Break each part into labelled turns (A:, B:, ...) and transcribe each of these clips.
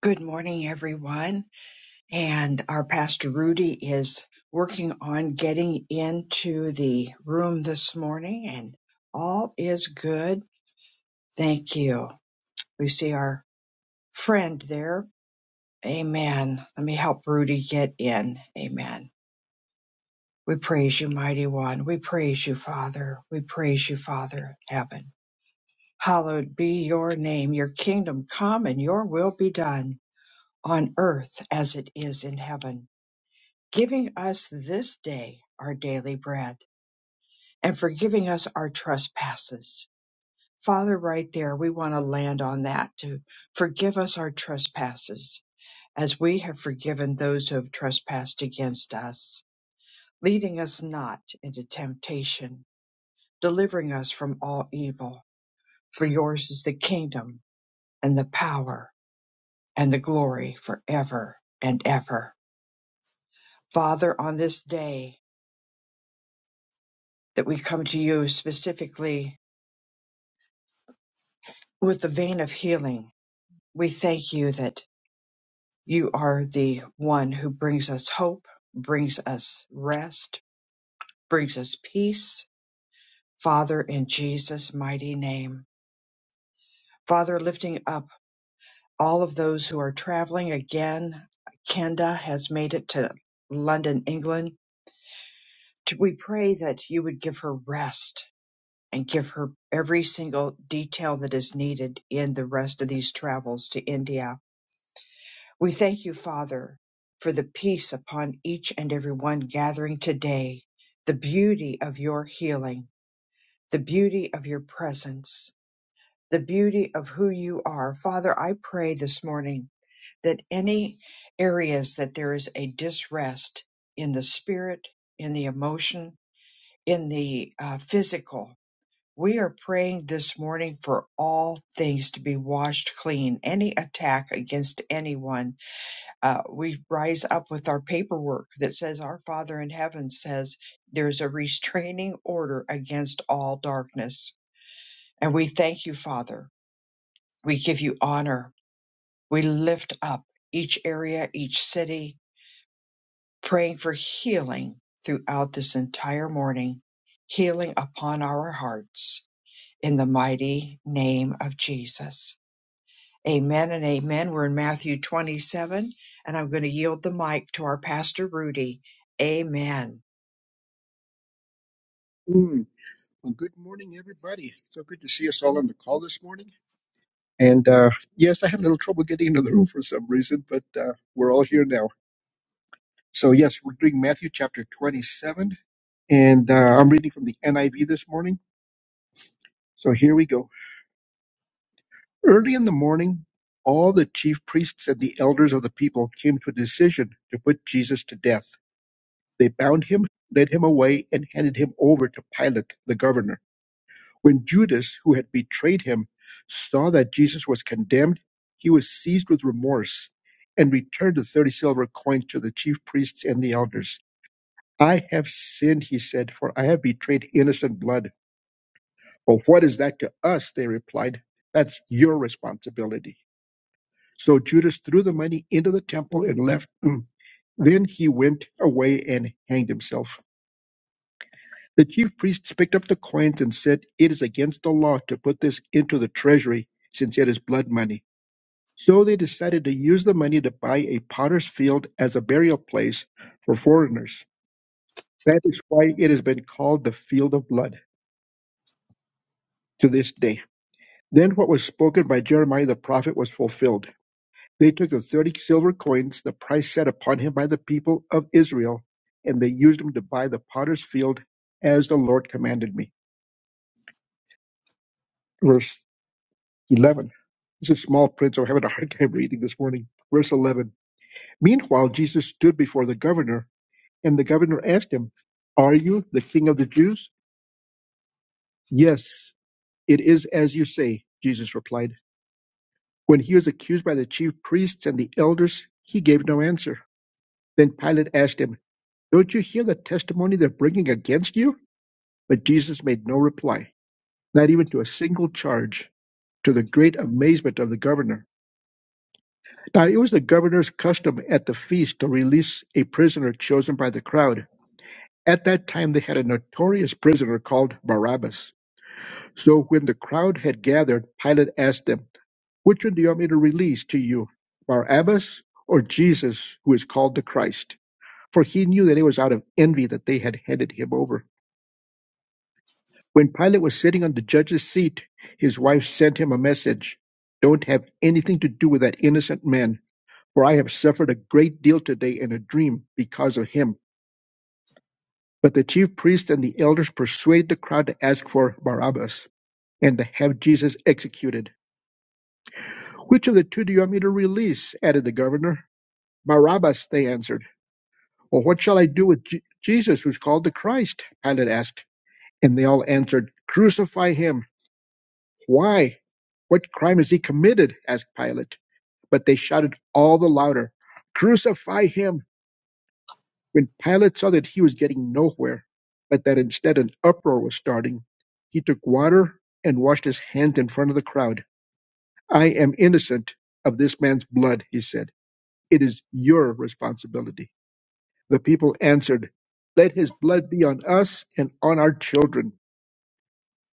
A: Good morning, everyone. And our pastor Rudy is working on getting into the room this morning, and all is good. Thank you. We see our friend there. Amen. Let me help Rudy get in. Amen. We praise you, mighty one. We praise you, Father. We praise you, Father, heaven. Hallowed be your name. Your kingdom come and your will be done on earth as it is in heaven. giving us this day our daily bread and forgiving us our trespasses. Father, right there, we want to land on that to forgive us our trespasses as we have forgiven those who have trespassed against us, leading us not into temptation, delivering us from all evil. For yours is the kingdom and the power and the glory forever and ever. Father, on this day that we come to you specifically with the vein of healing, we thank you that you are the one who brings us hope, brings us rest, brings us peace. Father, in Jesus' mighty name. Father, lifting up all of those who are traveling again. Kenda has made it to London, England. We pray that you would give her rest and give her every single detail that is needed in the rest of these travels to India We thank you, Father, for the peace upon each and every one gathering today, the beauty of your healing, the beauty of your presence, the beauty of who you are. Father, I pray this morning that any areas that there is a disrest in the spirit, in the emotion, in the uh, physical, we are praying this morning for all things to be washed clean, any attack against anyone uh, we rise up with our paperwork that says our Father in heaven says there's a restraining order against all darkness. And we thank you, Father. We give you honor. We lift up each area, each city, praying for healing throughout this entire morning, healing upon our hearts in the mighty name of Jesus. Amen and amen. We're in Matthew 27, and I'm going to yield the mic to our pastor, Rudy. Amen.
B: Mm. Well, good morning, everybody. So good to see us all on the call this morning. And uh, yes, I had a little trouble getting into the room for some reason, but uh, we're all here now. So, yes, we're doing Matthew chapter 27, and uh, I'm reading from the NIV this morning. So, here we go. Early in the morning, all the chief priests and the elders of the people came to a decision to put Jesus to death. They bound him, led him away, and handed him over to Pilate, the governor. When Judas, who had betrayed him, saw that Jesus was condemned, he was seized with remorse and returned the 30 silver coins to the chief priests and the elders. I have sinned, he said, for I have betrayed innocent blood. Well, what is that to us? They replied. That's your responsibility. So Judas threw the money into the temple and left. Then he went away and hanged himself. The chief priests picked up the coins and said, It is against the law to put this into the treasury, since it is blood money. So they decided to use the money to buy a potter's field as a burial place for foreigners. That is why it has been called the field of blood to this day. Then what was spoken by Jeremiah the prophet was fulfilled. They took the thirty silver coins, the price set upon him by the people of Israel, and they used them to buy the potter's field as the Lord commanded me. Verse 11. This is small print, so I'm having a hard time reading this morning. Verse 11. Meanwhile, Jesus stood before the governor, and the governor asked him, Are you the king of the Jews? Yes, it is as you say, Jesus replied. When he was accused by the chief priests and the elders, he gave no answer. Then Pilate asked him, Don't you hear the testimony they're bringing against you? But Jesus made no reply, not even to a single charge, to the great amazement of the governor. Now, it was the governor's custom at the feast to release a prisoner chosen by the crowd. At that time, they had a notorious prisoner called Barabbas. So when the crowd had gathered, Pilate asked them, Which one do you want me to release to you, Barabbas or Jesus, who is called the Christ? For he knew that it was out of envy that they had handed him over. When Pilate was sitting on the judge's seat, his wife sent him a message Don't have anything to do with that innocent man for I have suffered a great deal today in a dream because of him. But the chief priests and the elders persuaded the crowd to ask for Barabbas and to have Jesus executed. Which of the two do you want me to release? added the governor. Barabbas, they answered. Well, what shall I do with Je- Jesus, who's called the Christ? Pilate asked. And they all answered, Crucify him. Why? What crime has he committed? asked Pilate. But they shouted all the louder, Crucify him! When Pilate saw that he was getting nowhere, but that instead an uproar was starting, he took water and washed his hands in front of the crowd. I am innocent of this man's blood, he said. It is your responsibility. The people answered, Let his blood be on us and on our children.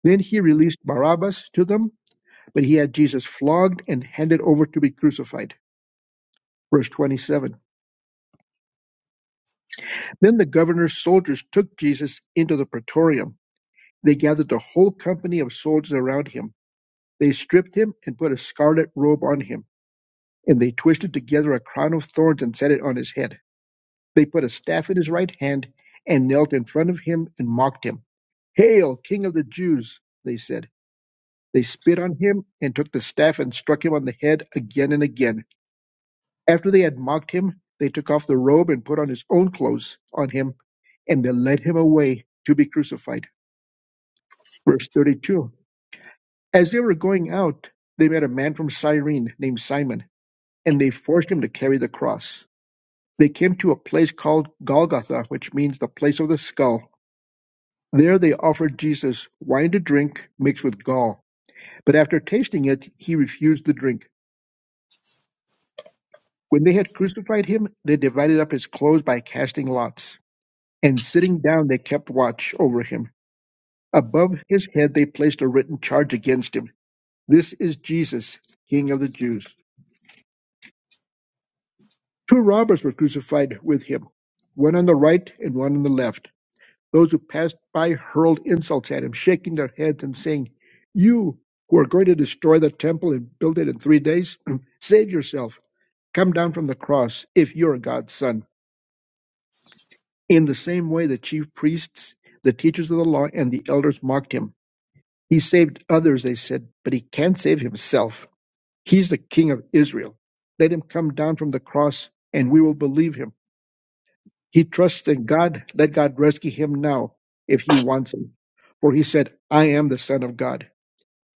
B: Then he released Barabbas to them, but he had Jesus flogged and handed over to be crucified. Verse 27. Then the governor's soldiers took Jesus into the praetorium They gathered the whole company of soldiers around him. They stripped him and put a scarlet robe on him, and they twisted together a crown of thorns and set it on his head. They put a staff in his right hand and knelt in front of him and mocked him. Hail, King of the Jews! they said. They spit on him and took the staff and struck him on the head again and again. After they had mocked him, they took off the robe and put on his own clothes on him, and they led him away to be crucified. Verse 32. As they were going out, they met a man from Cyrene named Simon, and they forced him to carry the cross. They came to a place called Golgotha, which means the place of the skull. There they offered Jesus wine to drink mixed with gall. But after tasting it, he refused the drink. When they had crucified him, they divided up his clothes by casting lots. And sitting down, they kept watch over him. Above his head, they placed a written charge against him This is Jesus, King of the Jews. Two robbers were crucified with him, one on the right and one on the left. Those who passed by hurled insults at him, shaking their heads and saying, You who are going to destroy the temple and build it in three days, save yourself. Come down from the cross if you're God's son. In the same way, the chief priests, the teachers of the law, and the elders mocked him. He saved others, they said, but he can't save himself. He's the king of Israel. Let him come down from the cross and we will believe him. He trusts in God. Let God rescue him now if he wants him. For he said, I am the Son of God.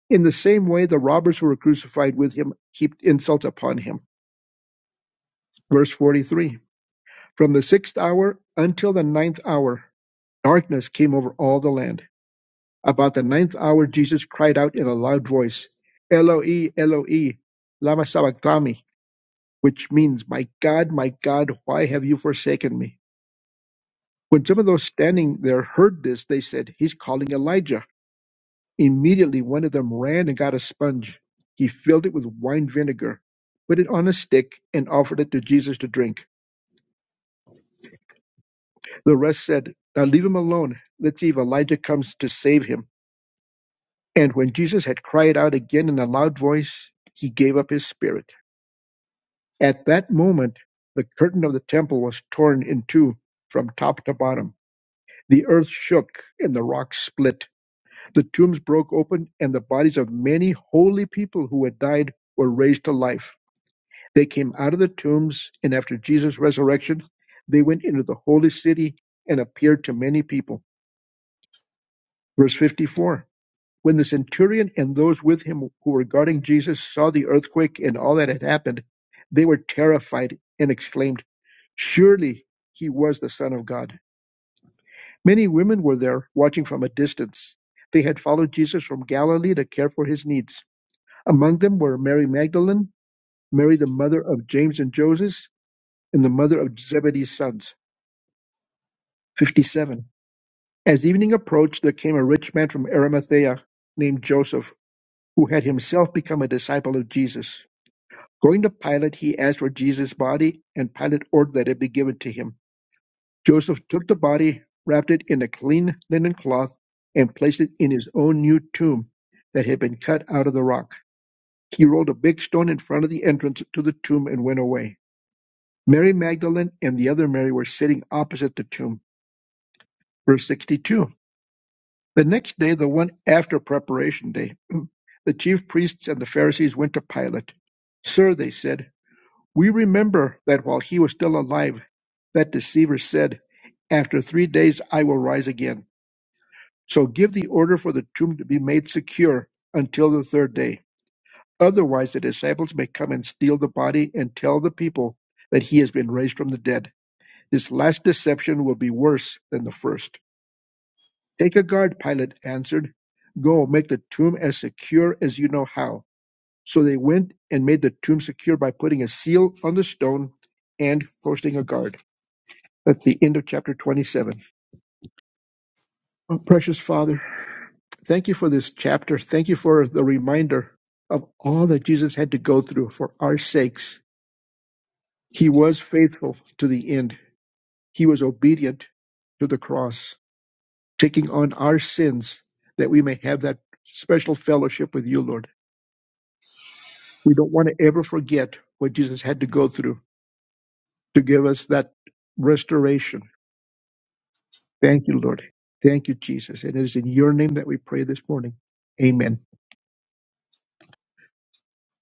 B: In the same way, the robbers who were crucified with him heaped insult upon him. Verse 43 From the sixth hour until the ninth hour, darkness came over all the land. About the ninth hour, Jesus cried out in a loud voice, Eloi, Eloi, Lama Sabachthani, which means, My God, my God, why have you forsaken me? When some of those standing there heard this, they said, He's calling Elijah. Immediately, one of them ran and got a sponge. He filled it with wine vinegar, put it on a stick, and offered it to Jesus to drink. The rest said, Now leave him alone. Let's see if Elijah comes to save him. And when Jesus had cried out again in a loud voice, he gave up his spirit. At that moment, the curtain of the temple was torn in two from top to bottom. The earth shook and the rocks split. The tombs broke open, and the bodies of many holy people who had died were raised to life. They came out of the tombs, and after Jesus' resurrection, they went into the holy city and appeared to many people. Verse 54 When the centurion and those with him who were guarding Jesus saw the earthquake and all that had happened, they were terrified and exclaimed, Surely he was the Son of God. Many women were there watching from a distance. They had followed Jesus from Galilee to care for his needs. Among them were Mary Magdalene, Mary the mother of James and Joseph, and the mother of Zebedee's sons. 57. As evening approached, there came a rich man from Arimathea named Joseph, who had himself become a disciple of Jesus. Going to Pilate, he asked for Jesus' body, and Pilate ordered that it be given to him. Joseph took the body, wrapped it in a clean linen cloth, and placed it in his own new tomb that had been cut out of the rock. He rolled a big stone in front of the entrance to the tomb and went away. Mary Magdalene and the other Mary were sitting opposite the tomb. Verse 62. The next day, the one after preparation day, the chief priests and the Pharisees went to Pilate. Sir, they said, we remember that while he was still alive, that deceiver said, After three days I will rise again. So give the order for the tomb to be made secure until the third day. Otherwise, the disciples may come and steal the body and tell the people that he has been raised from the dead. This last deception will be worse than the first. Take a guard, Pilate answered. Go, make the tomb as secure as you know how. So they went and made the tomb secure by putting a seal on the stone and posting a guard. That's the end of chapter 27. Oh, precious Father, thank you for this chapter. Thank you for the reminder of all that Jesus had to go through for our sakes. He was faithful to the end, He was obedient to the cross. taking on our sins that we may have that special fellowship with you, Lord. We don't want to ever forget what Jesus had to go through to give us that restoration. Thank you, Lord. Thank you, Jesus. And it is in your name that we pray this morning. Amen.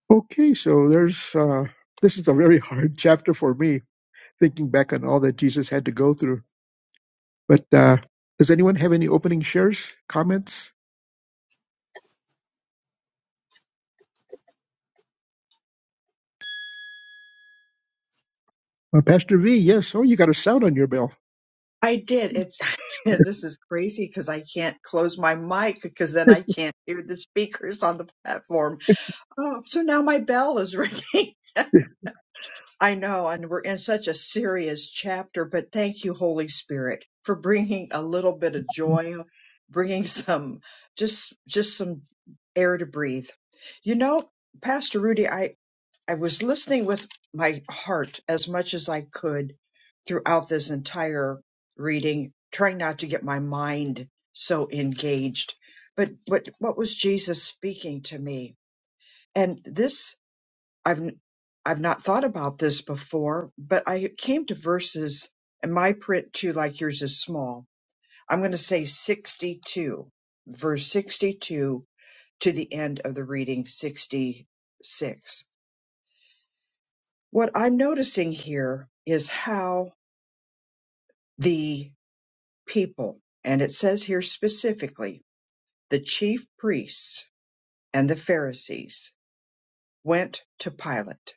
B: Okay, so there's uh this is a very hard chapter for me, thinking back on all that Jesus had to go through. But uh does anyone have any opening shares, comments? Uh, Pastor V, yes. Oh, you got a sound on your bell.
A: I did. It's this is crazy because I can't close my mic because then I can't hear the speakers on the platform. Oh, so now my bell is ringing. I know, and we're in such a serious chapter, but thank you, Holy Spirit, for bringing a little bit of joy, bringing some just just some air to breathe. You know, Pastor Rudy, I I was listening with my heart as much as I could throughout this entire reading, trying not to get my mind so engaged. But what what was Jesus speaking to me? And this I've I've not thought about this before, but I came to verses and my print too, like yours is small. I'm going to say 62, verse 62 to the end of the reading 66 What I'm noticing here is how the people, and it says here specifically, the chief priests and the Pharisees went to Pilate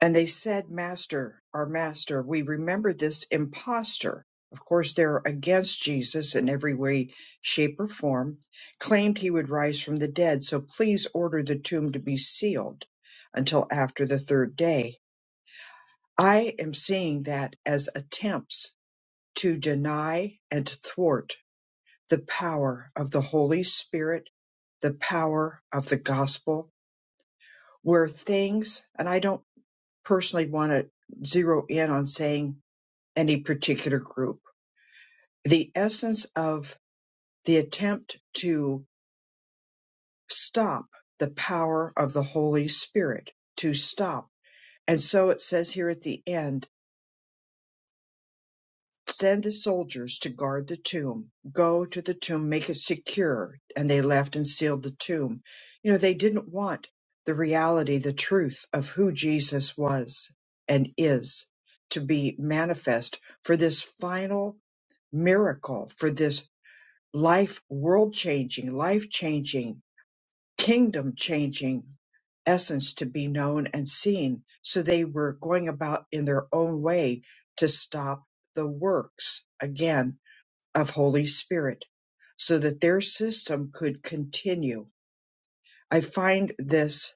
A: and they said, Master, our master, we remember this impostor. Of course, they're against Jesus in every way, shape, or form, claimed he would rise from the dead. So please order the tomb to be sealed until after the third day. I am seeing that as attempts to deny and thwart the power of the Holy Spirit, the power of the gospel, where things, and I don't personally want to zero in on saying any particular group, the essence of the attempt to stop the power of the Holy Spirit, to stop. And so it says here at the end, Send soldiers to guard the tomb. Go to the tomb, make it secure. And they left and sealed the tomb. You know, they didn't want the reality, the truth of who Jesus was and is to be manifest for this final miracle, for this life, world changing, life changing kingdom changing essence to be known and seen. So they were going about in their own way to stop the works again of Holy Spirit so that their system could continue. I find this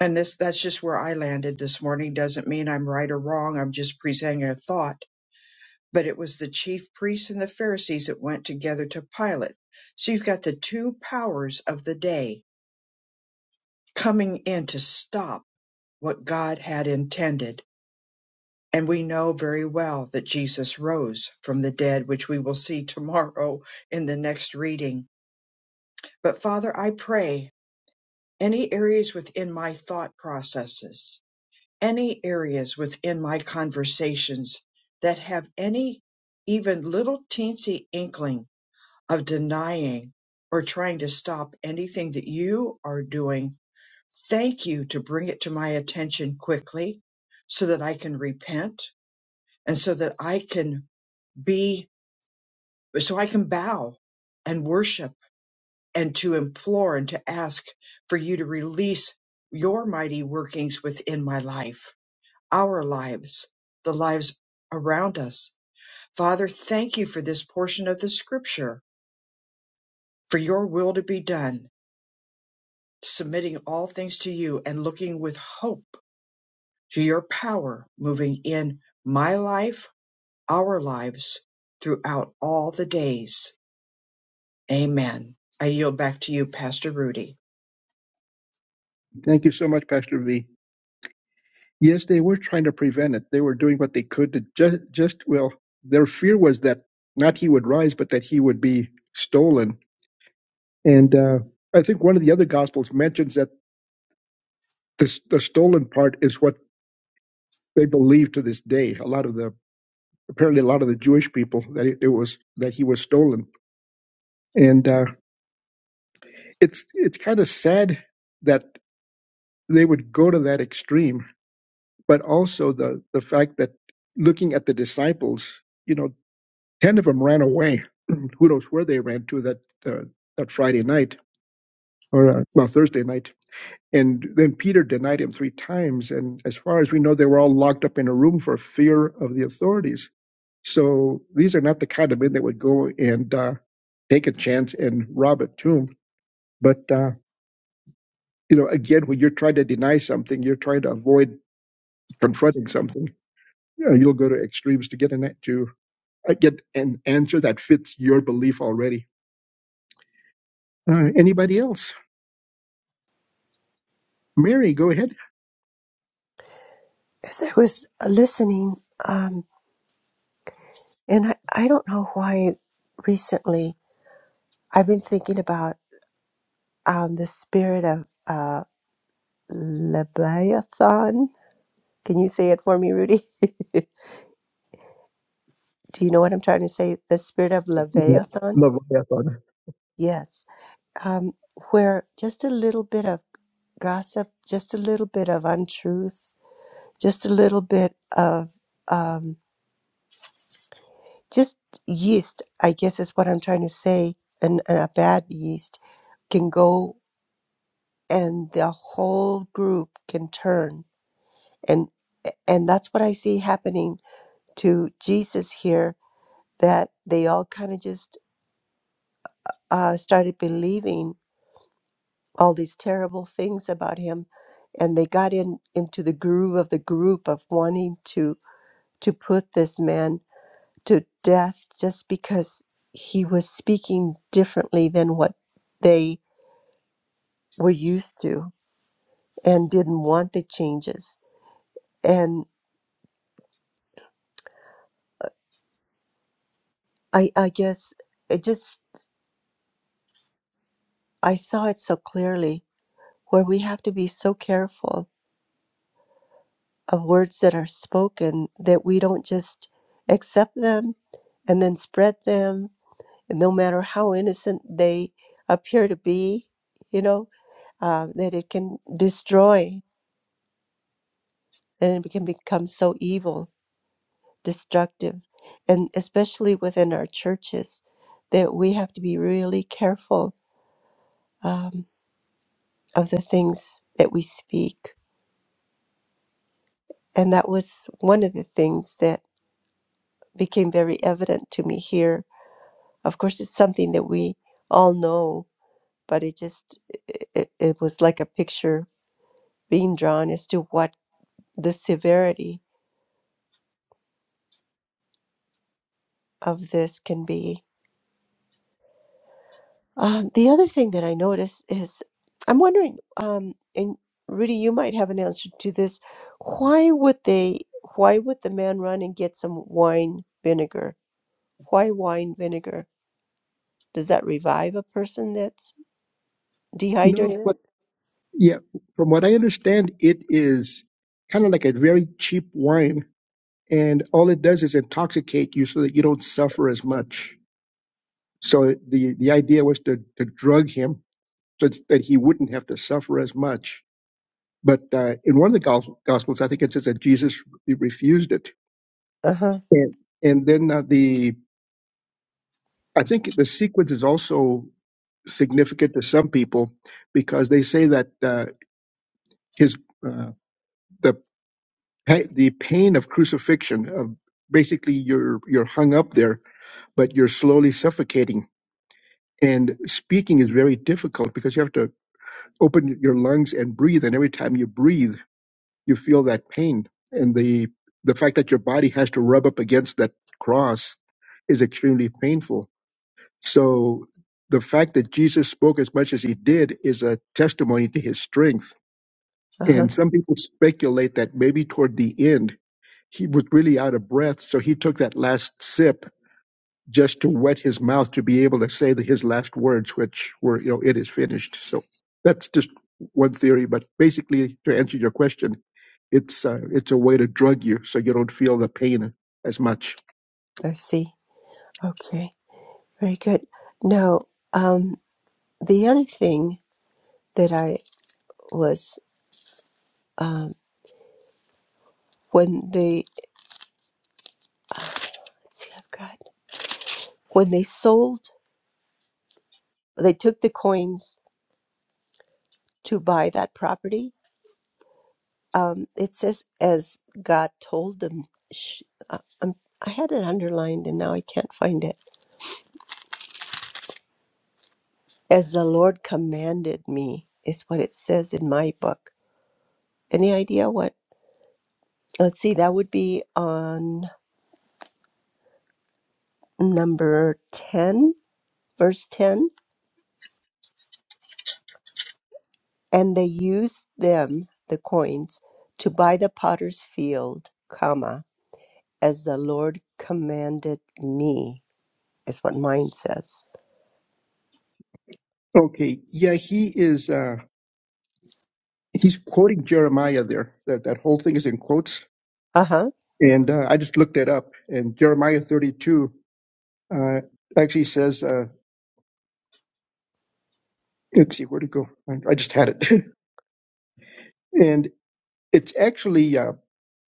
A: and this that's just where I landed this morning doesn't mean I'm right or wrong. I'm just presenting a thought. But it was the chief priests and the Pharisees that went together to Pilate. So you've got the two powers of the day coming in to stop what God had intended. And we know very well that Jesus rose from the dead, which we will see tomorrow in the next reading. But Father, I pray any areas within my thought processes, any areas within my conversations that have any even little teensy inkling of denying or trying to stop anything that you are doing, thank you to bring it to my attention quickly so that I can repent and so that I can be, so I can bow and worship and to implore and to ask for you to release your mighty workings within my life, our lives, the lives around us. Father, thank you for this portion of the scripture, for your will to be done, submitting all things to you and looking with hope to your power moving in my life, our lives throughout all the days Amen. I yield back to you, Pastor Rudy.
B: Thank you so much, Pastor V. Yes, they were trying to prevent it. They were doing what they could to just, just well, their fear was that not he would rise, but that he would be stolen. And uh, I think one of the other gospels mentions that this, the stolen part is what they believe to this day. A lot of the apparently a lot of the Jewish people that it, it was that he was stolen, and uh, it's it's kind of sad that they would go to that extreme. But also the the fact that looking at the disciples, you know, ten of them ran away who knows where they ran to that uh, that Friday night or uh, well Thursday night. And then Peter denied him three times. And as far as we know, they were all locked up in a room for fear of the authorities. So these are not the kind of men that would go and uh, take a chance and rob a tomb. But uh, you know, again, when you're trying to deny something, you're trying to avoid confronting something. You know, you'll go to extremes to get an to uh, get an answer that fits your belief already. Uh, anybody else? Mary, go ahead.
C: as I was listening, um, and I, I don't know why recently I've been thinking about um, the spirit of uh, Leviathan. Can you say it for me, Rudy? Do you know what I'm trying to say? The spirit of
B: Le-
C: Leviathan?
B: Leviathan.
C: Yes. Um, where just a little bit of gossip, just a little bit of untruth, just a little bit of. um, just yeast, I guess is what I'm trying to say, and, and a bad yeast can go and the whole group can turn. And and that's what I see happening to Jesus here, that they all kind of just uh, started believing all these terrible things about him. And they got in into the groove of the group of wanting to to put this man to death just because he was speaking differently than what they were used to and didn't want the changes. And I, I guess it just, I saw it so clearly where we have to be so careful of words that are spoken that we don't just accept them and then spread them. And no matter how innocent they appear to be, you know, uh, that it can destroy and it can become so evil, destructive, and especially within our churches, that we have to be really careful um, of the things that we speak. And that was one of the things that became very evident to me here. Of course, it's something that we all know, but it just it, it it was like a picture being drawn as to what the severity of this can be Um, the other thing that I notice is I'm wondering, um, and Rudy, you might have an answer to this. Why would they, why would the man run and get some wine vinegar? Why wine vinegar? Does that revive a person that's
B: No,
C: dehydrated?
B: but yeah, from what I understand, it is kind of like a very cheap wine, and all it does is intoxicate you so that you don't suffer as much. So the the idea was to to drug him so it's- that he wouldn't have to suffer as much. But uh, in one of the gos- gospels, I think it says that Jesus re- refused it,
C: Uh huh.
B: and, and then uh, the I think the sequence is also significant to some people because they say that uh, his uh, pa- the pain of crucifixion of basically you're you're hung up there but you're slowly suffocating and speaking is very difficult because you have to open your lungs and breathe and every time you breathe you feel that pain and the the fact that your body has to rub up against that cross is extremely painful so the fact that Jesus spoke as much as he did is a testimony to his strength
C: Uh huh.
B: and some people speculate that maybe toward the end he was really out of breath, so he took that last sip just to wet his mouth to be able to say the, his last words, which were, you know, it is finished. So that's just one theory, but basically, to answer your question, it's uh, it's a way to drug you so you don't feel the pain as much.
C: I see. Okay. Very good. Now, um, the other thing that I was, um, when they, let's see, I've got, when they sold, they took the coins to buy that property. Um, it says, as God told them, sh- uh, um, I had it underlined and now I can't find it. As the Lord commanded me, is what it says in my book. Any idea what? Let's see, that would be on number 10, verse 10. And they used them, the coins, to buy the potter's field, comma, as the Lord commanded me, is what mine says.
B: Okay, yeah, he is. Uh, he's quoting Jeremiah there. That that whole thing is in quotes,
C: Uh huh.
B: and uh, I just looked it up. And Jeremiah thirty two uh, actually says, uh, "Let's see where to go." I I just had it. and It's actually uh,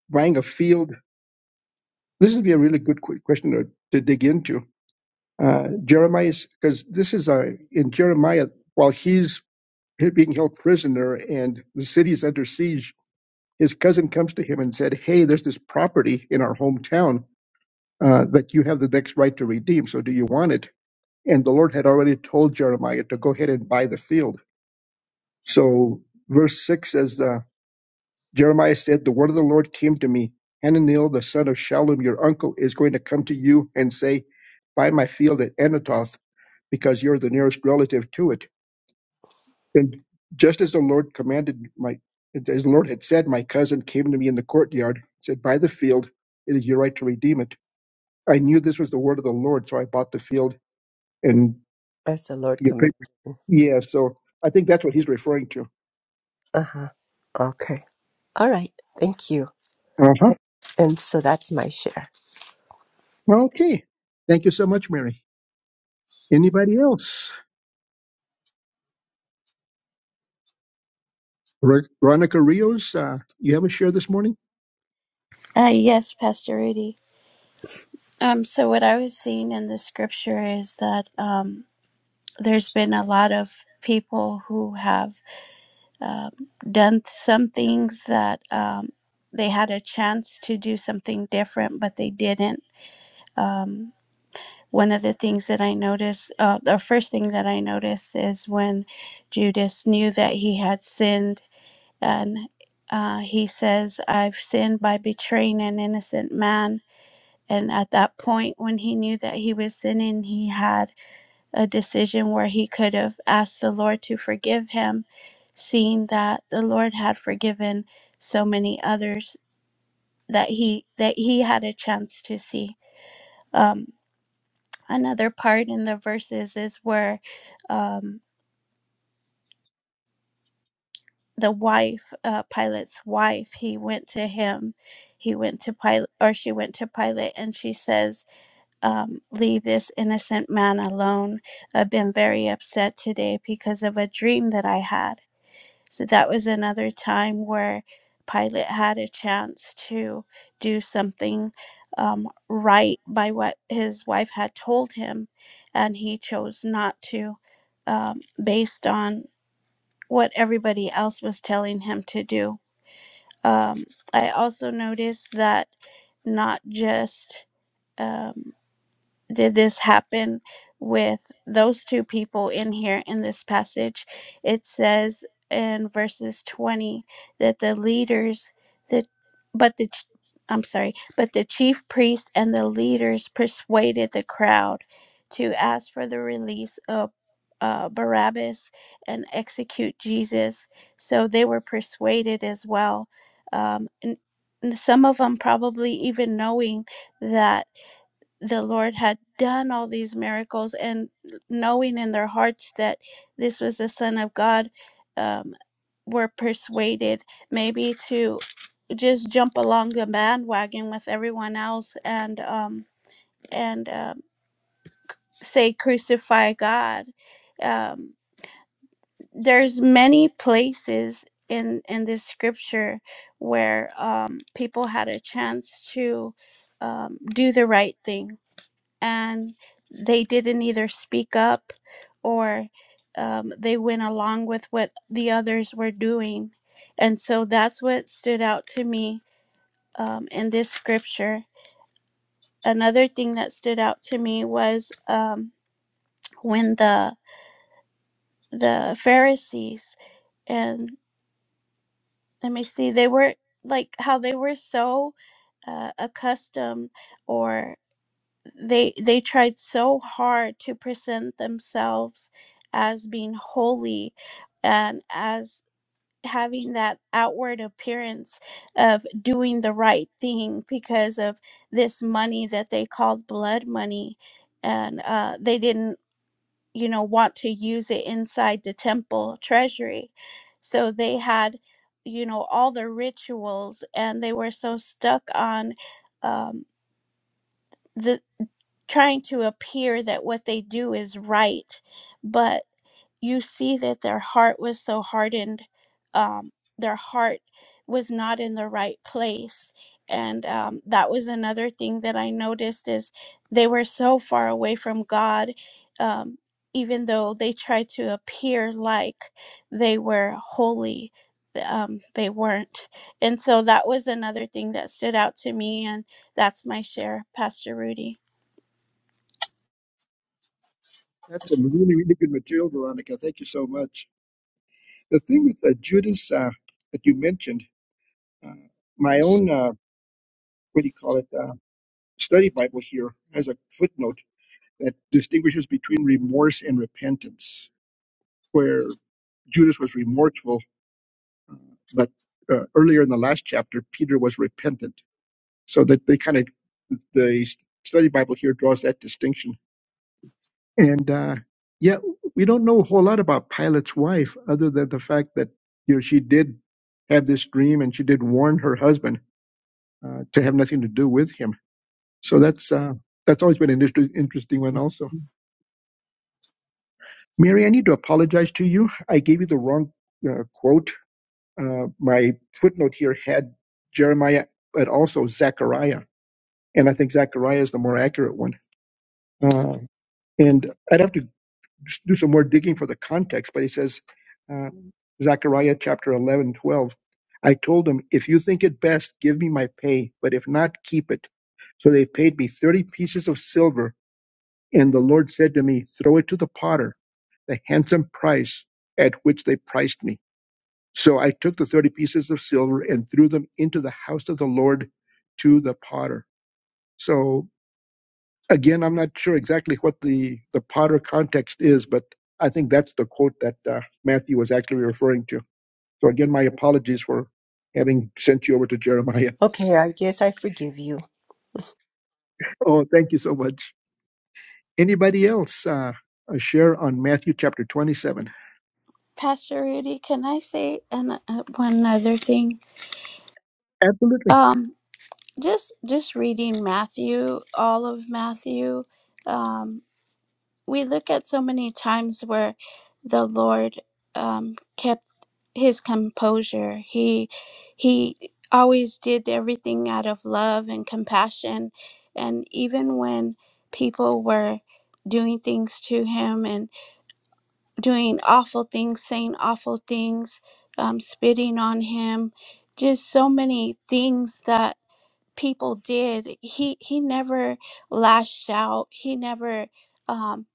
B: buying a field. This would be a really good qu- question to, to dig into. Uh, Jeremiah's, because this is a, in Jeremiah, while he's being held prisoner and the city is under siege, his cousin comes to him and said, Hey, there's this property in our hometown uh, that you have the next right to redeem. So do you want it? And the Lord had already told Jeremiah to go ahead and buy the field. So verse 6 says, uh, Jeremiah said, The word of the Lord came to me. Hananiel, the son of Shallum, your uncle, is going to come to you and say, 'Buy my field at Anatoth, because you're the nearest relative to it. And just as the Lord commanded my as the Lord had said, my cousin came to me in the courtyard, said, Buy the field, it is your right to redeem it. I knew this was the word of the Lord, so I bought the field and
C: As the Lord
B: you
C: commanded.
B: pick- yeah, so I think that's what he's referring to.
C: Uh huh. Okay. All right. Thank you.
B: Uh-huh.
C: And so that's my share.
B: Okay. Thank you so much, Mary. Anybody else? Ver- Veronica Rios, uh, you have a share this morning?
D: Uh, yes, Pastor Rudy. Um, so what I was seeing in the scripture is that um, there's been a lot of people who have um, done some things that um, they had a chance to do something different, but they didn't. Um, one of the things that I noticed, uh, the first thing that I noticed is when Judas knew that he had sinned, and uh, he says, "I've sinned by betraying an innocent man." And at that point, when he knew that he was sinning, he had a decision where he could have asked the Lord to forgive him, seeing that the Lord had forgiven so many others that he that he had a chance to see. Um, another part in the verses is where um, the wife, uh, Pilate's wife, he went to him, he went to Pilate, or she went to Pilate, and she says um, leave this innocent man alone. I've been very upset today because of a dream that I had. So that was another time where Pilate had a chance to do something um, right by what his wife had told him, and he chose not to, um, based on what everybody else was telling him to do. Um, I also noticed that not just. um, did this happen with those two people in here in this passage? It says in verses 20 that the leaders that but the ch- I'm sorry, but the chief priest and the leaders persuaded the crowd to ask for the release of uh, Barabbas and execute Jesus. So they were persuaded as well. Um, and and some of them probably even knowing that the Lord had done all these miracles and knowing in their hearts that this was the Son of God, um, were persuaded maybe to just jump along the bandwagon with everyone else and um, and um, say crucify God. Um, there's many places in in this scripture where um, people had a chance to um, do the right thing and they didn't either speak up or um, they went along with what the others were doing. And so that's what stood out to me um, in this scripture. Another thing that stood out to me was um, when the the Pharisees and let me see, they were like how they were so uh, accustomed or they they tried so hard to present themselves as being holy and as having that outward appearance of doing the right thing because of this money that they called blood money and uh, they didn't you know want to use it inside the temple treasury so they had you know all the rituals and they were so stuck on um, the trying to appear that what they do is right but you see that their heart was so hardened um, their heart was not in the right place and um, that was another thing that i noticed is they were so far away from god um, even though they tried to appear like they were holy um, they weren't and so that was another thing that stood out to me and that's my share pastor rudy
B: That's some really, really good material, Veronica. Thank you so much. The thing with uh, Judas uh, that you mentioned, uh, my own, uh, what do you call it, uh, study Bible here has a footnote that distinguishes between remorse and repentance, where Judas was remorseful, but uh, earlier in the last chapter, Peter was repentant. So that they kind of, the study Bible here draws that distinction And uh, yeah, we don't know a whole lot about Pilate's wife other than the fact that you know she did have this dream and she did warn her husband uh, to have nothing to do with him. So that's uh, that's always been an inter- interesting one. Also, Mary, I need to apologize to you. I gave you the wrong uh, quote. Uh, my footnote here had Jeremiah, but also Zechariah, and I think Zechariah is the more accurate one. Uh, and I'd have to do some more digging for the context, but he says, uh, Zechariah chapter 11, 12. I told them, if you think it best, give me my pay, but if not, keep it. So they paid me 30 pieces of silver, and the Lord said to me, throw it to the potter, the handsome price at which they priced me. So I took the 30 pieces of silver and threw them into the house of the Lord to the potter. So Again, I'm not sure exactly what the, the Potter context is, but I think that's the quote that uh, Matthew was actually referring to. So again, my apologies for having sent you over to Jeremiah.
C: Okay. I guess I forgive you,
B: Oh, thank you so much. Anybody else uh, uh, share on Matthew chapter 27?
D: pastor rudy can i say an, uh, one other thing
B: Absolutely.
D: um. just just reading Matthew, all of Matthew, um, we look at so many times where the Lord um, kept his composure. He he always did everything out of love and compassion, and even when people were doing things to him and doing awful things, saying awful things, um, spitting on him, just so many things that people did he he never lashed out he never um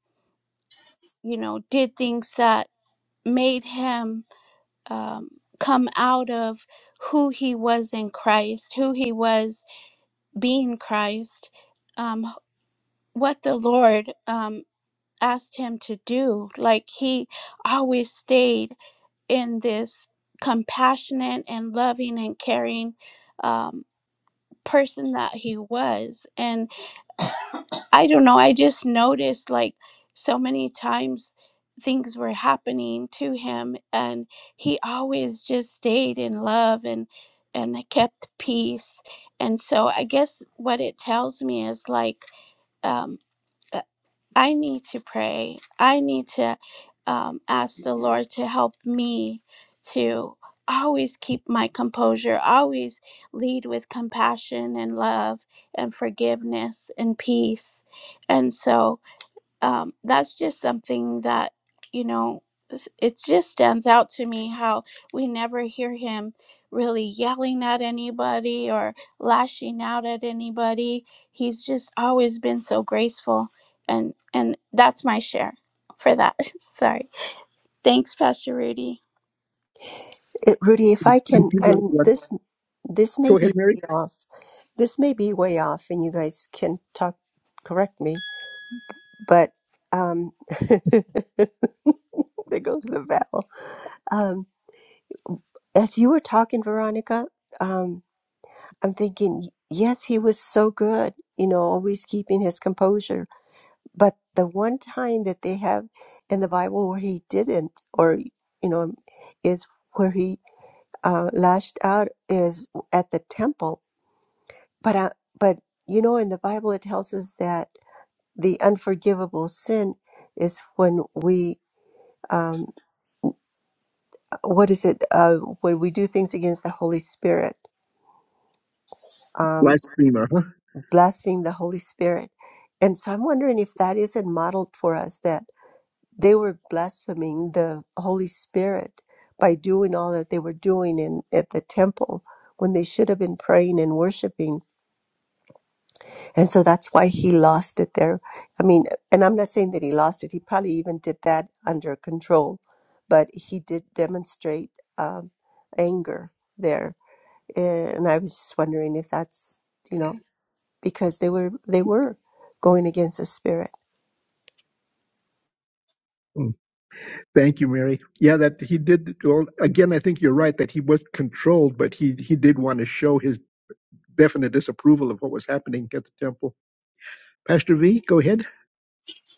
D: you know did things that made him um come out of who he was in christ who he was being christ um what the lord um asked him to do like he always stayed in this compassionate and loving and caring um, person that he was and I don't know. I just noticed like so many times things were happening to him and he always just stayed in love and and kept peace. And so I guess what it tells me is like um I need to pray. I need to um, ask the Lord to help me to always keep my composure, always lead with compassion and love and forgiveness and peace. And so, um, that's just something that you know s- it just stands out to me how we never hear him really yelling at anybody or lashing out at anybody he's just always been so graceful and and that's my share for that sorry thanks pastor rudy
C: it, Rudy. If I can,
B: Thank you.
C: and this this may
B: Go
C: be
B: ahead, Mary.
C: way off. This may be way off, and you guys can talk. Correct me, but um, there goes the bell. Um, as you were talking, Veronica, um, I'm thinking, yes, he was so good. You know, always keeping his composure But the one time that they have in the Bible where he didn't, or you know, um, is where he uh, lashed out is at the temple. But uh, but you know, in the Bible it tells us that the unforgivable sin is when we um, what is it uh, when we do things against the Holy Spirit, um,
B: Blasphemer, huh?
C: blaspheme the Holy Spirit. And so I'm wondering if that isn't modeled for us that. they were blaspheming the Holy Spirit by doing all that they were doing in at the temple when they should have been praying and worshiping. And so that's why he lost it there. I mean, and I'm not saying that he lost it. He probably even did that under control, but he did demonstrate um, anger there. And I was just wondering if that's you know because they were they were going against the spirit.
B: Mm. Thank you, Mary. Yeah, that he did. Well, again, I think you're right that he was controlled, but he he did want to show his definite disapproval of what was happening at the temple. Pastor V, go ahead.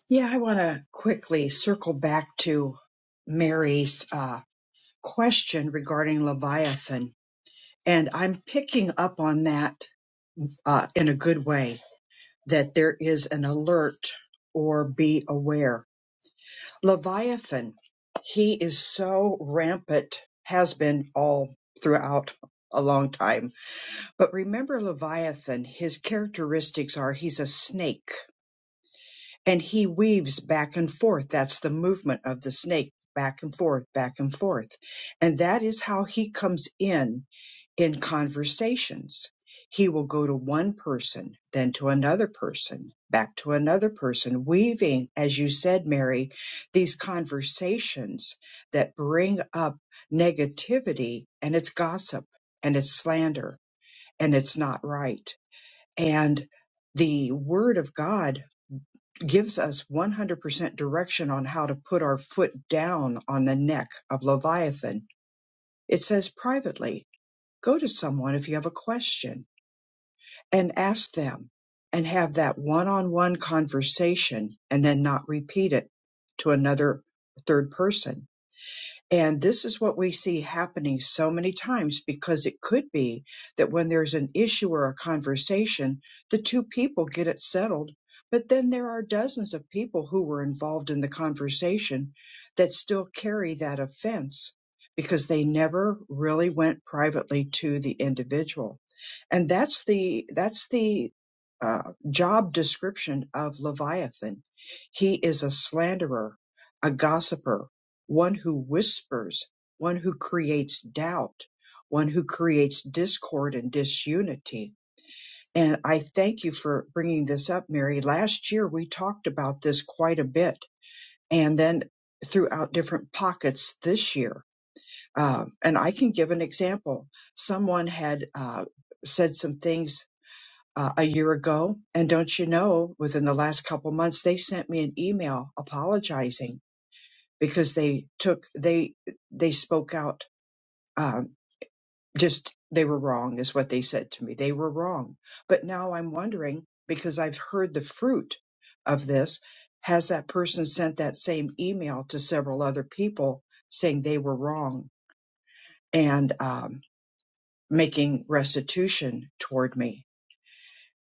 A: Yeah, I want to quickly circle back to Mary's uh, question regarding Leviathan. And I'm picking up on that uh, in a good way that there is an alert or be aware. Leviathan, he is so rampant, has been all throughout a long time. But remember, Leviathan, his characteristics are he's a snake and he weaves back and forth. That's the movement of the snake back and forth, back and forth. And that is how he comes in in conversations. He will go to one person, then to another person, back to another person, weaving, as you said, Mary, these conversations that bring up negativity and it's gossip and it's slander and it's not right. And the word of God gives us 100% direction on how to put our foot down on the neck of Leviathan. It says privately, go to someone if you have a question and ask them and have that one on one conversation and then not repeat it to another third person and this is what we see happening so many times because it could be that when there's an issue or a conversation, the two people get it settled. But then there are dozens of people who were involved in the conversation that still carry that offense because they never really went privately to the individual. And that's the, that's the uh, job description of Leviathan. He is a slanderer, a gossiper, one who whispers, one who creates doubt, one who creates discord and disunity. And I thank you for bringing this up, Mary. Last year we talked about this quite a bit, and then throughout different pockets this year. Um, and I can give an example. Someone had uh, said some things uh, a year ago, and don't you know, within the last couple months, they sent me an email apologizing because they took they they spoke out um, just they were wrong is what they said to me they were wrong but now i'm wondering because i've heard the fruit of this has that person sent that same email to several other people saying they were wrong and um, making restitution toward me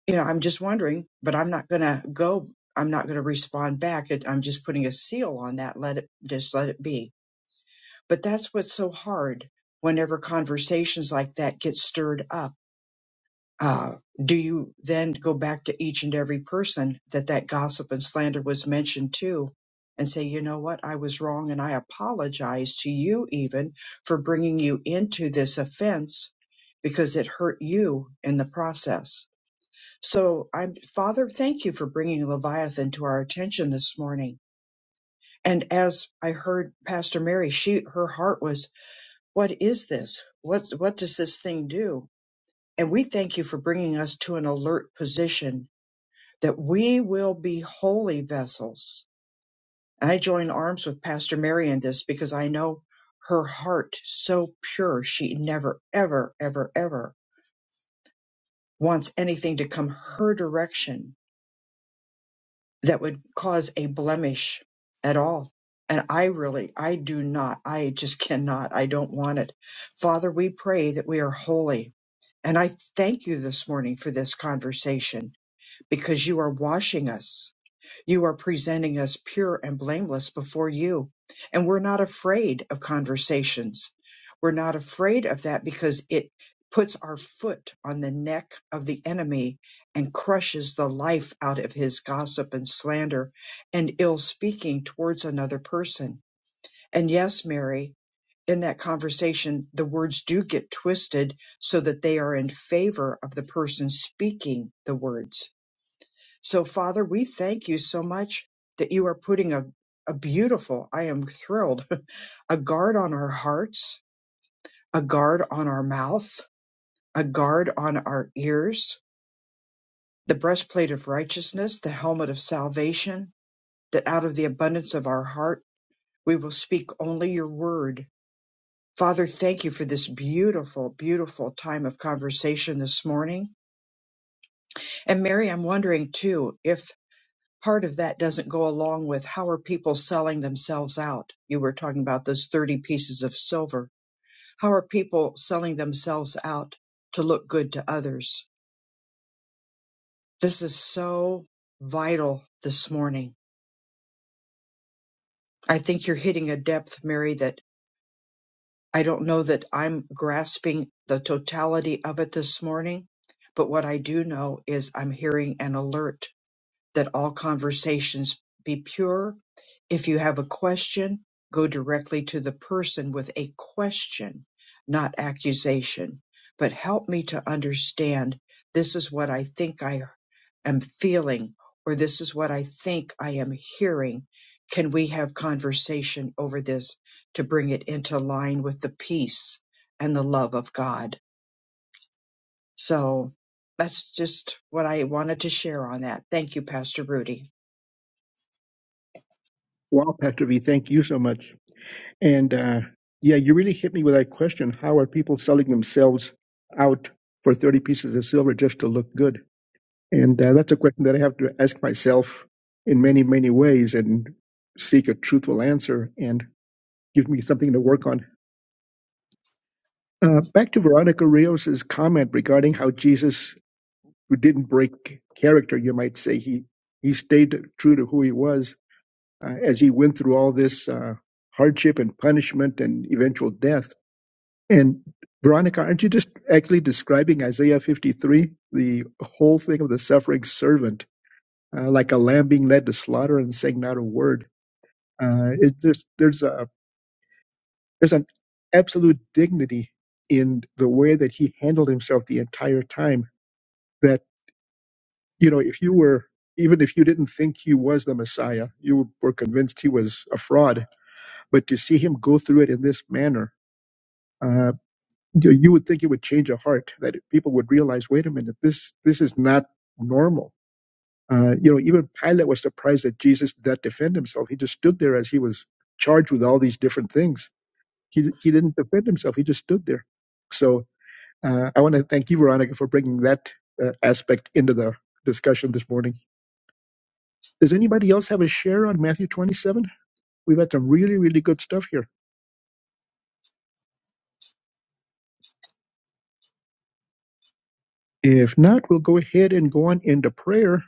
A: you know i'm just wondering but i'm not going to go i'm not going to respond back It- i'm just putting a seal on that let it just let it be but that's what's so hard whenever conversations like that get stirred up uh, do you then go back to each and every person that that gossip and slander was mentioned to and say, you know what, I was wrong and I apologize to you even for bringing you into this offense because it hurt you in the process. So I'm, Father, thank you for bringing Leviathan to our attention this morning. And as I heard Pastor Mary, she, her heart was, what is this? What's, what does this thing do? And we thank you for bringing us to an alert position that we will be holy vessels. And I join arms with Pastor Mary in this because I know her heart so pure. She never, ever, ever, ever wants anything to come her direction that would cause a blemish at all. And I really, I do not, I just cannot, I don't want it. Father, we pray that we are holy. And I thank you this morning for this conversation because you are washing us. You are presenting us pure and blameless before you. And we're not afraid of conversations. We're not afraid of that because it puts our foot on the neck of the enemy and crushes the life out of his gossip and slander and ill speaking towards another person. And yes, Mary, in that conversation, the words do get twisted so that they are in favor of the person speaking the words so, Father, we thank you so much that you are putting a, a beautiful, I am thrilled, a guard on our hearts, a guard on our mouth, a guard on our ears, the breastplate of righteousness, the helmet of salvation, that out of the abundance of our heart we will speak only your word. Father, thank you for this beautiful, beautiful time of conversation this morning. And Mary, I'm wondering too if part of that doesn't go along with how are people selling themselves out? You were talking about those 30 pieces of silver. How are people selling themselves out to look good to others? This is so vital this morning. I think you're hitting a depth, Mary, that I don't know that I'm grasping the totality of it this morning, but what I do know is I'm hearing an alert that all conversations be pure. If you have a question, go directly to the person with a question, not accusation. But help me to understand this is what I think I am feeling, or this is what I think I am hearing. Can we have conversation over this to bring it into line with the peace and the love of God? So that's just what I wanted to share on that. Thank you, Pastor Rudy.
B: Wow, Pastor V, thank you so much. And uh, yeah, you really hit me with that question. How are people selling themselves out for 30 pieces of silver just to look good? And uh, that's a question that I have to ask myself in many, many ways and seek a truthful answer. And Gives me something to work on. Uh, back to Veronica Rios's comment regarding how Jesus, who didn't break character, you might say, he he stayed true to who he was uh, as he went through all this uh, hardship and punishment and eventual death. And Veronica, aren't you just actually describing Isaiah 53, the whole thing of the suffering servant, uh, like a lamb being led to slaughter and saying not a word? Uh, it just there's a There's an absolute dignity in the way that he handled himself the entire time. That, you know, if you were, even if you didn't think he was the Messiah, you were convinced he was a fraud. But to see him go through it in this manner, uh, you you would think it would change a heart that people would realize, wait a minute, this this is not normal. Uh, you know, even Pilate was surprised that Jesus did not defend himself. He just stood there as he was charged with all these different things. He he didn't defend himself. He just stood there. So Uh, I want to thank you, Veronica, for bringing that uh, aspect into the discussion this morning. Does anybody else have a share on Matthew 27? We've had some really, really good stuff here. If not, we'll go ahead and go on into prayer.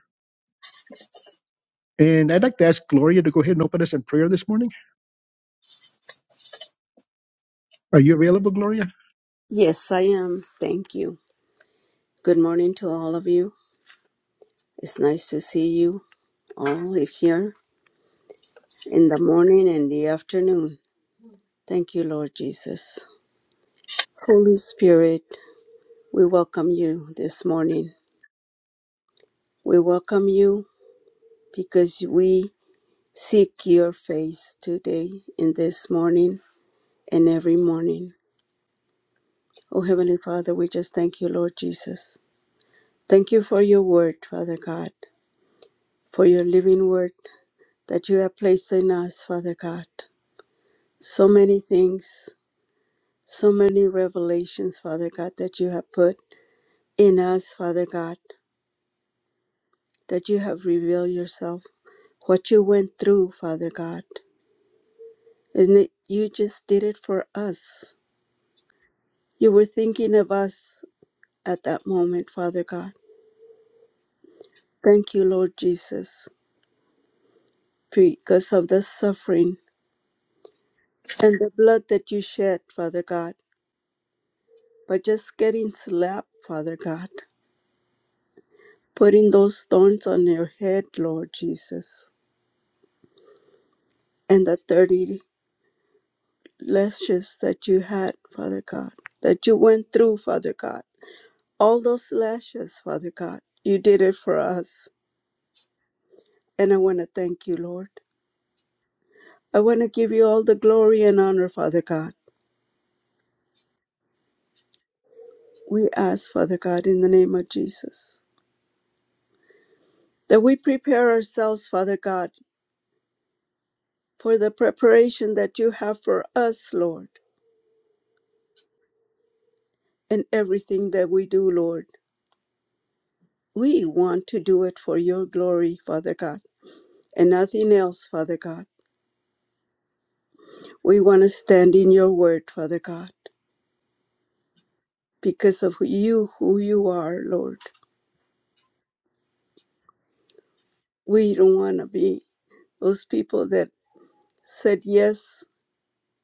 B: And I'd like to ask Gloria to go ahead and open us in prayer this morning. Are you available, Gloria?
D: Yes, I am. Thank you. Good morning to all of you. It's nice to see you all here in the morning and the afternoon. Thank you, Lord Jesus. Holy Spirit, we welcome you this morning. We welcome you because we seek your face today and this morning and every morning. Oh, Heavenly Father, we just thank you, Lord Jesus. Thank you for your word, Father God, for your living word that you have placed in us, Father God. So many things, so many revelations, Father God, that you have put in us, Father God, that you have revealed yourself. what you went through, Father God. Isn't it? You just did it for us. You were thinking of us at that moment, Father God. Thank you, Lord Jesus, because of the suffering and the blood that you shed, Father God, by just getting slapped, Father God, putting those thorns on your head, Lord Jesus, and the 30 lashes that you had, Father God, that you went through, Father God. all those lashes, Father God. You did it for us, and I want to thank you, Lord. I want to give you all the glory and honor, Father God. We ask, Father God, in the name of Jesus, that we prepare ourselves, Father God, for the preparation that you have for us, Lord, and everything that we do, Lord. We want to do it for your glory, Father God, and nothing else, Father God. We want to stand in your word, Father God, because of you, who you are, Lord. we don't want to be those people that said yes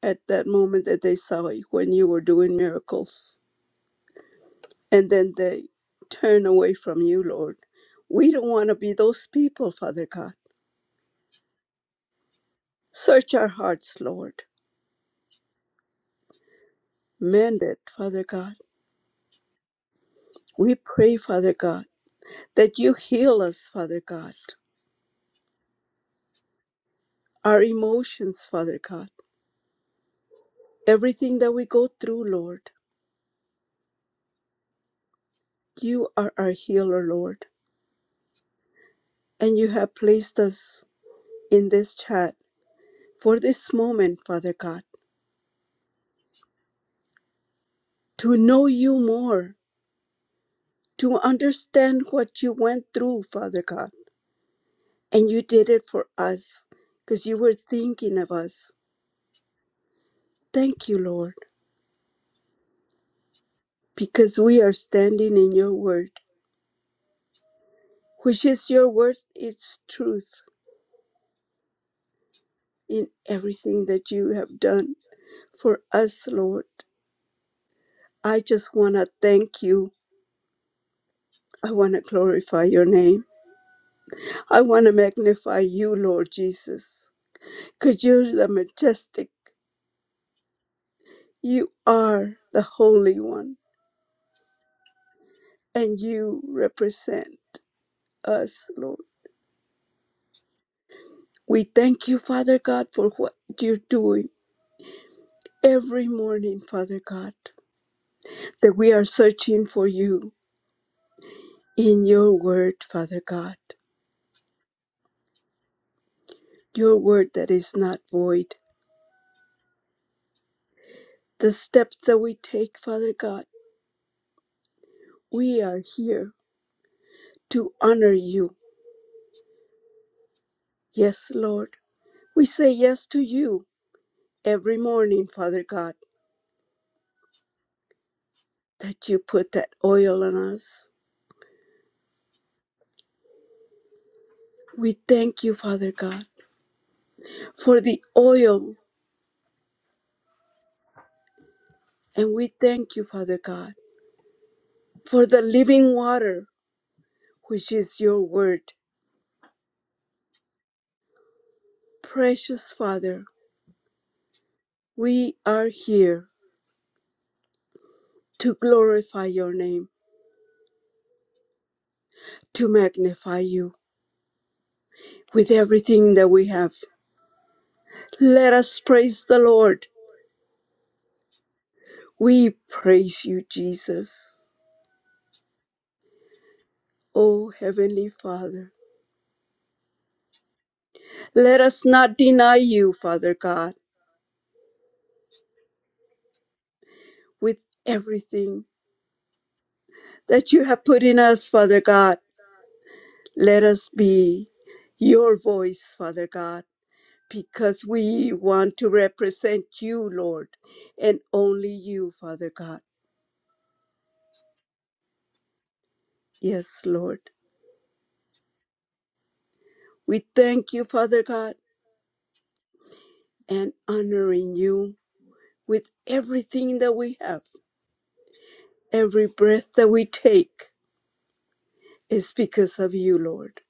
D: at that moment that they saw you when you were doing miracles and then they turn away from you, Lord. We don't want to be those people, Father God. Search our hearts, Lord. Mend it, Father God. We pray, Father God, that you heal us, Father God. Our emotions, Father God. Everything that we go through, Lord. You are our healer, Lord. And you have placed us in this chat for this moment, Father God, to know you more, to understand what you went through, Father God. And you did it for us because you were thinking of us. Thank you, Lord, because we are standing in your word, which is your word, its truth in everything that you have done for us, Lord. I just want to thank you. I want to glorify your name. I want to magnify you, Lord Jesus because you're the majestic You are the Holy One, and you represent us, Lord. We thank you, Father God, for what you're doing every morning, Father God, that we are searching for you in your word, Father God, your word that is not void. The steps that we take, Father God, we are here to honor you. Yes, Lord. We say yes to you every morning, Father God, that you put that oil on us We thank you, Father God, for the oil, and we thank you, Father God, for the living water, which is your word. Precious Father, we are here to glorify your name, to magnify you with everything that we have. Let us praise the Lord. We praise you, Jesus. O Heavenly Father, let us not deny you, Father God, with everything that you have put in us, Father God Let us be your voice, Father God, because we want to represent you, Lord, and only you, Father God. Yes, Lord. We thank you, Father God, and honoring you with everything that we have. Every breath that we take is because of you, Lord.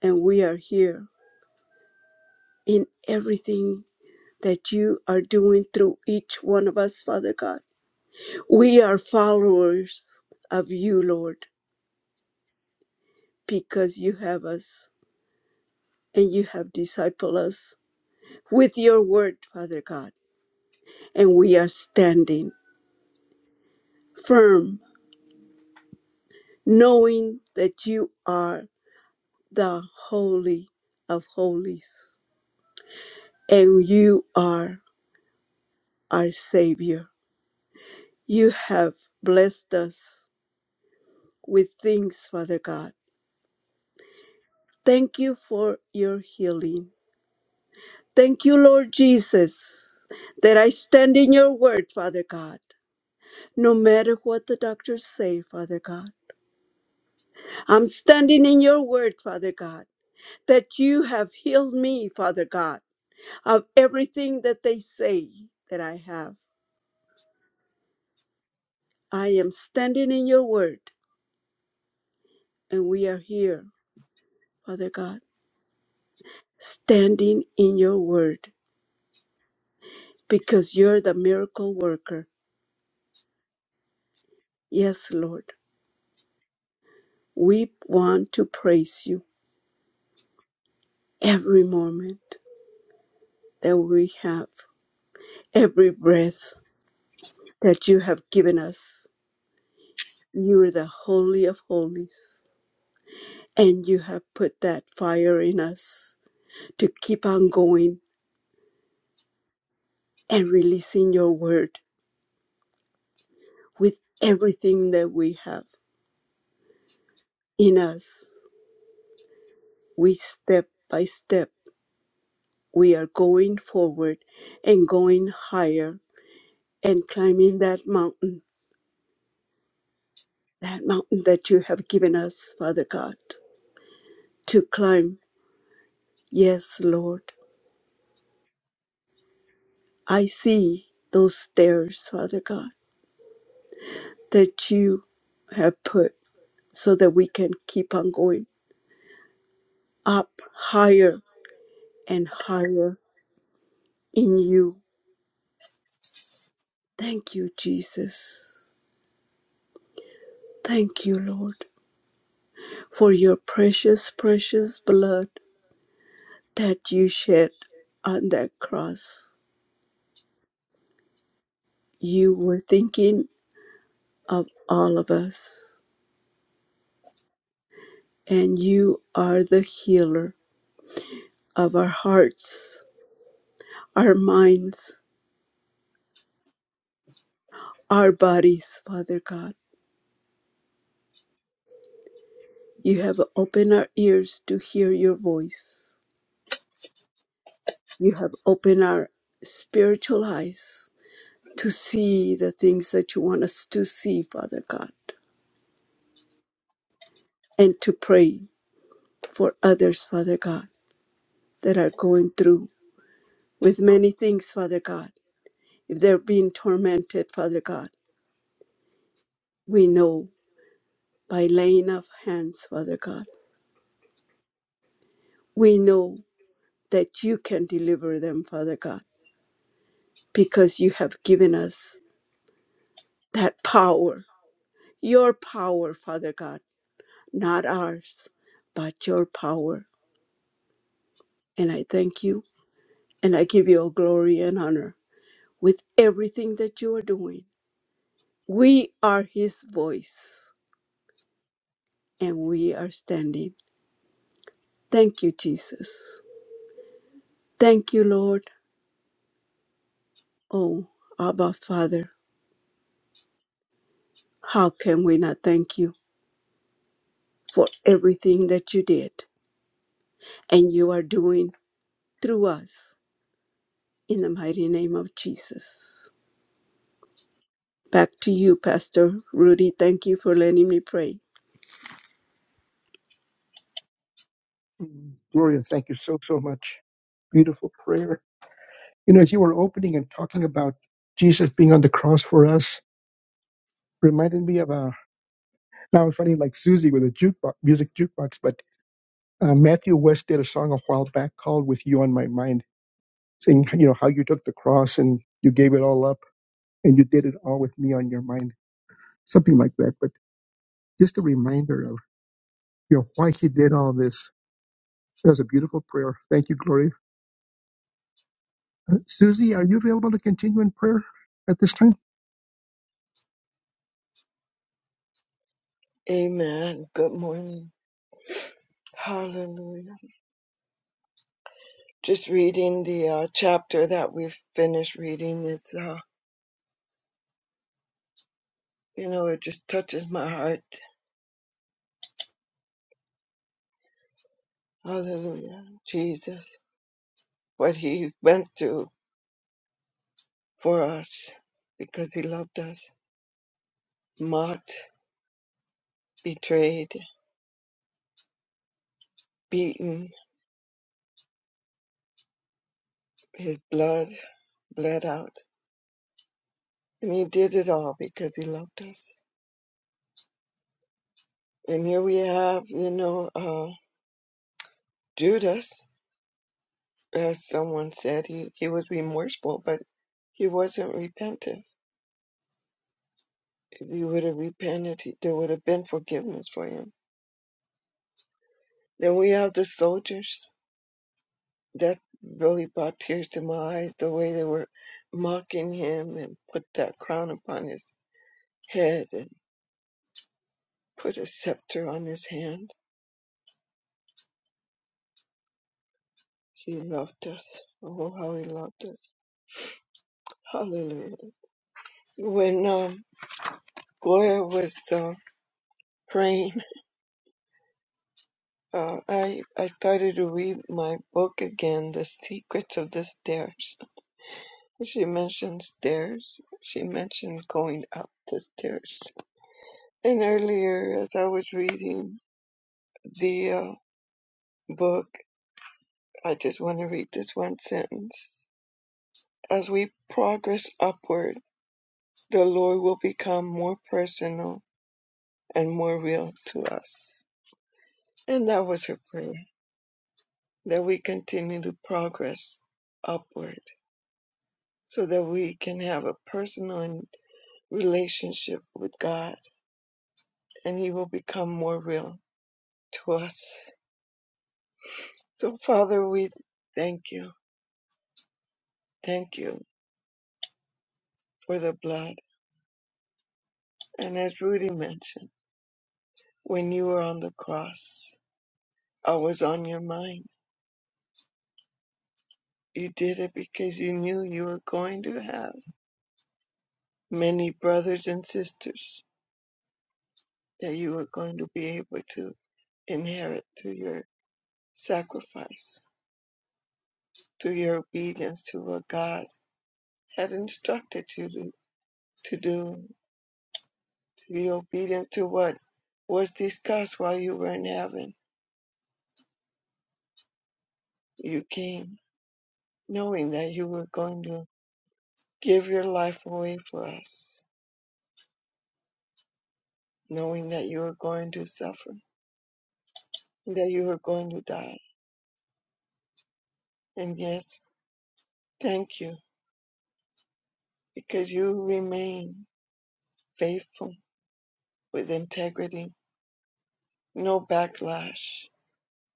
D: And we are here in everything that you are doing through each one of us, Father God. We are followers of you, Lord because you have us and you have discipled us with your word, Father God. And we are standing firm, knowing that you are the Holy of Holies and you are our Savior. You have blessed us with things, Father God. Thank you for your healing. Thank you, Lord Jesus, that I stand in your word, Father God no matter what the doctors say, Father God. I'm standing in your word, Father God, that you have healed me, Father God, of everything that they say that I have. I am standing in your word, and we are here, Father God, standing in your word because you're the miracle worker. Yes, Lord, we want to praise you every moment that we have, every breath that you have given us. You are the Holy of Holies. And you have put that fire in us to keep on going and releasing your word with everything that we have in us. We step by step, we are going forward and going higher and climbing that mountain, that mountain that you have given us, Father God, to climb. Yes, Lord. I see those stairs, Father God, that you have put. so that we can keep on going up higher and higher in you. Thank you, Jesus. Thank you, Lord, for your precious, precious blood that you shed on that cross. You were thinking of all of us, and you are the healer of our hearts, our minds, our bodies, Father God. You have opened our ears to hear your voice. You have opened our spiritual eyes to see the things that you want us to see, Father God, and to pray for others, Father God, that are going through with many things, Father God. If they're being tormented, Father God, we know by laying of hands, Father God, we know that you can deliver them, Father God, because you have given us that power, your power, Father God, not ours, but your power And I thank you and I give you all glory and honor with everything that you are doing. We are his voice and we are standing. Thank you, Jesus. Thank you, Lord. Oh, Abba, Father, how can we not thank you for everything that you did and you are doing through us in the mighty name of Jesus? Back to you, Pastor Rudy. Thank you for letting me pray.
B: Mm, Gloria, thank you so, so much. Beautiful prayer. You know, as you were opening and talking about Jesus being on the cross for us, reminded me of a, now I'm funny like Susie with a jukebox, music jukebox, but Uh, Matthew West did a song a while back called "With You on My Mind," saying you know how you took the cross and you gave it all up and you did it all with me on your mind, something like that. But just a reminder of you know why he did all this. That was a beautiful prayer. Thank you, Gloria. Uh, Susie, are you available to continue in prayer at this time?
E: Amen. Good morning. Hallelujah. Just reading the uh, chapter that we've finished reading, it's, uh, you know, it just touches my heart. Hallelujah. Jesus, what he went through for us because he loved us. Mocked, betrayed, beaten, his blood bled out. And he did it all because he loved us. And here we have, you know, uh, Judas. as someone said, he, he was remorseful, but he wasn't repentant. If he would have repented, he, there would have been forgiveness for him. Then we have the soldiers. That really brought tears to my eyes, the way they were mocking him and put that crown upon his head and put a scepter on his hand. He loved us. Oh, how he loved us. Hallelujah. When um, Gloria was uh, praying, Uh, I I started to read my book again, The Secrets of the Stairs. She mentioned stairs. She mentioned going up the stairs. And earlier, as I was reading the uh, book, I just want to read this one sentence. As we progress upward, the Lord will become more personal and more real to us. And that was her prayer, that we continue to progress upward so that we can have a personal relationship with God and He will become more real to us. So, Father, we thank you. Thank you for the blood. And as Rudy mentioned, when you were on the cross, I was on your mind. You did it because you knew you were going to have many brothers and sisters that you were going to be able to inherit through your sacrifice, through your obedience to what God had instructed you to, to do, to be obedient to what was discussed while you were in heaven. You came knowing that you were going to give your life away for us, knowing that you were going to suffer, that you were going to die. And yes, thank you, because you remain faithful with integrity, no backlash,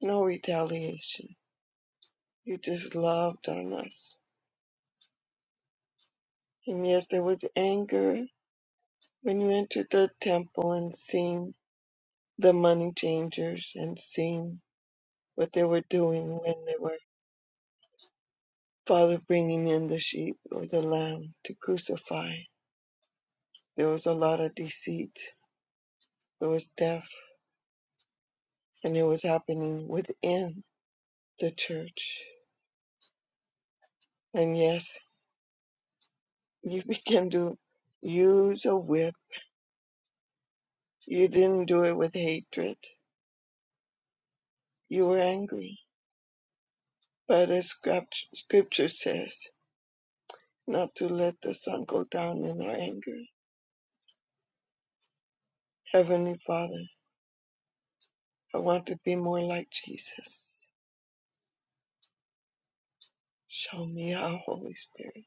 E: no retaliation. You just loved on us. And yes, there was anger When you entered the temple and seen the money changers and seen what they were doing when they were, Father, bringing in the sheep or the lamb to crucify, there was a lot of deceit, there was theft, and it was happening within the church. And yes, you began to use a whip. You didn't do it with hatred, you were angry. But as script- scripture says, not to let the sun go down in our anger Heavenly Father, I want to be more like Jesus. Show me how, Holy Spirit,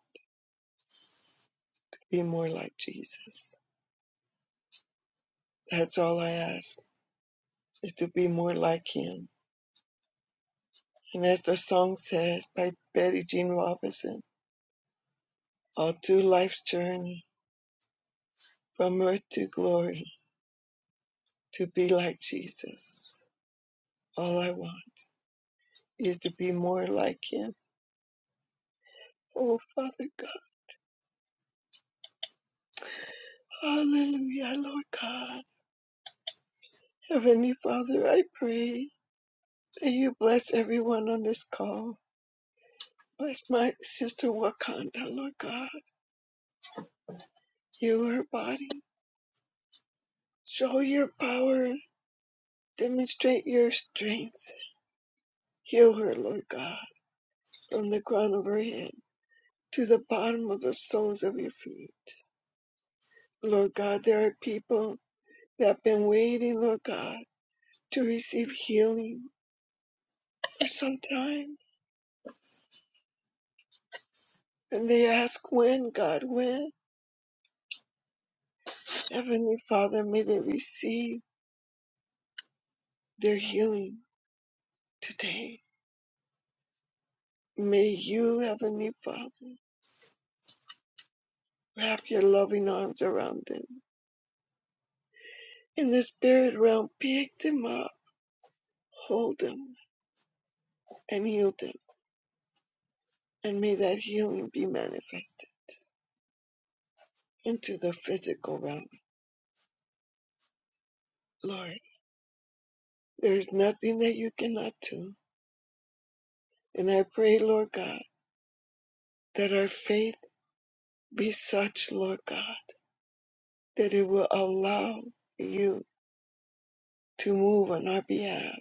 E: be more like Jesus. That's all I ask, is to be more like Him. And as the song says by Betty Jean Robinson, all through life's journey, from earth to glory, to be like Jesus. All I want is to be more like Him. Oh, Father God, hallelujah, Lord God. Heavenly Father, I pray that you bless everyone on this call Bless my sister Wakanda, Lord God. Heal her body. Show your power. Demonstrate your strength. Heal her, Lord God, from the crown of her head to the bottom of the soles of your feet. Lord God, there are people that have been waiting, Lord God, to receive healing for some time. And they ask when, God, when? Heavenly Father, may they receive their healing today. May you, Heavenly Father, Wrap your loving arms around them. In the spirit realm, pick them up, hold them, and heal them. And may that healing be manifested into the physical realm. Lord, there is nothing that you cannot do. And I pray, Lord God, that our faith be such, Lord God, that it will allow you to move on our behalf,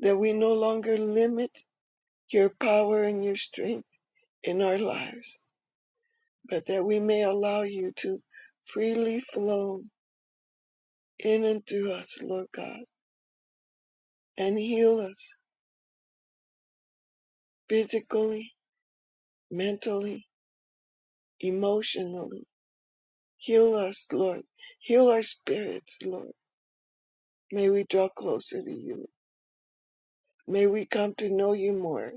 E: that we no longer limit your power and your strength in our lives but that we may allow you to freely flow in and through us, Lord God, and heal us physically, mentally, emotionally. Heal us, Lord. Heal our spirits, Lord. May we draw closer to you. May we come to know you more.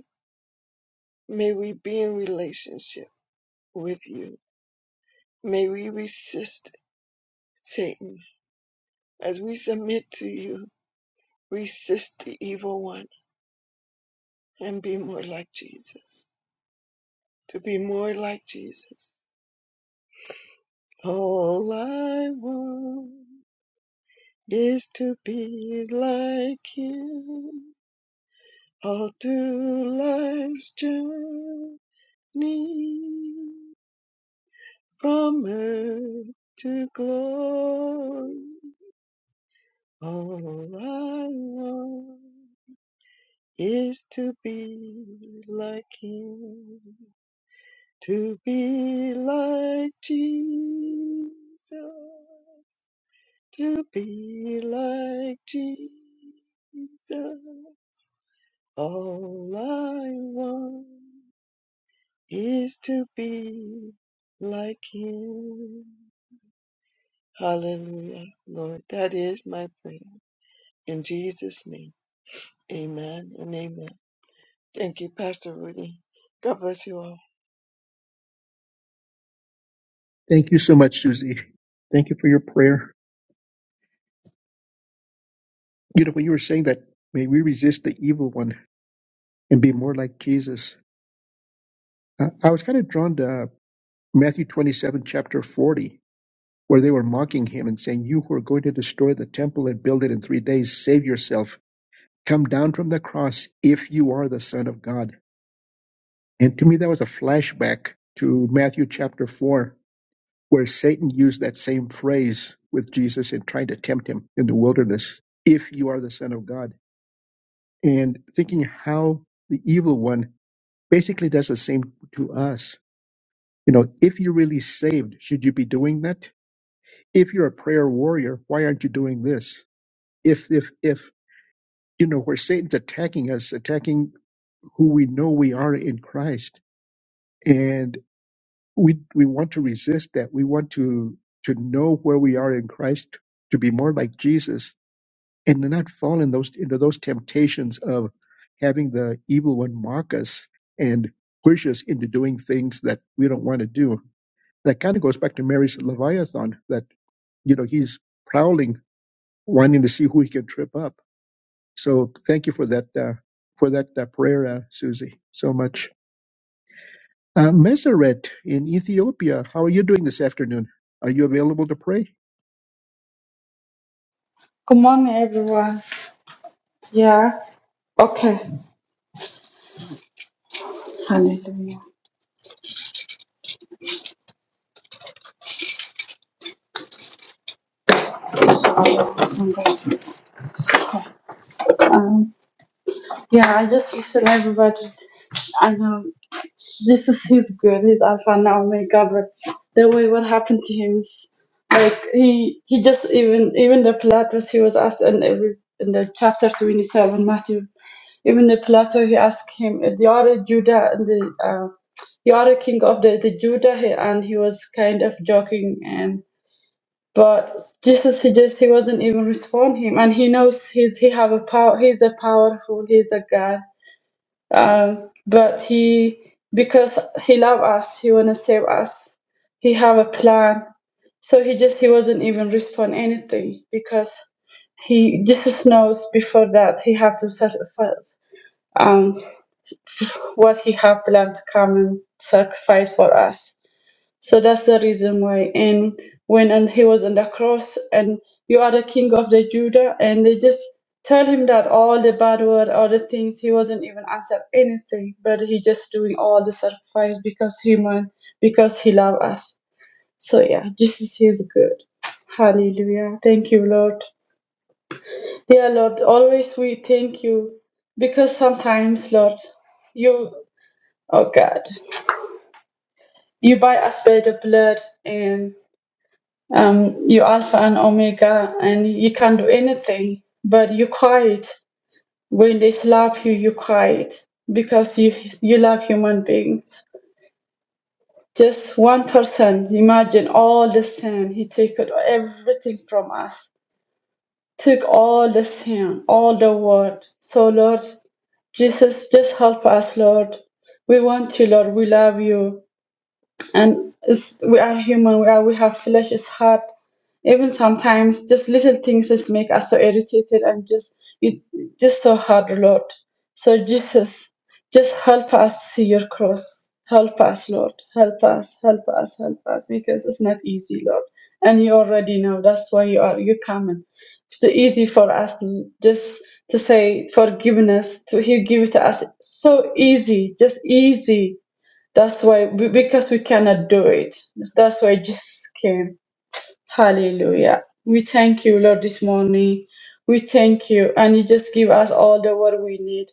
E: May we be in relationship with you. May we resist Satan as we submit to you. Resist the evil one and be more like Jesus. to be more like Jesus. All I want is to be like him all through life's journey from earth to glory. All I want is to be like him, to be like Jesus. to be like Jesus. All I want is to be like Him. Hallelujah, Lord. That is my prayer. In Jesus' name, amen and amen. Thank you, Pastor Rudy. God bless you all.
B: Thank you so much, Susie. Thank you for your prayer. You know when you were saying that, may we resist the evil one and be more like Jesus. Uh, I was kind of drawn to Matthew twenty-seven, chapter forty where they were mocking him and saying, You who are going to destroy the temple and build it in three days, save yourself. Come down from the cross if you are the Son of God. And to me, that was a flashback to Matthew chapter 4, where Satan used that same phrase with Jesus in trying to tempt him in the wilderness, if you are the Son of God. And thinking how the evil one basically does the same to us. You know, if you're really saved, should you be doing that? If you're a prayer warrior, why aren't you doing this? if if if you know where satan's attacking us attacking who we know we are in christ and we we want to resist that we want to to know where we are in christ to be more like jesus and to not fall in those into those temptations of having the evil one mock us and push us into doing things that we don't want to do that kind of goes back to mary's leviathan that you know he's prowling wanting to see who he can trip up So thank you for that uh, for that uh, prayer, uh, Susie. So much. Uh, Meseret in Ethiopia, how are you doing this afternoon? Are you available to pray?
F: Good morning, everyone. Yeah. Okay. Hallelujah. Oh, somebody. Um, yeah, I just listen everybody. I know this is his good. He's Alpha and Omega, but the way what happened to him is like he he just even even the Pilatus he was asked in every in the chapter twenty seven Matthew even the Pilatus he asked him uh, the other Judah and the uh, you are king of the, the Judah he and he was kind of joking and. But Jesus, he just he wasn't even respond him, and he knows he's he have a power. He's a powerful. He's a God. Um, but he because he love us, he wanna save us. He have a plan. So he just he wasn't even respond anything because he Jesus knows before that he have to sacrifice um what he have planned to come and sacrifice for us. So that's the reason why. And when and he was on the cross, and you are the king of the Judah, and they just tell him that all the bad word, all the things, he wasn't even answered anything, but he just doing all the sacrifice because human, because he love us. So yeah, Jesus is good. Hallelujah. Thank you, Lord. Dear Lord, always we thank you because sometimes, Lord, you, oh God, you buy us by the blood, and. um, you Alpha and Omega, and you can do anything. But you quiet when they slap you. You quiet because you you love human beings. Just one person. Imagine all the sin. He took it- everything from us. Took all the sin, all the world. So Lord Jesus, just help us, Lord. We want you, Lord. We love you. and it's, we are human. We are we have flesh. It's hard. Even sometimes, just little things just make us so irritated and just you just so hard, Lord. So Jesus, just help us see your cross. Help us, Lord. Help us. Help us. Help us. Because it's not easy, Lord. And you already know. That's why you are. you coming. It's too easy for us to just to say forgiveness. To He give it to us so easy, just easy that's why, be- because we cannot do it. That's why just came. Hallelujah. We thank you, Lord, this morning. We thank you. And you just give us all the word we need.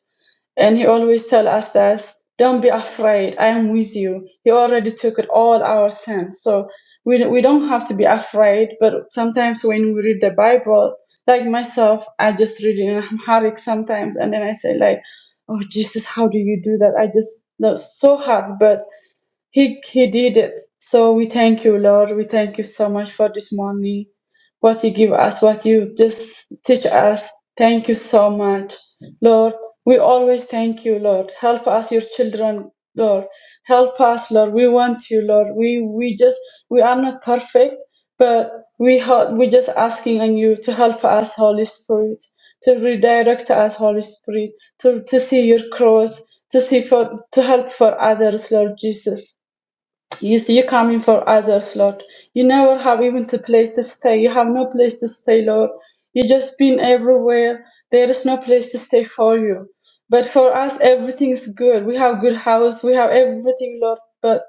F: And he always tell us that, don't be afraid. I am with you. He already took it all our sins. So we, we don't have to be afraid. But sometimes when we read the Bible, like myself, I just read it in Amharic sometimes. And then I say like, oh, Jesus, how do you do that? I just, that's so hard. But he he did it. So we thank you, Lord. We thank you so much for this morning. What you give us, what you just teach us. Thank you so much, Lord. We always thank you, Lord. Help us, your children, Lord. Help us, Lord. We want you, Lord. We we just we are not perfect, but we help, we just asking on you to help us, Holy Spirit, to redirect us, Holy Spirit, to to see your cross, to see for to help for others, Lord Jesus. You see, you're coming for others, Lord. You never have even a place to stay. You have no place to stay, Lord. you just been everywhere. There is no place to stay for you. But for us, everything is good. We have good house. We have everything, Lord. But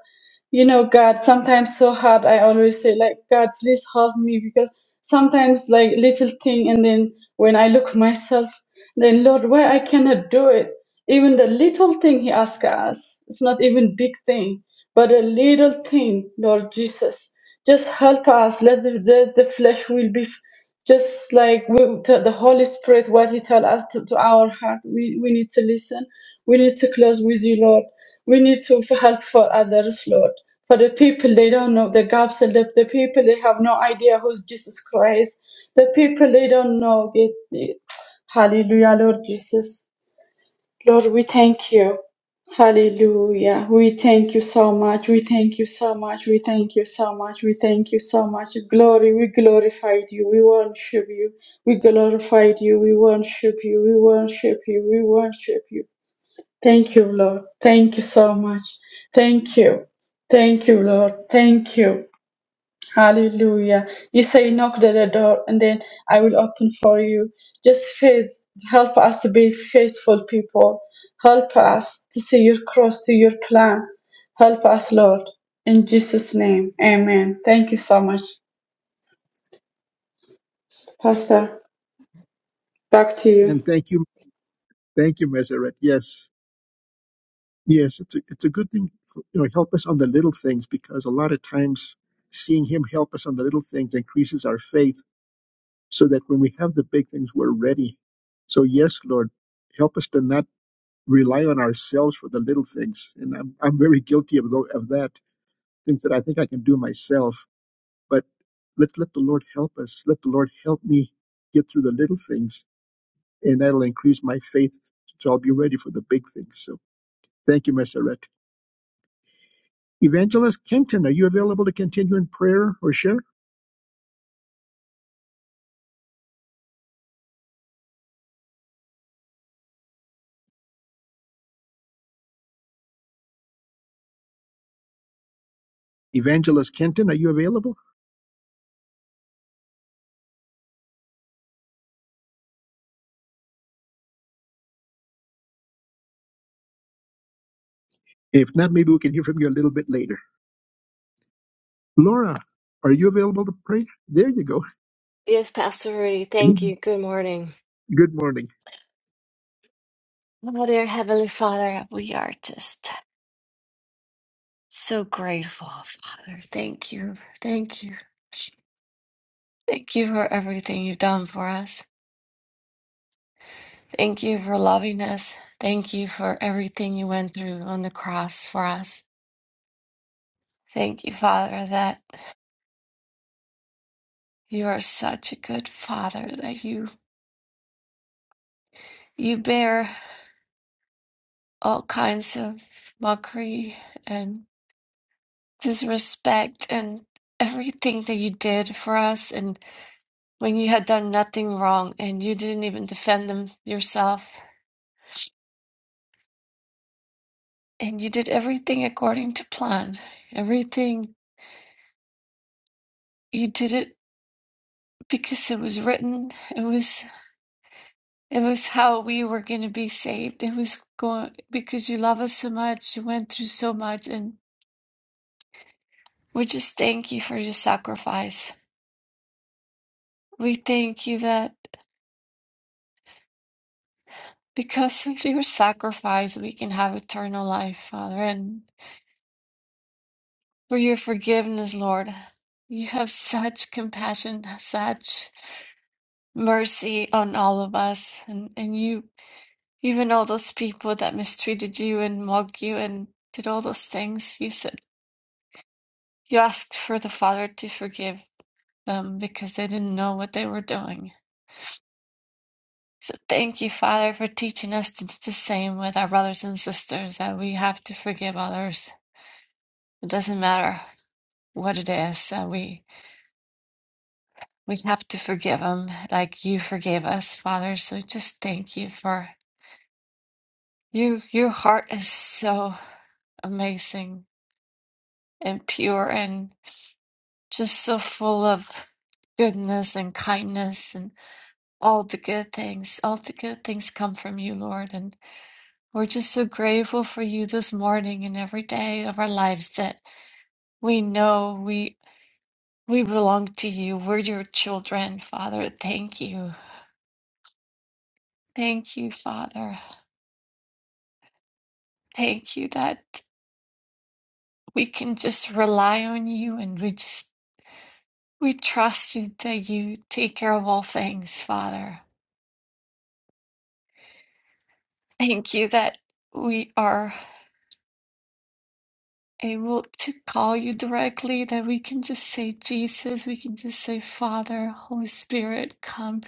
F: you know, God, sometimes so hard. I always say, like, God, please help me because sometimes, like, little thing, and then when I look myself, then Lord, why I cannot do it? Even the little thing He asks us, it's not even big thing but a little thing, Lord Jesus, just help us. Let the, the, the flesh will be just like we, to the Holy Spirit, what He tell us to, to our heart. We, we need to listen. We need to close with you, Lord. We need to help for others, Lord. For the people, they don't know the gaps. and The, the people, they have no idea who's Jesus Christ. The people, they don't know. They, hallelujah, Lord Jesus. Lord, we thank you. Hallelujah. We thank you so much. We thank you so much. We thank you so much. We thank you so much. Glory. We glorified you. We worship you. We glorified you. We worship you. We worship you. We worship you. Thank you, Lord. Thank you so much. Thank you. Thank you, Lord. Thank you. Hallelujah. You say, knock at the door, and then I will open for you. Just faith, help us to be faithful people. Help us to see your cross to your plan. Help us, Lord. In Jesus' name, amen. Thank you so much. Pastor, back to you.
B: And thank you, thank you, Meseret. Yes, Yes, it's a, it's a good thing. For, you know, help us on the little things because a lot of times seeing Him help us on the little things increases our faith so that when we have the big things, we're ready. So, yes, Lord, help us to not rely on ourselves for the little things. And I'm, I'm very guilty of, tho- of that, things that I think I can do myself. But let's let the Lord help us. Let the Lord help me get through the little things, and that'll increase my faith so I'll be ready for the big things. So, thank you, Messeret. Evangelist Kenton, are you available to continue in prayer or share? Evangelist Kenton, are you available? If not, maybe we can hear from you a little bit later. Laura, are you available to pray? There you go.
G: Yes, Pastor Rudy, thank you.
B: Good
G: Good morning.
B: morning.
G: Oh, dear Heavenly Father, we are just so grateful, Father. Thank you. Thank you. Thank you for everything you've done for us. Thank you for loving us. Thank you for everything you went through on the cross for us. Thank you, Father, that you are such a good Father, that you you bear all kinds of mockery and disrespect and everything that you did for us when you had done nothing wrong and you didn't even defend them yourself and you did everything according to plan everything you did it because it was written it was it was how we were going to be saved it was going because you love us so much you went through so much and we just thank you for your sacrifice we thank you that because of your sacrifice we can have eternal life father and. for your forgiveness, Lord. You have such compassion, such mercy on all of us. And, and you, even all those people that mistreated you and mocked you and did all those things, you said, you asked for the Father to forgive them because they didn't know what they were doing. So thank you, Father, for teaching us to do the same with our brothers and sisters, that we have to forgive others. It doesn't matter what it is that we We have to forgive them like you forgave us, Father. So just thank you for you. Your heart is so amazing and pure and just so full of goodness and kindness and all the good things. All the good things come from you, Lord. And we're just so grateful for you this morning and every day of our lives that we know we we belong to you. We're your children, Father. Thank you. Thank you, Father. Thank you that. we can just rely on you and we just we trust you that you take care of all things father thank you that we are able to call you directly that we can just say jesus we can just say father holy spirit come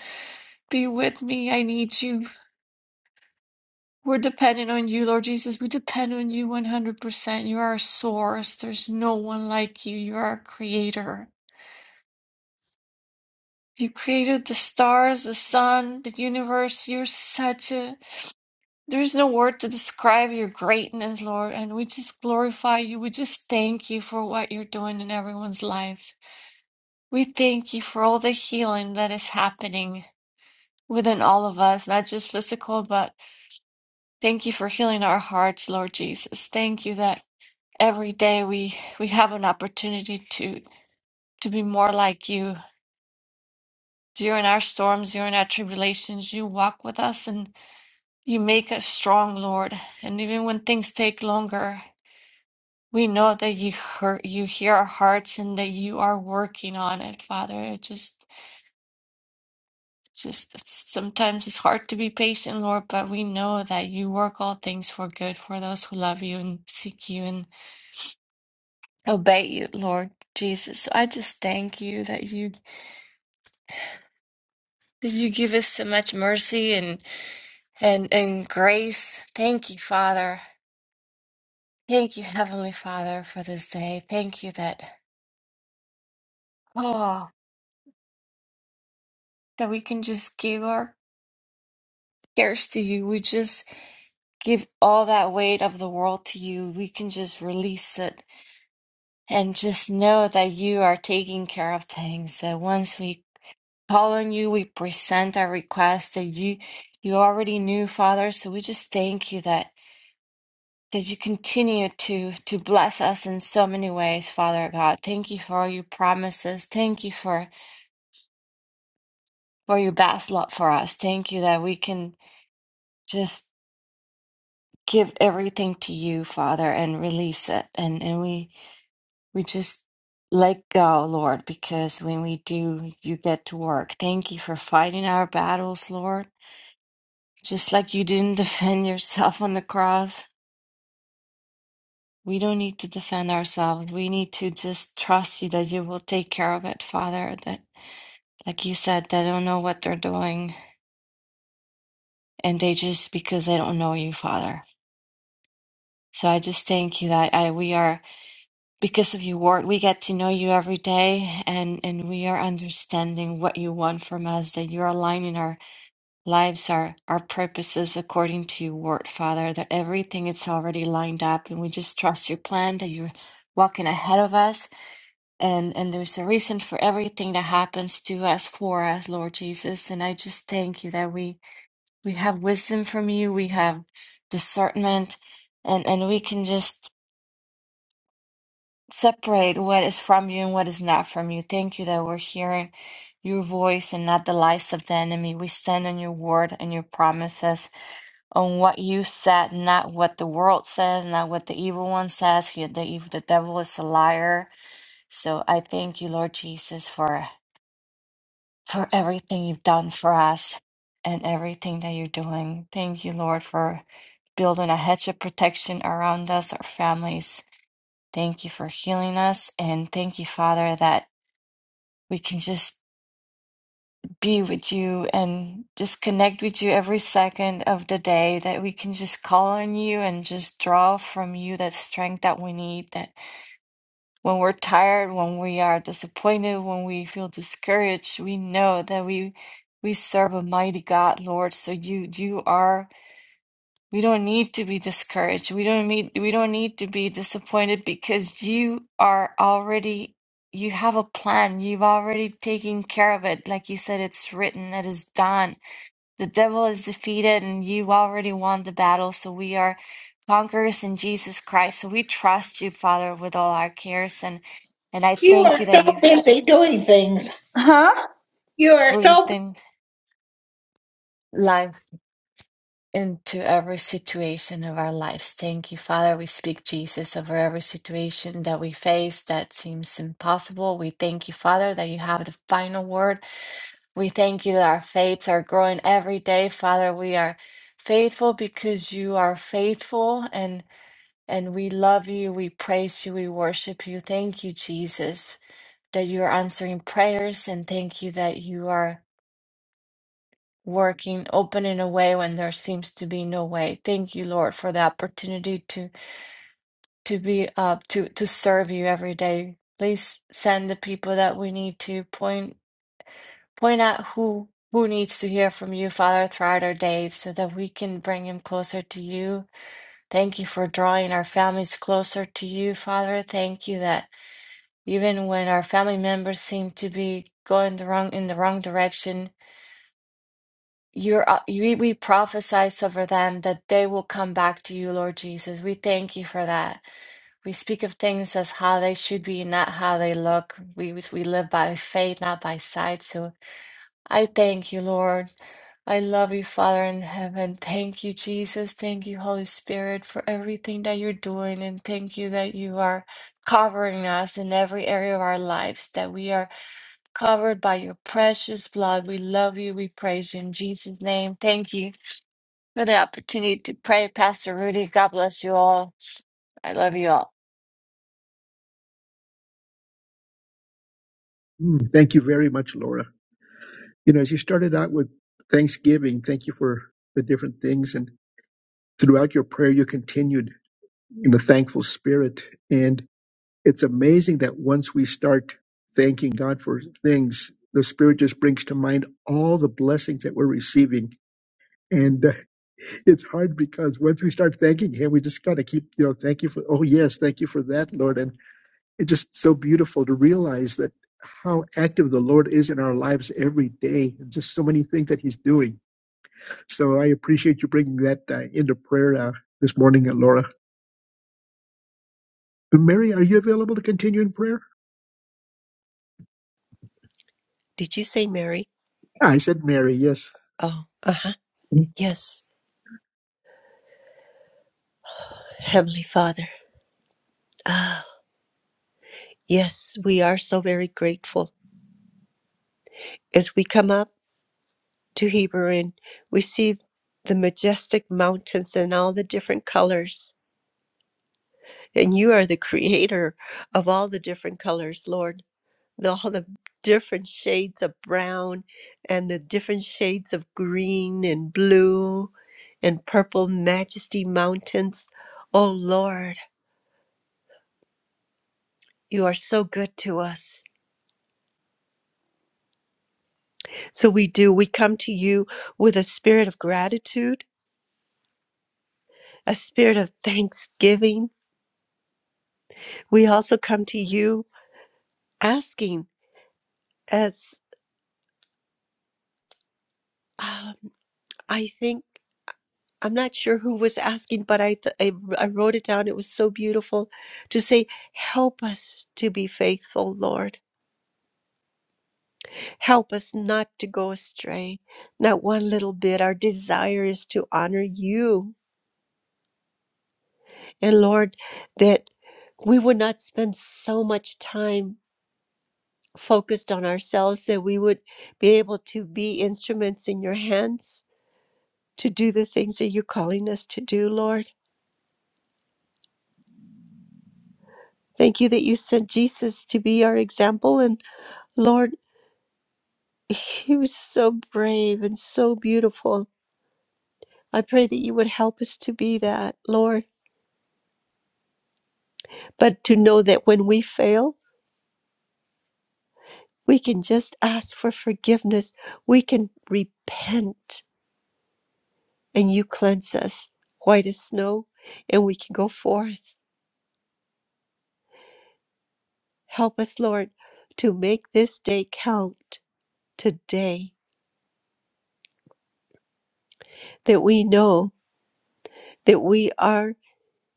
G: be with me i need you we're dependent on you lord jesus we depend on you 100% you are our source there's no one like you you are our creator you created the stars, the sun, the universe. You're such a There is no word to describe your greatness, Lord, and we just glorify you. We just thank you for what you're doing in everyone's lives. We thank you for all the healing that is happening within all of us, not just physical, but thank you for healing our hearts, Lord Jesus. Thank you that every day we we have an opportunity to to be more like you. During our storms, during our tribulations, you walk with us and you make us strong, Lord. And even when things take longer, We know that you hear, you hear our hearts and that you are working on it, Father. It just, just sometimes it's hard to be patient, Lord, but we know that you work all things for good for those who love you and seek you and obey you, Lord Jesus. So I just thank you that you that you give us so much mercy and and and grace. Thank you, Father. Thank you, Heavenly Father, for this day. Thank you that oh that we can just give our cares to you. We just give all that weight of the world to you. We can just release it and just know that you are taking care of things. That once we call on you, we present our request that you you already knew, Father. So we just thank you that that you continue to to bless us in so many ways, Father God. Thank you for all your promises. Thank you for for your best love for us. Thank you that we can just give everything to you, Father, and release it. And and we We just let go, Lord, because when we do, you get to work. Thank you for fighting our battles, Lord. Just like you didn't defend yourself on the cross, we don't need to defend ourselves. We need to just trust you that you will take care of it, Father. That, like you said, they don't know what they're doing, and they just because they don't know you, Father. So I just thank you that I, we are because of your word we get to know you every day and and we are understanding what you want from us that you're aligning our lives, our our purposes according to your word, Father, that everything it's already lined up and we just trust your plan that you're walking ahead of us and and there's a reason for everything that happens to us for us lord jesus and i just thank you that we we have wisdom from you we have discernment and and we can just separate what is from you and what is not from you thank you that we're hearing your voice and not the lies of the enemy we stand on your word and your promises on what you said, not what the world says, not what the evil one says. He, the evil, the devil is a liar. So I thank you, Lord Jesus, for for everything you've done for us and everything that you're doing. Thank you, Lord, for building a hedge of protection around us, our families. Thank you for healing us, and thank you, Father, that we can just be with you and just connect with you every second of the day that we can just call on you and just draw from you that strength that we need that when we're tired when we are disappointed when we feel discouraged we know that we we serve a mighty God Lord so you you are we don't need to be discouraged we don't need we don't need to be disappointed because you are already you have a plan you've already taken care of it like you said it's written it is done the devil is defeated, and you already won the battle. So we are conquerors in Jesus Christ. So we trust you, Father, with all our cares. And, and I
F: You
G: thank
F: are
G: you that you
F: so busy doing things. Huh? You are so
G: breathe in life into every situation of our lives. Thank you, Father. We speak Jesus over every situation that we face that seems impossible. We thank you, Father, that you have the final word. We thank you that our faiths are growing every day, Father. We are faithful because you are faithful and. And we love you, we praise you, we worship you. Thank you, Jesus, that you are answering prayers, and thank you that you are working, opening a way when there seems to be no way. Thank you, Lord, for the opportunity to to be up to to serve you every day. Please send the people that we need to point point out who who needs to hear from you, Father, throughout our day, so that we can bring him closer to you. Thank you for drawing our families closer to you, Father. Thank you that. even when our family members seem to be going the wrong in the wrong direction you're uh, you, we prophesize over them that they will come back to you lord jesus we thank you for that we speak of things as how they should be not how they look we we live by faith not by sight so i thank you lord i love you father in heaven thank you jesus thank you holy spirit for everything that you're doing and thank you that you are covering us in every area of our lives that we are covered by your precious blood. We love you. We praise you in Jesus' name. Thank you for the opportunity to pray, Pastor Rudy. God bless you all. I love you all.
B: Mm, Thank you very much, Laura. You know, as you started out with Thanksgiving, thank you for the different things. And throughout your prayer, you continued in a thankful spirit. And it's amazing that once we start thanking God for things, the Spirit just brings to mind all the blessings that we're receiving And uh, it's hard because once we start thanking him, we just gotta keep, you know, thank you for, oh yes, thank you for that, Lord. And it's just so beautiful to realize that how active the Lord is in our lives every day, and just so many things that He's doing. So I appreciate you bringing that uh, into prayer uh, this morning, uh, Laura. Uh, Mary, are you available to continue in prayer?
C: Did you say Mary?
B: I said Mary, yes. Thank
C: Oh, uh huh. Yes, Heavenly Father. Ah, yes, we are so very grateful. As we come up to Hebron, we see the majestic mountains and all the different colors. And you are the creator of all the different colors, Lord. The, all the different shades of brown and the different shades of green and blue and purple majesty mountains. Oh, Lord, you are so good to us. So we do. We come to you with a spirit of gratitude a spirit of thanksgiving. We also come to you asking, as um, I think, I'm not sure who was asking, but I, th- I, I wrote it down. It was so beautiful to say, Help us to be faithful, Lord. Help us not to go astray, not one little bit. Our desire is to honor you. And Lord, that we would not spend so much time focused on ourselves that we would be able to be instruments in your hands to do the things that you're calling us to do, Lord. Thank you that you sent Jesus to be our example. And Lord, he was so brave and so beautiful. I pray that you would help us to be that, Lord, but to know that when we fail, we can just ask for forgiveness. We can repent and you cleanse us white as snow and we can go forth Help us, Lord, to make this day count today, that we know that we are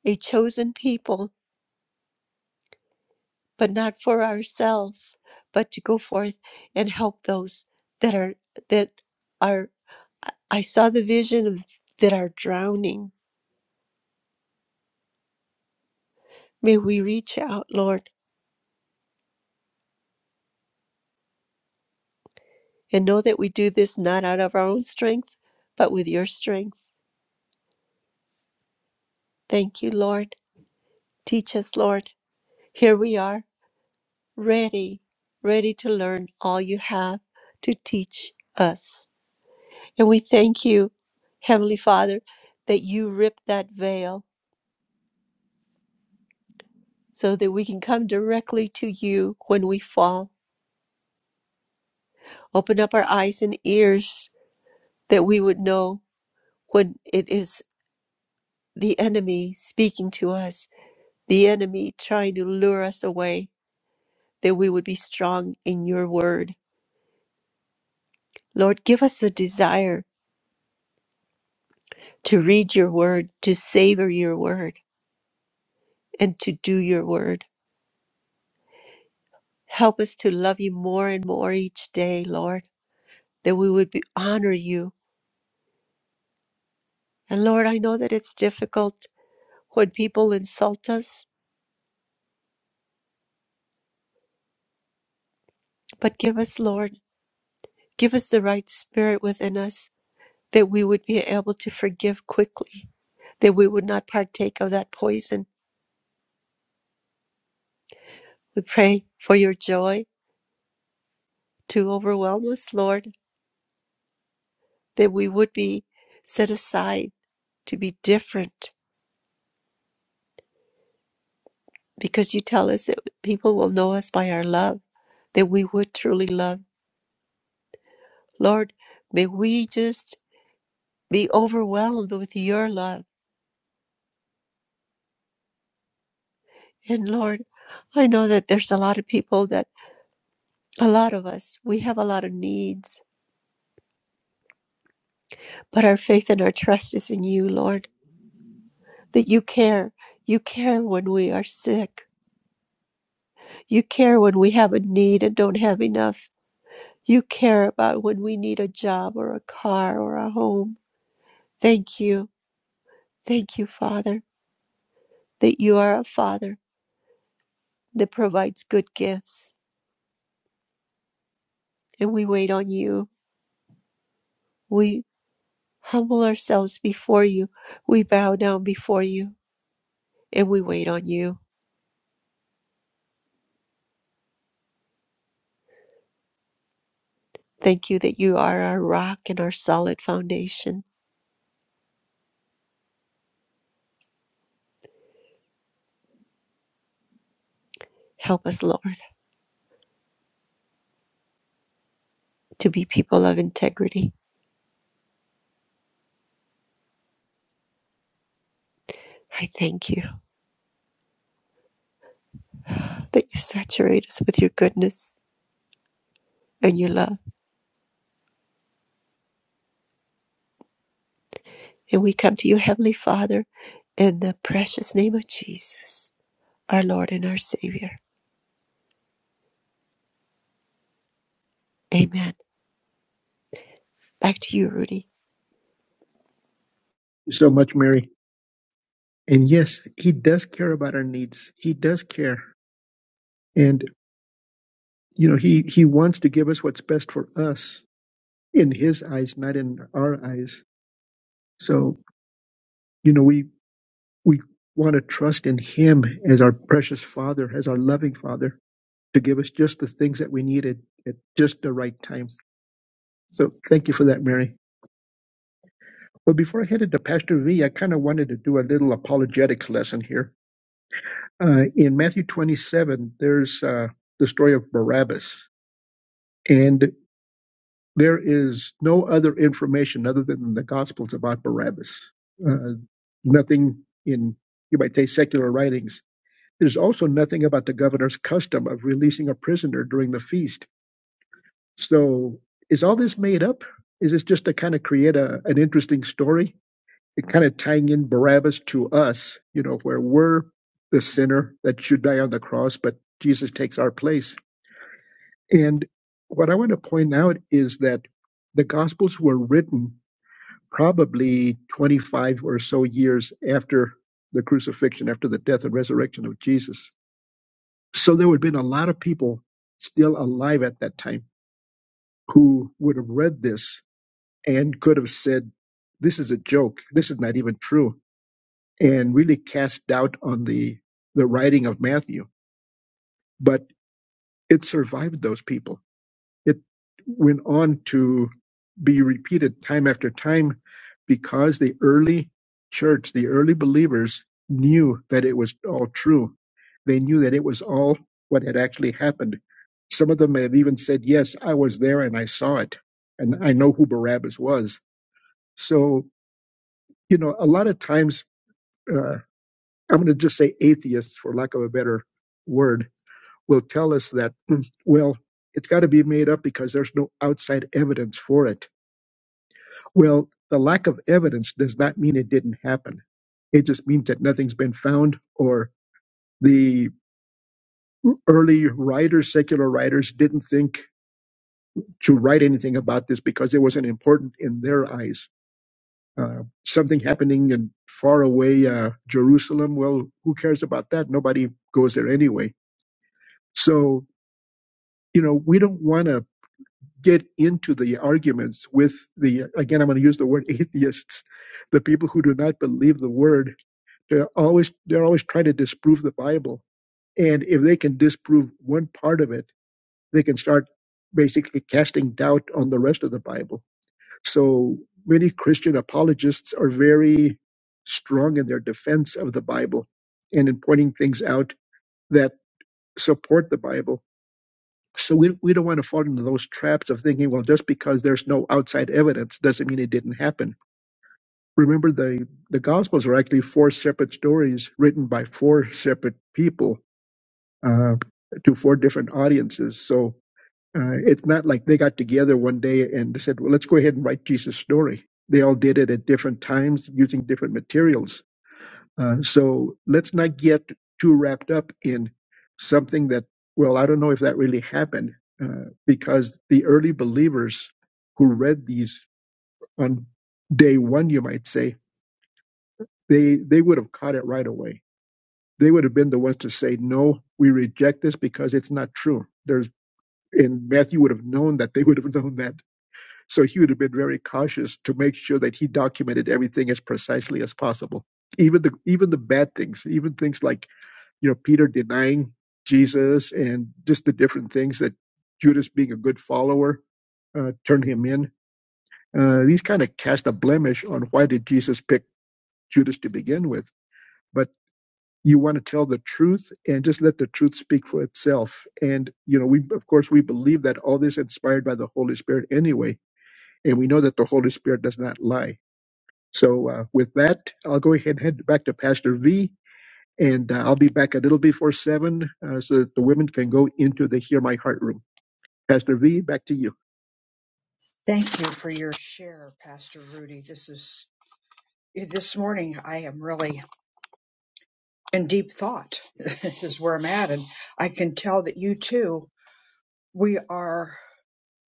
C: a chosen people, but not for ourselves, but to go forth and help those that are that are I I saw the vision of that are drowning. May we reach out, Lord, and know that we do this not out of our own strength, but with your strength. Thank you, Lord. Teach us, Lord. Here we are. ready, ready to learn all you have to teach us. And we thank you, Heavenly Father, that you rip that veil so that we can come directly to you when we fall. Open up our eyes and ears that we would know when it is the enemy speaking to us, the enemy trying to lure us away, that we would be strong in your word. Lord, give us the desire to read your word, to savor your word and to do your word. Help us to love you more and more each day, Lord, that we would be, honor you. And Lord, I know that it's difficult when people insult us, but give us, Lord, give us the right spirit within us that we would be able to forgive quickly, that we would not partake of that poison. We pray for your joy to overwhelm us, Lord, that we would be set aside to be different because you tell us that people will know us by our love, that we would truly love. Lord, may we just be overwhelmed with your love. And Lord, I know that there's a lot of people that, a lot of us, we have a lot of needs, but our faith and our trust is in you, Lord, that you care. You care when we are sick. You care when we have a need and don't have enough. You care about when we need a job or a car or a home. Thank you. Thank you, Father. that you are a Father that provides good gifts, and we wait on you. We humble ourselves before you. We bow down before you, and we wait on you. Thank you that you are our rock and our solid foundation. Help us, Lord, to be people of integrity. I thank you that you saturate us with your goodness and your love. And we come to you, Heavenly Father, in the precious name of Jesus, our Lord and our Savior. Amen. Back to you, Rudy.
B: you So much, Mary. And yes, He does care about our needs. He does care, and you know, He He wants to give us what's best for us in his eyes, not in our eyes. So, you know, we, we want to trust in him as our precious father, as our loving father to give us just the things that we needed at at just the right time. So thank you for that, Mary. Well, before I headed to Pastor V, I kind of wanted to do a little apologetics lesson here. Uh, in Matthew 27, there's uh, the story of Barabbas. and. There is no other information other than the Gospels about Barabbas. Uh, nothing in, you might say, secular writings. There's also nothing about the governor's custom of releasing a prisoner during the feast. So is all this made up? Is this just to kind of create a, an interesting story? It kind of tying in Barabbas to us, you know, where we're the sinner that should die on the cross, but Jesus takes our place. And what I want to point out is that the Gospels were written probably 25 or so years after the crucifixion, after the death and resurrection of Jesus. So there would have been a lot of people still alive at that time who would have read this and could have said, This is a joke. This is not even true. And really cast doubt on the, the writing of Matthew. But it survived those people. It went on to be repeated time after time because the early church, the early believers knew that it was all true. They knew that it was all what had actually happened. Some of them have even said, Yes, I was there and I saw it, and I know who Barabbas was. So, you know, a lot of times, uh, I'm going to just say atheists, for lack of a better word, will tell us that, "Hmm, well, it's got to be made up because there's no outside evidence for it Well, the lack of evidence does not mean it didn't happen. It just means that nothing's been found, or the early writers, secular writers, didn't think to write anything about this because it wasn't important in their eyes. Uh, something happening in far away uh, Jerusalem, well, who cares about that? Nobody goes there anyway. So, you know, we don't want to get into the arguments with the, again, I'm going to use the word atheists, the people who do not believe the word They're always they're always trying to disprove the Bible. And if they can disprove one part of it, they can start basically casting doubt on the rest of the Bible. So many Christian apologists are very strong in their defense of the Bible and in pointing things out that support the Bible. So we, we don't want to fall into those traps of thinking, well, just because there's no outside evidence doesn't mean it didn't happen. Remember, the, the Gospels are actually four separate stories written by four separate people uh, to four different audiences. So uh, it's not like they got together one day and they said, well, let's go ahead and write Jesus' story. They all did it at different times using different materials. Uh, so let's not get too wrapped up in something that, well, I don't know if that really happened uh, because the early believers who read these on day one, you might say, they, they would have caught it right away they would have been the ones to say, no, we reject this because it's not true. And Matthew would have known that they would have known that. So he would have been very cautious to make sure that he documented everything as precisely as possible. Even the even the bad things, even things like, you know, Peter denying Jesus and just the different things that Judas being a good follower uh, turned him in. Uh, these kind of cast a blemish on why did Jesus pick Judas to begin with. But you want to tell the truth and just let the truth speak for itself and you know we of course we believe that all this inspired by the holy spirit anyway and we know that the holy spirit does not lie so uh, with that i'll go ahead and head back to pastor v and uh, i'll be back a little before seven uh, so that the women can go into the hear my heart room pastor v back to you
A: Thank you for your share, Pastor Rudy. This is this morning I am really in deep thought. this is where I'm at. And I can tell that you too, we are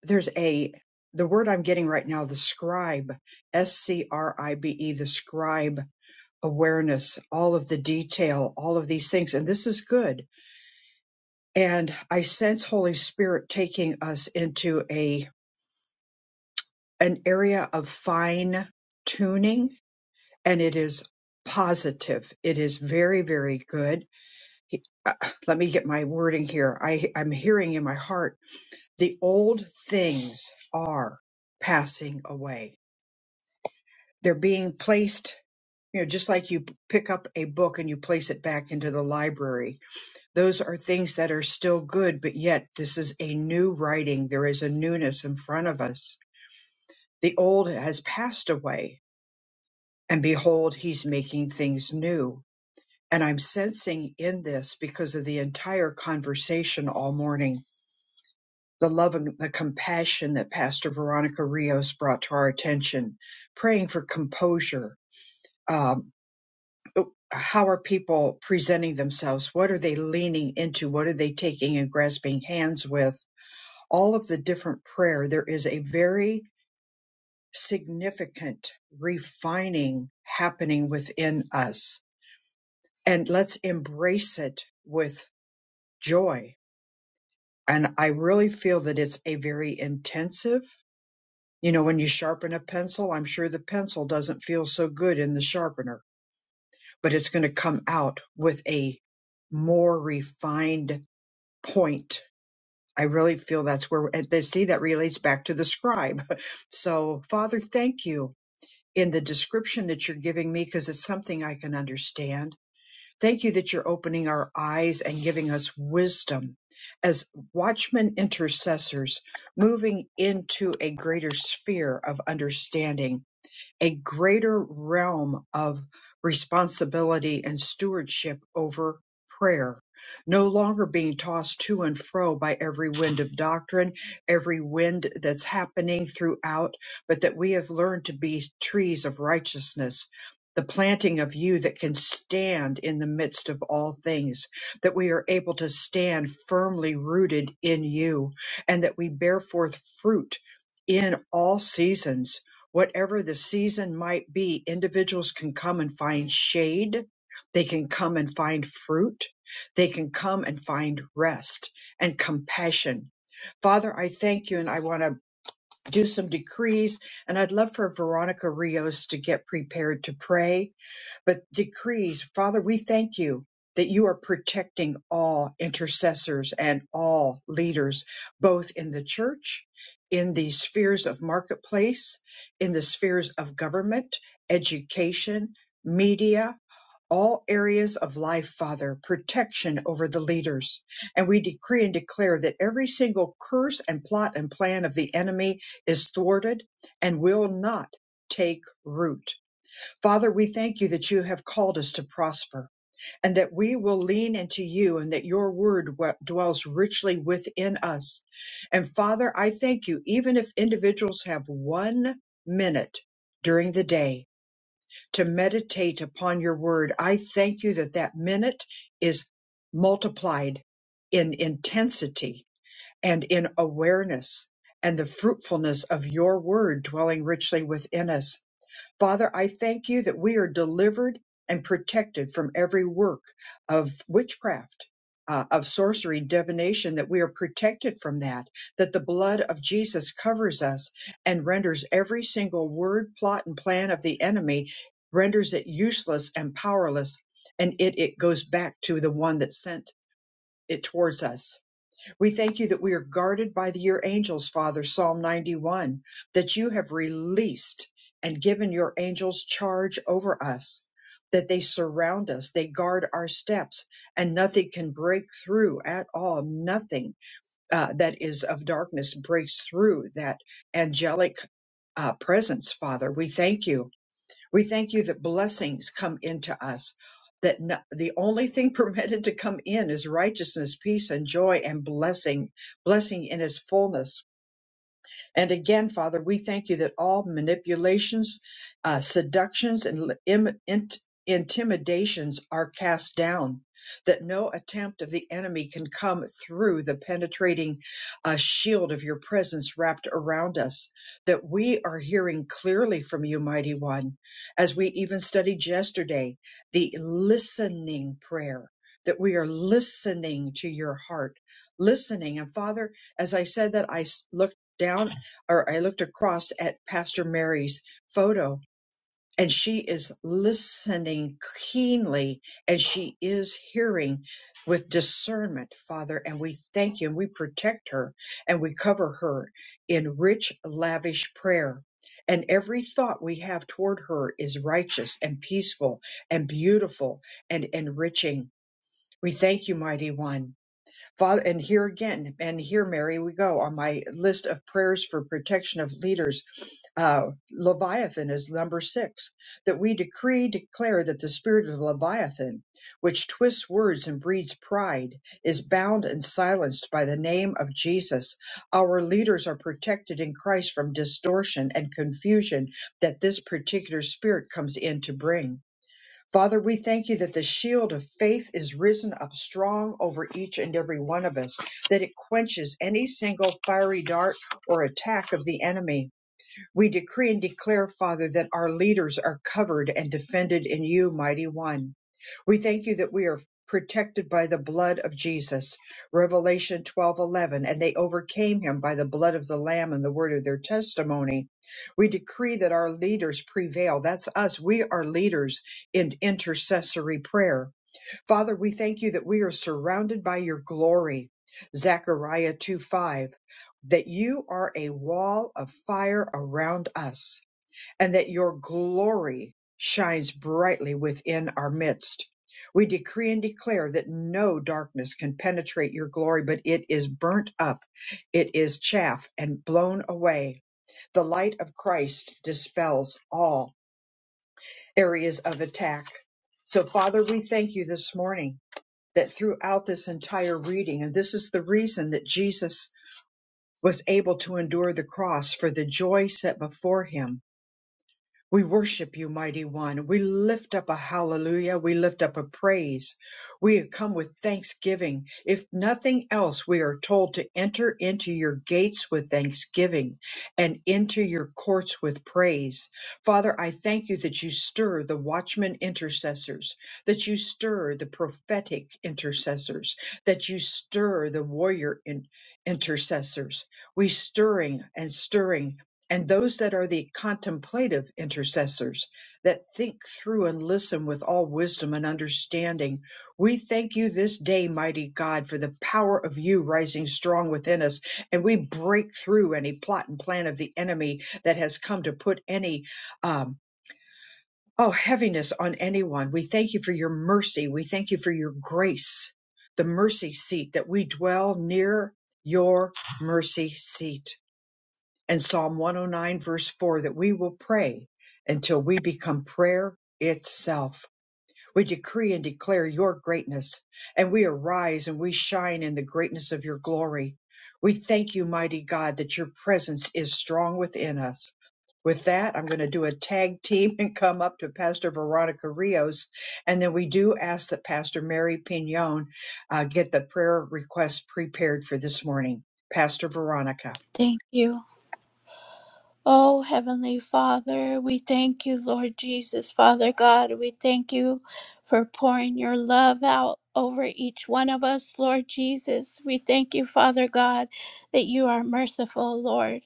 A: there's a the word I'm getting right now, the scribe, S C R I B E, the scribe awareness, all of the detail, all of these things. And this is good. And I sense Holy Spirit taking us into a an area of fine tuning and it is positive. It is very, very good. He- uh, let me get my wording here. I, I'm hearing in my heart the old things are passing away. They're being placed, you know, just like you p- pick up a book and you place it back into the library. Those are things that are still good, but yet this is a new writing. There is a newness in front of us. The old has passed away, and behold, he's making things new And I'm sensing in this because of the entire conversation all morning, the love and the compassion that Pastor Veronica Rios brought to our attention, praying for composure. Um, how are people presenting themselves? What are they leaning into? What are they taking and grasping hands with? All of the different prayer, there is a very significant refining happening within us. And let's embrace it with joy and I really feel that it's a very intensive. You know, when you sharpen a pencil, I'm sure the pencil doesn't feel so good in the sharpener, but it's going to come out with a more refined point. I really feel that's where and they see that relates back to the scribe. So, Father, thank you in the description that you're giving me because it's something I can understand Thank you that you're opening our eyes and giving us wisdom as watchmen intercessors, moving into a greater sphere of understanding a greater realm of responsibility and stewardship over prayer, no longer being tossed to and fro by every wind of doctrine, every wind that's happening throughout, but that we have learned to be trees of righteousness. The planting of you that can stand in the midst of all things, that we are able to stand firmly rooted in you, and that we bear forth fruit in all seasons whatever the season might be, individuals can come and find shade. They can come and find fruit. They can come and find rest and compassion. Father, I thank you and I want to do some decrees and I'd love for Veronica Rios to get prepared to pray but decrees. Father, we thank you that you are protecting all intercessors and all leaders, both in the church, in the spheres of marketplace, in the spheres of government, education, media, all areas of life, Father, protection over the leaders. And we decree and declare that every single curse and plot and plan of the enemy is thwarted and will not take root Father, we thank you that you have called us to prosper and that we will lean into you and that your word wa- dwells richly within us. And Father, I thank you, even if individuals have one minute during the day to meditate upon your word, I thank you that that minute is multiplied in intensity and in awareness and the fruitfulness of your word dwelling richly within us. Father, I thank you that we are delivered and protected from every work of witchcraft, uh, of sorcery, divination, that we are protected from that, that the blood of Jesus covers us and renders every single word, plot, and plan of the enemy, renders it useless and powerless, and it, it goes back to the one that sent it towards us. We thank you that we are guarded by the- your angels, Father, Psalm 91, that you have released and given your angels charge over us, that they surround us, they guard our steps, and nothing can break through at all. Nothing uh, that is of darkness breaks through that angelic uh, presence, Father. We thank you we thank you that blessings come into us, that no- the only thing permitted to come in is righteousness, peace, and joy, and blessing, blessing in its fullness. And again, Father, we thank you that all manipulations, uh, seductions, and im- int- intimidations are cast down, that no attempt of the enemy can come through the penetrating uh, shield of your presence wrapped around us, that we are hearing clearly from you, Mighty One, as we even studied yesterday, the listening prayer. That we are listening to your heart, listening. And Father, as I said that, I s- looked down or I looked across at Pastor Mary's photo and she is listening keenly and she is hearing with discernment, Father. And we thank you and we protect her and we cover her in rich, lavish prayer. And every thought we have toward her is righteous and peaceful and beautiful and enriching. We thank you, mighty one. Father, and here again, and here, Mary, we go on my list of prayers for protection of leaders. Uh, Leviathan is number six, that we decree, declare that the spirit of Leviathan, which twists words and breeds pride, is bound and silenced by the name of Jesus. Our leaders are protected in Christ from distortion and confusion that this particular spirit comes in to bring. Father, we thank you that the shield of faith is risen up strong over each and every one of us, that it quenches any single fiery dart or attack of the enemy. We decree and declare, Father, that our leaders are covered and defended in you, mighty one. We thank you that we are protected by the blood of Jesus. Revelation 12:11 and they overcame him by the blood of the lamb and the word of their testimony. We decree that our leaders prevail. That's us. We are leaders in intercessory prayer. Father, we thank you that we are surrounded by your glory. Zechariah 2 5, that you are a wall of fire around us, and that your glory shines brightly within our midst. We decree and declare that no darkness can penetrate your glory, but it is burnt up, it is chaff and blown away. The light of Christ dispels all areas of attack. So, Father, we thank you this morning that throughout this entire reading, and this is the reason that Jesus was able to endure the cross for the joy set before him, we worship you, mighty one. We lift up a hallelujah. We lift up a praise. We come with thanksgiving. If nothing else, we are told to enter into your gates with thanksgiving and into your courts with praise. Father, I thank you that you stir the watchman intercessors, that you stir the prophetic intercessors, that you stir the warrior in- intercessors. We stirring and stirring and those that are the contemplative intercessors that think through and listen with all wisdom and understanding. We thank you this day, mighty God, for the power of you rising strong within us. And we break through any plot and plan of the enemy that has come to put any, um, oh, heaviness on anyone. We thank you for your mercy. We thank you for your grace, the mercy seat that we dwell near your mercy seat and Psalm 109, verse 4, that we will pray until we become prayer itself. We decree and declare your greatness, and we arise and we shine in the greatness of your glory. We thank you, mighty God, that your presence is strong within us. With that, I'm going to do a tag team and come up to Pastor Veronica Rios. And then we do ask that Pastor Mary Pignon uh, get the prayer request prepared for this morning. Pastor Veronica.
D: Thank you. Oh, Heavenly Father, we thank you, Lord Jesus, Father God. We thank you for pouring your love out over each one of us, Lord Jesus. We thank you, Father God, that you are merciful, Lord.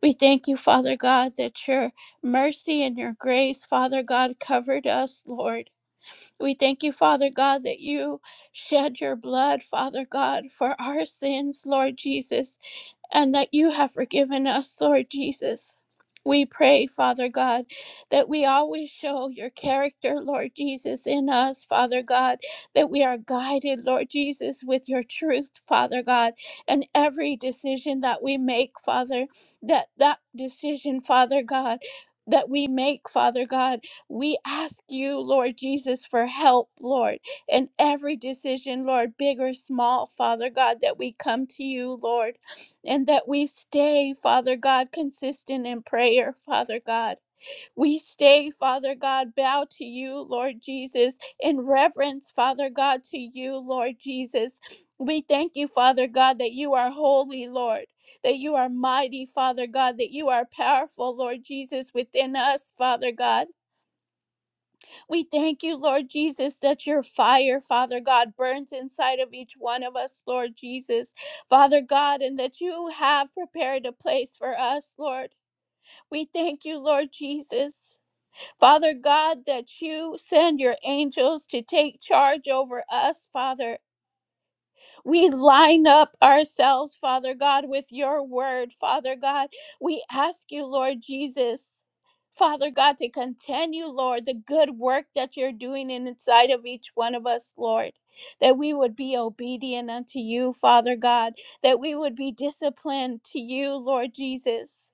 D: We thank you, Father God, that your mercy and your grace, Father God, covered us, Lord. We thank you, Father God, that you shed your blood, Father God, for our sins, Lord Jesus and that you have forgiven us, Lord Jesus. We pray, Father God, that we always show your character, Lord Jesus, in us, Father God, that we are guided, Lord Jesus, with your truth, Father God, and every decision that we make, Father, that that decision, Father God, that we make, Father God, we ask you, Lord Jesus, for help, Lord, in every decision, Lord, big or small, Father God, that we come to you, Lord and that we stay, Father God, consistent in prayer, Father God. We stay, Father God, bow to you, Lord Jesus, in reverence, Father God, to you, Lord Jesus. We thank you, Father God, that you are holy, Lord, that you are mighty, Father God, that you are powerful, Lord Jesus, within us, Father God. We thank you, Lord Jesus, that your fire, Father God, burns inside of each one of us, Lord Jesus, Father God, and that you have prepared a place for us, Lord. We thank you, Lord Jesus. Father God, that you send your angels to take charge over us, Father. We line up ourselves, Father God, with your word, Father God. We ask you, Lord Jesus, Father God, to continue, Lord, the good work that you're doing in- inside of each one of us, Lord, that we would be obedient unto you, Father God, that we would be disciplined to you, Lord Jesus.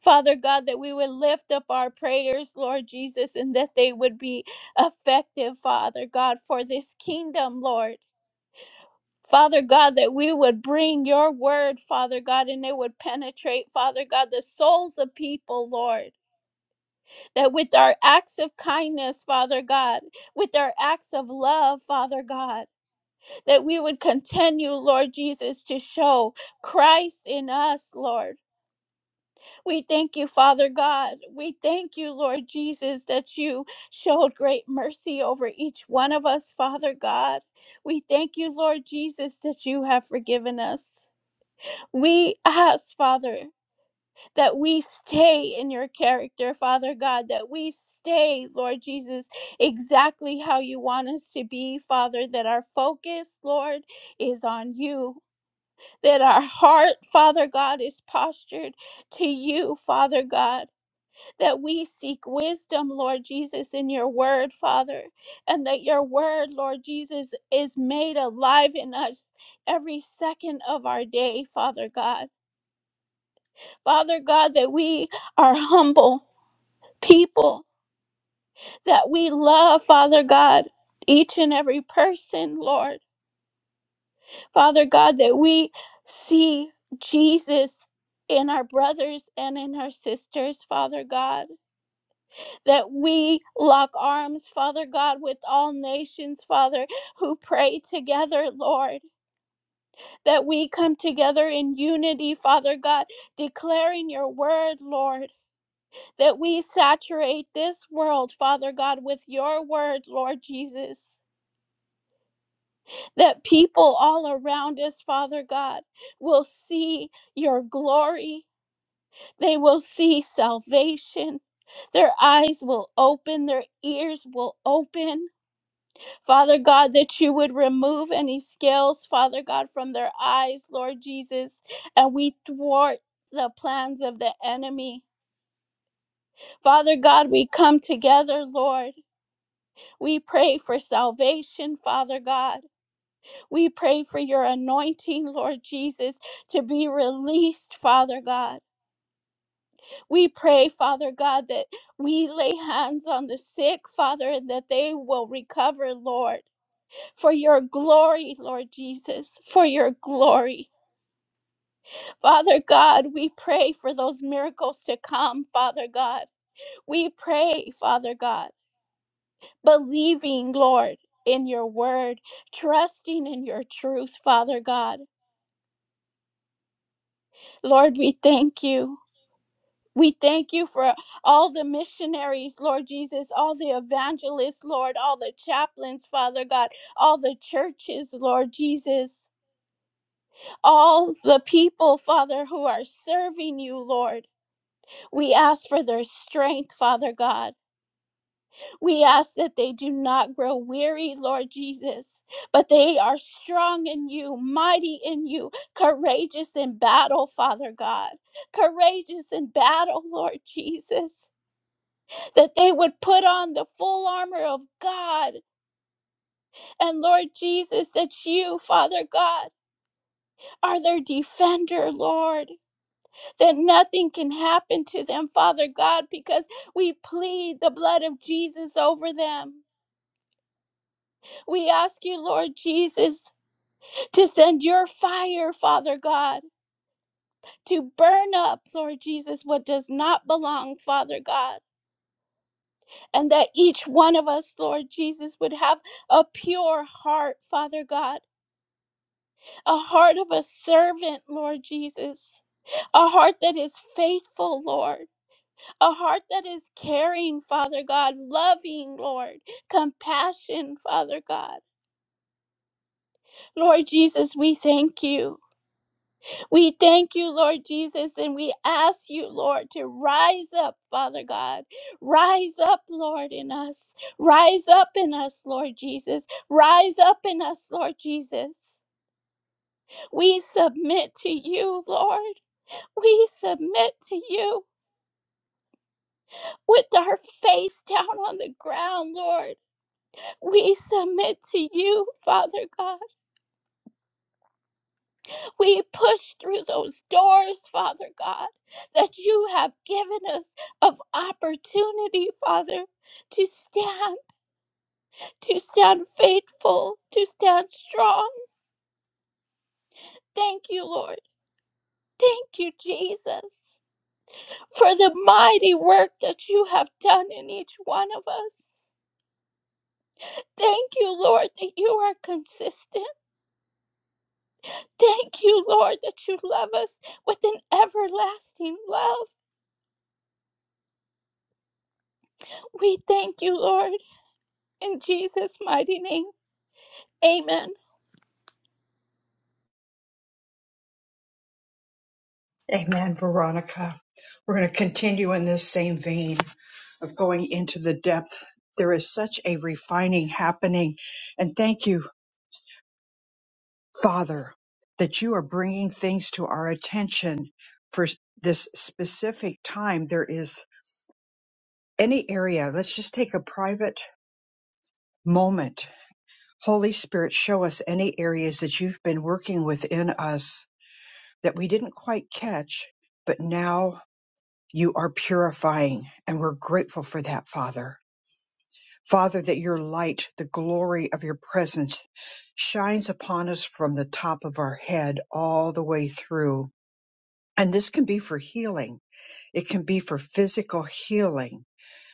D: Father God, that we would lift up our prayers, Lord Jesus, and that they would be effective, Father God, for this kingdom, Lord. Father God, that we would bring your word, Father God, and it would penetrate, Father God, the souls of people, Lord. That with our acts of kindness, Father God, with our acts of love, Father God, that we would continue, Lord Jesus, to show Christ in us, Lord. We thank you, Father God. We thank you, Lord Jesus, that you showed great mercy over each one of us, Father God. We thank you, Lord Jesus, that you have forgiven us. We ask, Father, that we stay in your character, Father God, that we stay, Lord Jesus, exactly how you want us to be, Father, that our focus, Lord, is on you, that our heart, Father God, is postured to you, Father God, that we seek wisdom, Lord Jesus, in your word, Father, and that your word, Lord Jesus, is made alive in us every second of our day, Father God Father God, that we are humble people, that we love, Father God, each and every person, Lord. Father God, that we see Jesus in our brothers and in our sisters, Father God, that we lock arms, Father God, with all nations, Father, who pray together, Lord, that we come together in unity, Father God, declaring your word, Lord. that we saturate this world, Father God, with your word, Lord Jesus. That people all around us, Father God, will see your glory. They will see salvation. Their eyes will open, their ears will open. Father God, that you would remove any scales, Father God, from their eyes, Lord Jesus, and we thwart the plans of the enemy. Father God, we come together, Lord. We pray for salvation, Father God. We pray for your anointing, Lord Jesus, to be released, Father God. We pray, Father God, that we lay hands on the sick, Father, and that they will recover, Lord, for your glory, Lord Jesus, for your glory. Father God, we pray for those miracles to come, Father God. We pray, Father God. believing, Lord, in your word, trusting in your truth, Father God. Lord, we thank you. We thank you for all the missionaries, Lord Jesus, all the evangelists, Lord, all the chaplains, Father God, all the churches, Lord Jesus, all the people, Father, who are serving you, Lord. We ask for their strength, Father God. We ask that they do not grow weary, Lord Jesus, but they are strong in you, mighty in you, courageous in battle, Father God, courageous in battle, Lord Jesus, that they would put on the full armor of God. And Lord Jesus, that you, Father God, are their defender, Lord, that nothing can happen to them, Father God, because we plead the blood of Jesus over them. We ask you, Lord Jesus, to send your fire, Father God, to burn up, Lord Jesus, what does not belong, Father God, and that each one of us, Lord Jesus, would have a pure heart, Father God, a heart of a servant, Lord Jesus, a heart that is faithful, Lord, a heart that is caring, Father God, loving, Lord, compassion, Father God. Lord Jesus, we thank you. We thank you, Lord Jesus, and we ask you, Lord, to rise up, Father God. Rise up, Lord, in us. Rise up in us, Lord Jesus. Rise up in us, Lord Jesus. We submit to you, Lord. We submit to you with our face down on the ground, Lord. We submit to you, Father God. We push through those doors, Father God, that you have given us of opportunity, Father, to stand, to stand faithful, to stand strong. Thank you, Lord. Thank you, Jesus, for the mighty work that you have done in each one of us. Thank you, Lord, that you are consistent. Thank you, Lord, that you love us with an everlasting love. We thank you, Lord, in Jesus' mighty name. Amen.
A: Amen, Veronica. We're going to continue in this same vein of going into the depth. There is such a refining happening. And thank you, Father, that you are bringing things to our attention for this specific time. There is any area, let's just take a private moment. Holy Spirit, show us any areas that you've been working within us that we didn't quite catch, but now You are purifying, and we're grateful for that, Father. Father, that your light, the glory of your presence, shines upon us from the top of our head all the way through. And this can be for healing. It can be for physical healing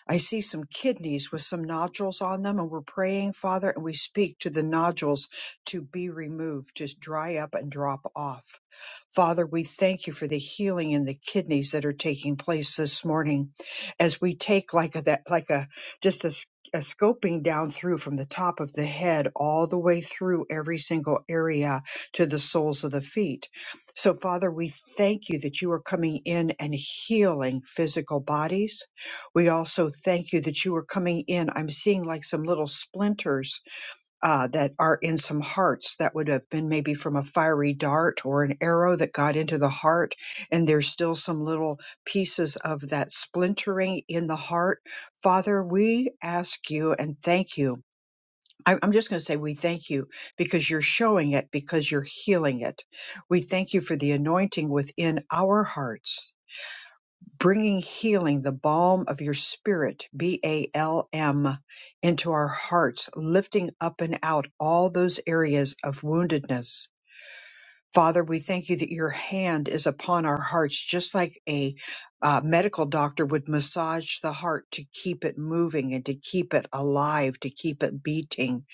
A: I see some kidneys with some nodules on them, and we're praying, Father, and we speak to the nodules to be removed, to dry up and drop off. Father, we thank you for the healing in the kidneys that are taking place this morning as we take like a, that, like a, just a, s- a scoping down through from the top of the head all the way through every single area to the soles of the feet. So Father, we thank you that you are coming in and healing physical bodies we also thank you that you are coming in. I'm seeing like some little splinters uh, that are in some hearts that would have been maybe from a fiery dart or an arrow that got into the heart. And there's still some little pieces of that splintering in the heart. Father, we ask you and thank you. I- I'm just going to say we thank you because you're showing it, because you're healing it. We thank you for the anointing within our hearts bringing healing, the balm of your spirit, B A L M, into our hearts, lifting up and out all those areas of woundedness. Father, we thank you that your hand is upon our hearts, just like a uh, medical doctor would massage the heart to keep it moving and to keep it alive, to keep it beating.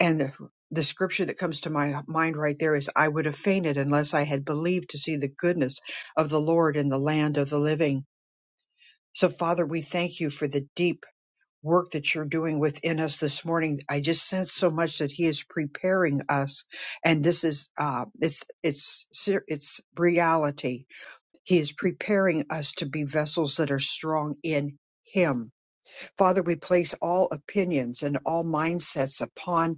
A: And the scripture that comes to my mind right there is I would have fainted unless I had believed to see the goodness of the Lord in the land of the living. So, Father, we thank you for the deep work that you're doing within us this morning. I just sense so much that He is preparing us, and this is uh, it's it's ser- it's reality. He is preparing us to be vessels that are strong in Him Father, we place all opinions and all mindsets upon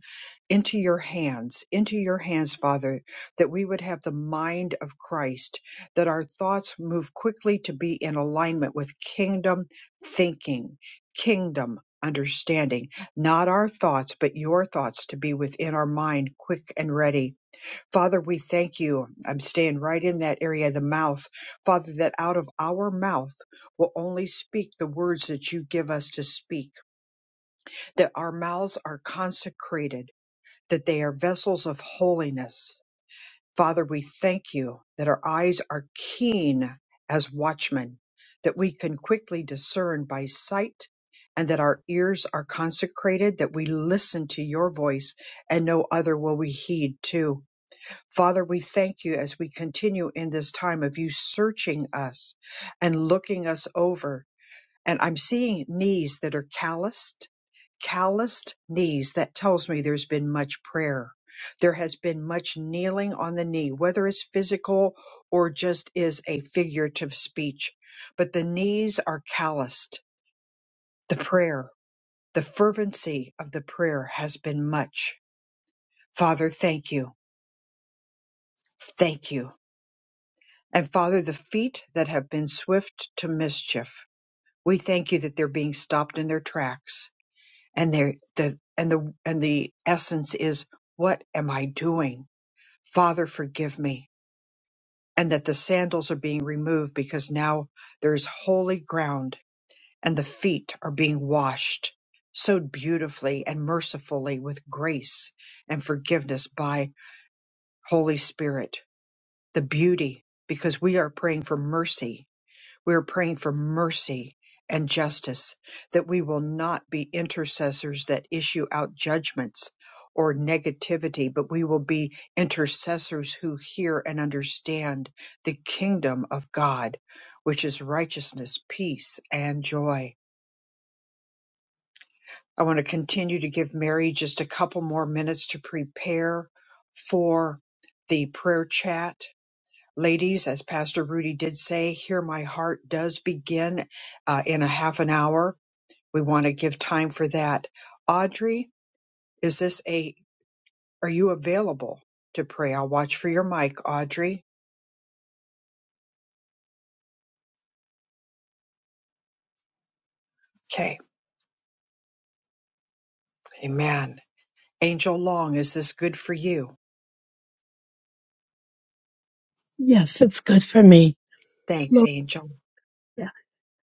A: into your hands, into your hands, Father, that we would have the mind of Christ, that our thoughts move quickly to be in alignment with kingdom thinking, kingdom understanding, not our thoughts, but your thoughts to be within our mind, quick and ready Father, we thank you. I'm staying right in that area of the mouth. Father, that out of our mouth will only speak the words that you give us to speak, that our mouths are consecrated, that they are vessels of holiness. Father, we thank you that our eyes are keen as watchmen, that we can quickly discern by sight, and that our ears are consecrated, that we listen to your voice and no other will we heed to Father, we thank you as we continue in this time of you searching us and looking us over. And I'm seeing knees that are calloused, calloused knees. That tells me there's been much prayer. There has been much kneeling on the knee, whether it's physical or just is a figurative speech. But the knees are calloused. The prayer, the fervency of the prayer has been much. Father, thank you. Thank you And Father, the feet that have been swift to mischief, we thank you that they're being stopped in their tracks. And they're the and the and the essence is what am I doing? Father, forgive me. And that the sandals are being removed because now there's holy ground and the feet are being washed so beautifully and mercifully with grace and forgiveness by Holy Spirit. The beauty, because we are praying for mercy We are praying for mercy and justice, that we will not be intercessors that issue out judgments or negativity, but we will be intercessors who hear and understand the kingdom of God, which is righteousness, peace, and joy. I want to continue to give Mary just a couple more minutes to prepare for the prayer chat ladies, as Pastor Rudy did say, Here My Heart does begin uh, in a half an hour. We want to give time for that. Audrey, is this a, are you available to pray? I'll watch for your mic, Audrey. Okay. Amen. Angel Long, is this good for you?
H: Yes, it's good for me.
A: Thanks,
H: Lord,
A: Angel.
H: yeah.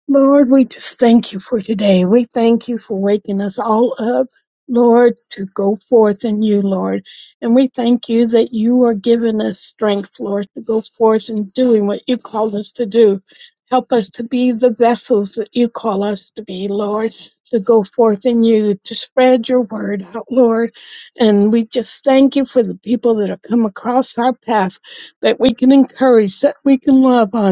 H: Lord, we just thank you for today. We thank you for waking us all up, Lord, to go forth in you, Lord. And we thank you that you are giving us strength, Lord, to go forth and doing what you called us to do. Help us to be the vessels that you call us to be, Lord, to go forth in you, to spread your word out, Lord. And we just thank you for the people that have come across our path that we can encourage, that we can love on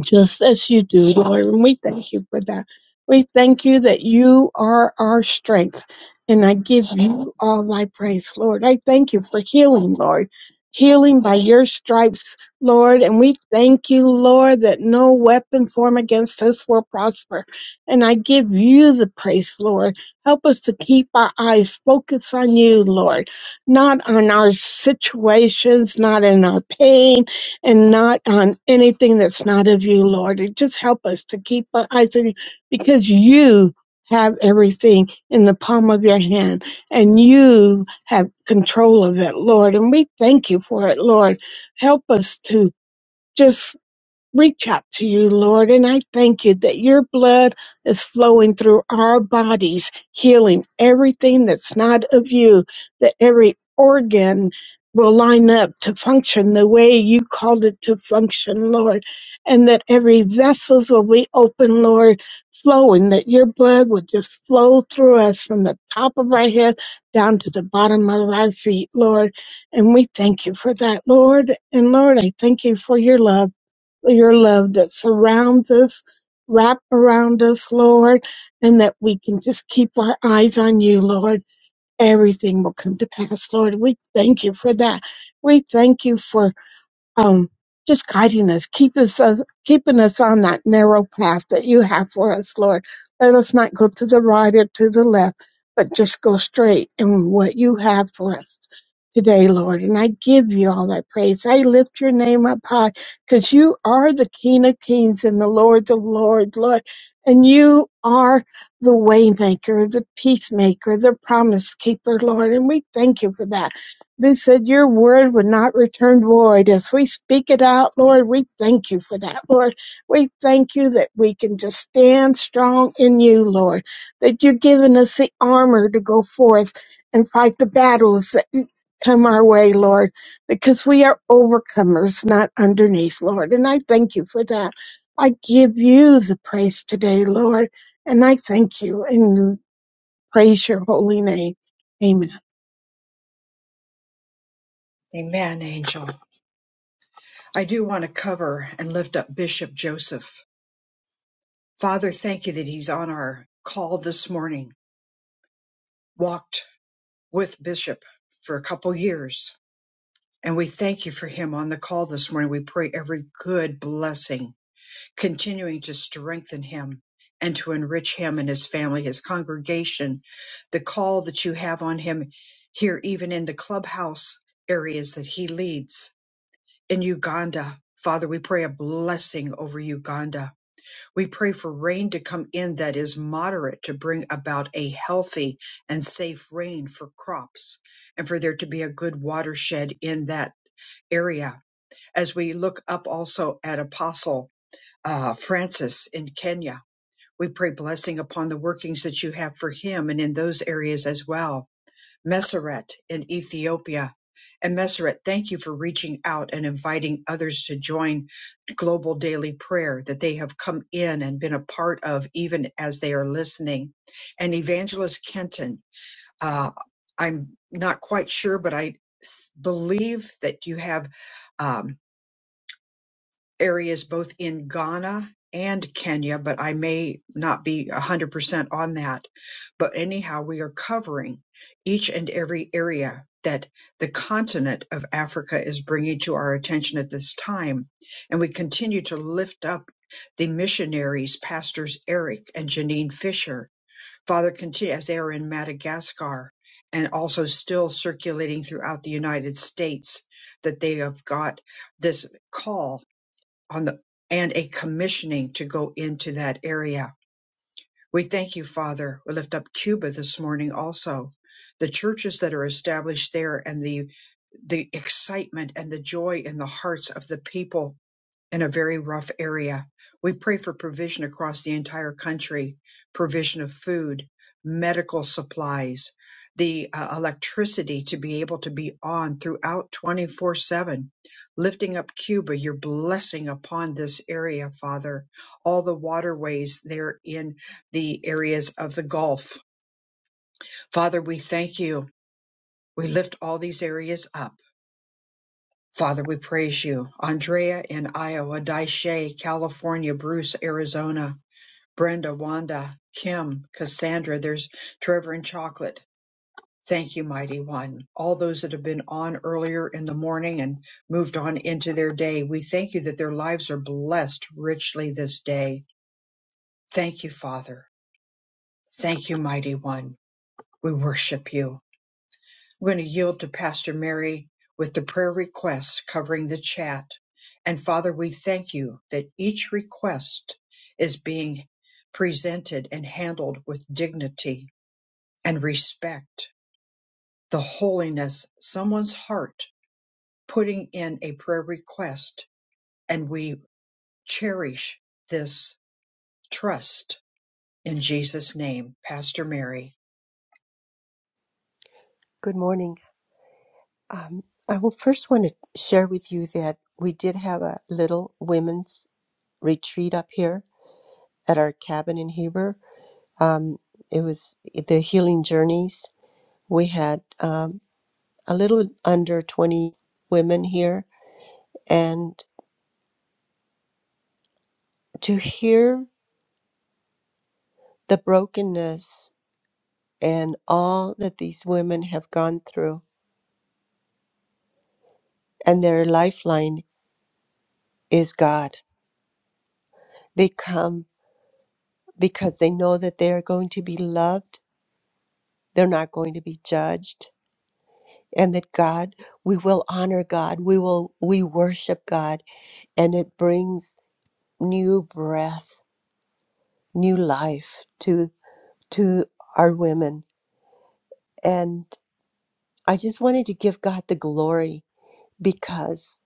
H: just as you do, Lord. And we thank you for that. We thank you that you are our strength. And I give you all my praise, Lord. I thank you for healing, Lord. Healing by your stripes, Lord. And we thank you, Lord, that no weapon formed against us will prosper. And I give you the praise, Lord. Help us to keep our eyes focused on you, Lord, not on our situations, not in our pain, and not on anything that's not of you, Lord. And just help us to keep our eyes on you because you have everything in the palm of your hand and you have control of it, Lord. And we thank you for it, Lord. Help us to just reach out to you, Lord. And I thank you that your blood is flowing through our bodies, healing everything that's not of you, that every organ will line up to function the way you called it to function, Lord, and that every vessels will be open, Lord, flowing, that your blood would just flow through us from the top of our head down to the bottom of our feet, Lord. And we thank you for that, Lord. And Lord, I thank you for your love your love that surrounds us, wrap around us, Lord, and that we can just keep our eyes on you, Lord. Everything will come to pass, Lord. We thank you for that. We thank you for um, just guiding us, keep us, us- keeping us on that narrow path that you have for us, Lord. Let us not go to the right or to the left, but just go straight in what you have for us today, Lord. And I give you all that praise. I lift your name up high because you are the King of Kings and the Lord of Lords, Lord. And you are the waymaker, the peacemaker, the promise keeper, Lord. And we thank you for that. They said your word would not return void. As we speak it out, Lord, we thank you for that, Lord. We thank you that we can just stand strong in you, Lord, that you're giving us the armor to go forth and fight the battles that come our way, Lord, because we are overcomers, not underneath, Lord. And I thank you for that. I give you the praise today, Lord, and I thank you and praise your holy name. Amen.
A: Amen, Angel. I do want to cover and lift up Bishop Joseph. Father, thank you that he's on our call this morning, walked with Bishop for a couple years And we thank you for him on the call this morning. We pray every good blessing, continuing to strengthen him and to enrich him and his family, his congregation, the call that you have on him here, even in the clubhouse areas that he leads in Uganda. Father, we pray a blessing over Uganda. We pray for rain to come in that is moderate to bring about a healthy and safe rain for crops and for there to be a good watershed in that area as we look up also at Apostle uh, Francis in Kenya. We pray blessing upon the workings that you have for him and in those areas as well. Messeret in Ethiopia. And Messeret, thank you for reaching out and inviting others to join Global Daily Prayer that they have come in and been a part of even as they are listening. And Evangelist Kenton, uh, I'm not quite sure, but I believe that you have. um, areas both in Ghana and Kenya, but I may not be 100% on that. But anyhow, we are covering each and every area that the continent of Africa is bringing to our attention at this time. And we continue to lift up the missionaries, Pastors Eric and Janine Fisher. Father, continue as they are in Madagascar and also still circulating throughout the United States that they have got this call on the and a commissioning to go into that area. We thank you, Father. We lift up Cuba this morning also. The churches that are established there and the the excitement and the joy in the hearts of the people in a very rough area. We pray for provision across the entire country, provision of food, medical supplies, the uh, electricity to be able to be on throughout 24 7. Lifting up Cuba, your blessing upon this area, Father. All the waterways there in the areas of the Gulf. Father, we thank you. We lift all these areas up. Father, we praise you. Andrea in Iowa, Daisha, California, Bruce, Arizona, Brenda, Wanda, Kim, Cassandra, there's Trevor and Chocolate. Thank you, Mighty One. All those that have been on earlier in the morning and moved on into their day, we thank you that their lives are blessed richly this day. Thank you, Father. Thank you, Mighty One. We worship you. We're going to yield to Pastor Mary with the prayer requests covering the chat. And Father, we thank you that each request is being presented and handled with dignity and respect. The holiness, someone's heart putting in a prayer request, and we cherish this trust in Jesus' name. Pastor Mary.
C: Good morning. Um, I will first want to share with you that we did have a little women's retreat up here at our cabin in Heber. Um, it was the Healing Journeys. We had um, a little under 20 women here, and to hear the brokenness and all that these women have gone through, and their lifeline is God. They come because they know that they are going to be loved they're not going to be judged and that god we will honor god we will we worship god and it brings new breath new life to to our women and i just wanted to give god the glory because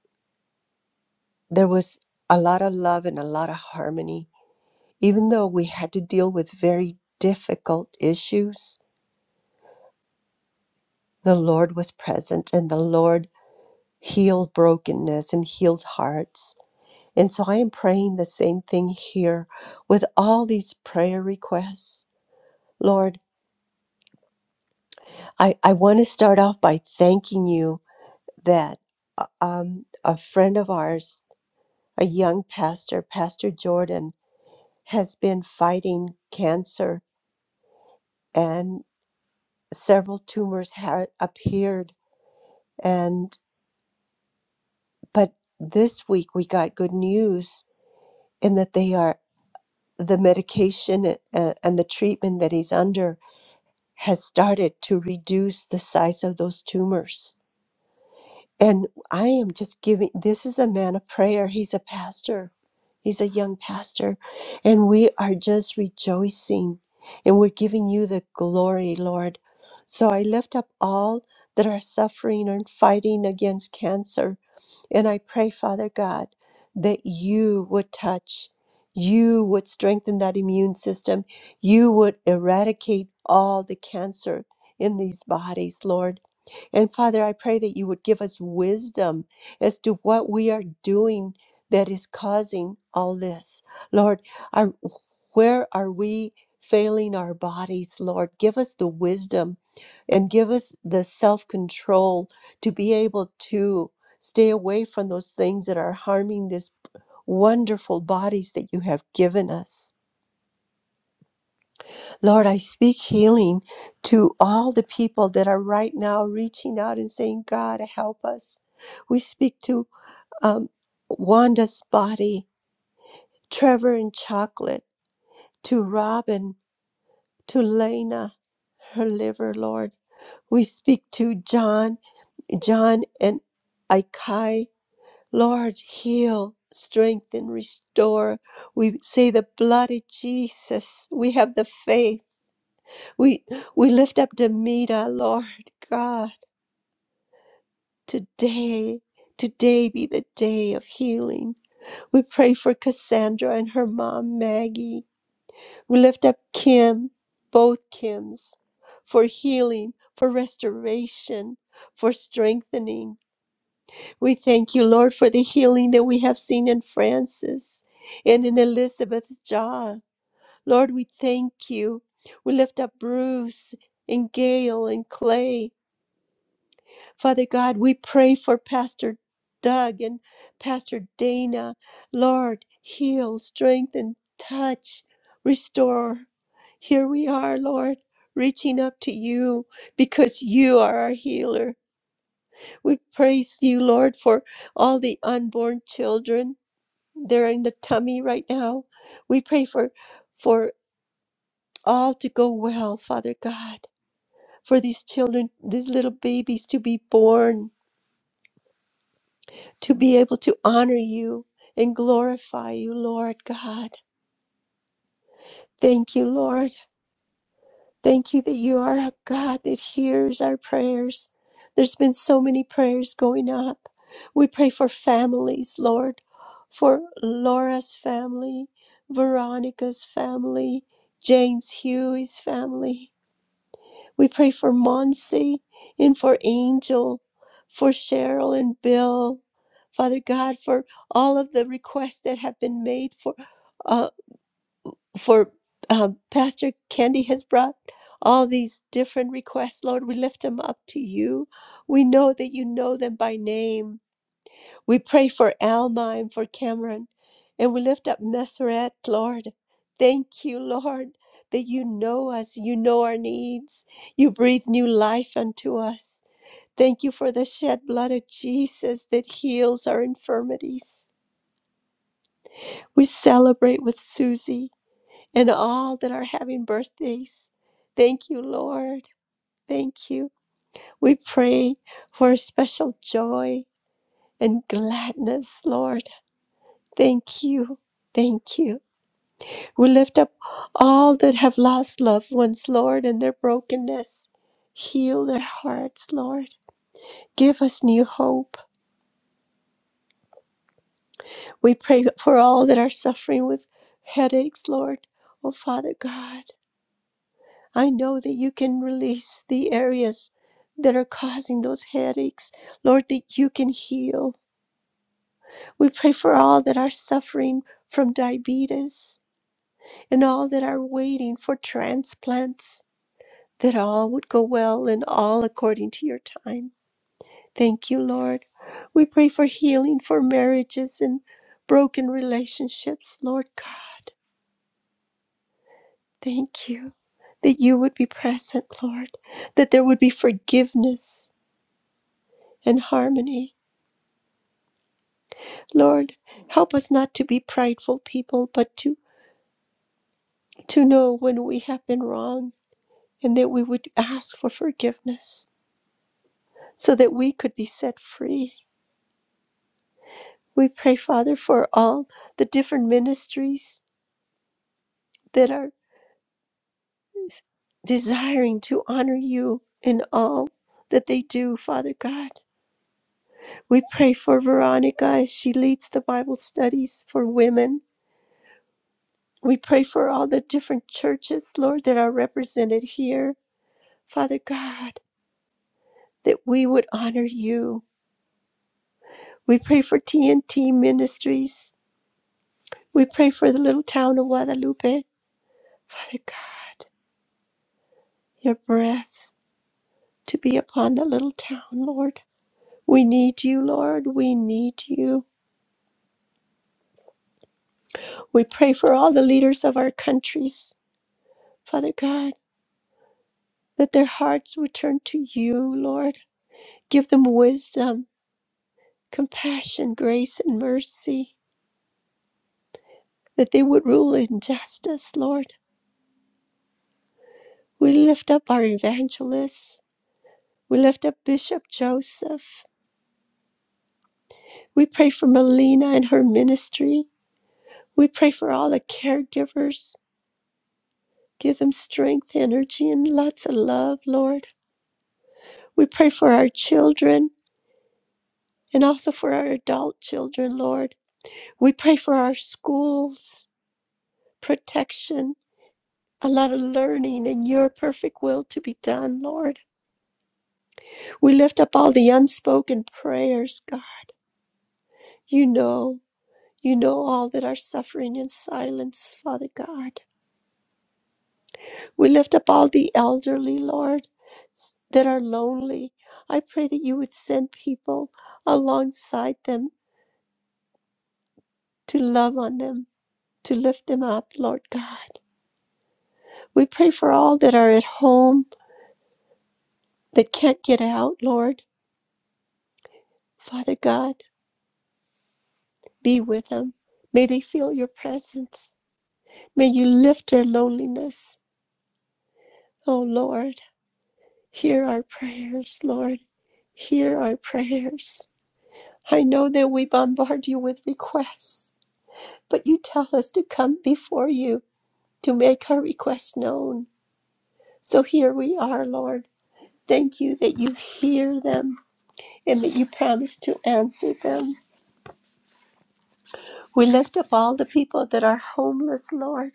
C: there was a lot of love and a lot of harmony even though we had to deal with very difficult issues the lord was present and the lord healed brokenness and healed hearts And so I am praying the same thing here with all these prayer requests. Lord, I, I want to start off by thanking you that uh, um, a friend of ours, a young pastor, Pastor Jordan, has been fighting cancer and several tumors had appeared. And but this week we got good news in that they are the medication uh, and the treatment that he's under has started to reduce the size of those tumors. And I am just giving this is a man of prayer. He's a pastor, he's a young pastor. And we are just rejoicing and we're giving you the glory, Lord. So I lift up all that are suffering and fighting against cancer and I pray, Father God, that you would touch, you would strengthen that immune system, you would eradicate all the cancer in these bodies, Lord and Father, I pray that you would give us wisdom as to what we are doing that is causing all this. Lord, I, where are we failing our bodies, Lord? Give us the wisdom and give us the self control to be able to stay away from those things that are harming this wonderful bodies that you have given us. Lord, I speak healing to all the people that are right now reaching out and saying, God, help us. We speak to um, Wanda's body, Trevor and Chocolate, to Robin, to Lena, her liver, Lord. We speak to John, John and Ikai. Lord, heal, strengthen, restore. We say the blood of Jesus. We have the faith We we lift up Demita, Lord God, today. Today be the day of healing. We pray for Cassandra and her mom Maggie. We lift up Kim, both Kims, for healing, for restoration, for strengthening. We thank you, Lord, for the healing that we have seen in Francis and in Elizabeth's jaw. Lord, we thank you. We lift up Bruce and Gail and Clay. Father God, we pray for Pastor Doug and Pastor Dana. Lord, heal, strengthen, touch, restore. Here we are, Lord, reaching up to you because you are our healer. We praise you, Lord, for all the unborn children. They're in the tummy right now. We pray for for all to go well, Father God, for these children, these little babies to be born to be able to honor you and glorify you, Lord God. Thank you, Lord. Thank you that you are a God that hears our prayers. There's been so many prayers going up. We pray for families, Lord, for Laura's family, Veronica's family, James Huey's family. We pray for Monsi and for Angel, for Cheryl and Bill. Father God, for all of the requests that have been made for, uh, for uh, Pastor Candy has brought all these different requests, Lord. We lift them up to you. We know that you know them by name. We pray for Alma and for Cameron, and we lift up Messeret, Lord. Thank you, Lord, that you know us, you know our needs, you breathe new life unto us. Thank you for the shed blood of Jesus that heals our infirmities. We celebrate with Susie and all that are having birthdays. Thank you, Lord. Thank you. We pray for a special joy and gladness, Lord. Thank you. Thank you. We lift up all that have lost loved ones, Lord, in their brokenness. Heal their hearts, Lord. Give us new hope. We pray for all that are suffering with headaches, Lord. Oh, Father God, I know that you can release the areas that are causing those headaches, Lord, that you can heal. We pray for all that are suffering from diabetes and all that are waiting for transplants. that all would go well and all according to your time. Thank you, Lord. We pray for healing for marriages and broken relationships, Lord God. Thank you that you would be present, Lord, that there would be forgiveness and harmony. Lord, help us not to be prideful people, but to, to know when we have been wrong and that we would ask for forgiveness so that we could be set free We pray, Father, for all the different ministries that are desiring to honor you in all that they do, Father God. We pray for Veronica as she leads the Bible studies for women. We pray for all the different churches, Lord, that are represented here, Father God, that we would honor you. We pray for TNT Ministries. We pray for the little town of Guadalupe. Father God, your breath. to be upon the little town, Lord. We need you, Lord. We need you. We pray for all the leaders of our countries, Father God, that their hearts would turn to you, Lord. Give them wisdom, compassion, grace, and mercy, that they would rule in justice, Lord. We lift up our evangelists. We lift up Bishop Joseph. We pray for Melina and her ministry. We pray for all the caregivers. Give them strength, energy, and lots of love, Lord. We pray for our children and also for our adult children, Lord. We pray for our schools, protection, a lot of learning, and your perfect will to be done, Lord. We lift up all the unspoken prayers, God. You know, you know all that are suffering in silence, Father God. We lift up all the elderly, Lord, s- that are lonely. I pray that you would send people alongside them to love on them, to lift them up, Lord God. We pray for all that are at home that can't get out, Lord. Father God, be with them. May they feel your presence. May you lift their loneliness. Oh Lord, hear our prayers, Lord. Hear our prayers. I know that we bombard you with requests but you tell us to come before you to make our requests known. So here we are, Lord. Thank you that you hear them and that you promise to answer them. We lift up all the people that are homeless, Lord,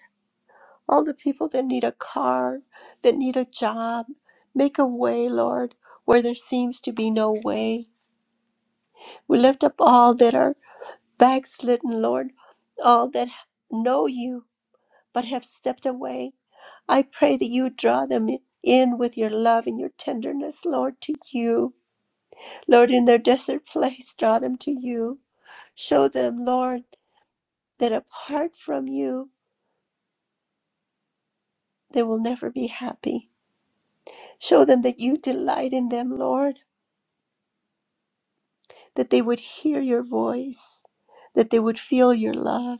C: all the people that need a car, that need a job. Make a way, Lord, where there seems to be no way. We lift up all that are backslidden, Lord, all that know you but have stepped away I pray that you draw them in with your love and your tenderness, Lord, to you. Lord, in their desert place, draw them to you. Show them, Lord, that apart from you, they will never be happy. Show them that you delight in them, Lord, that they would hear your voice, that they would feel your love,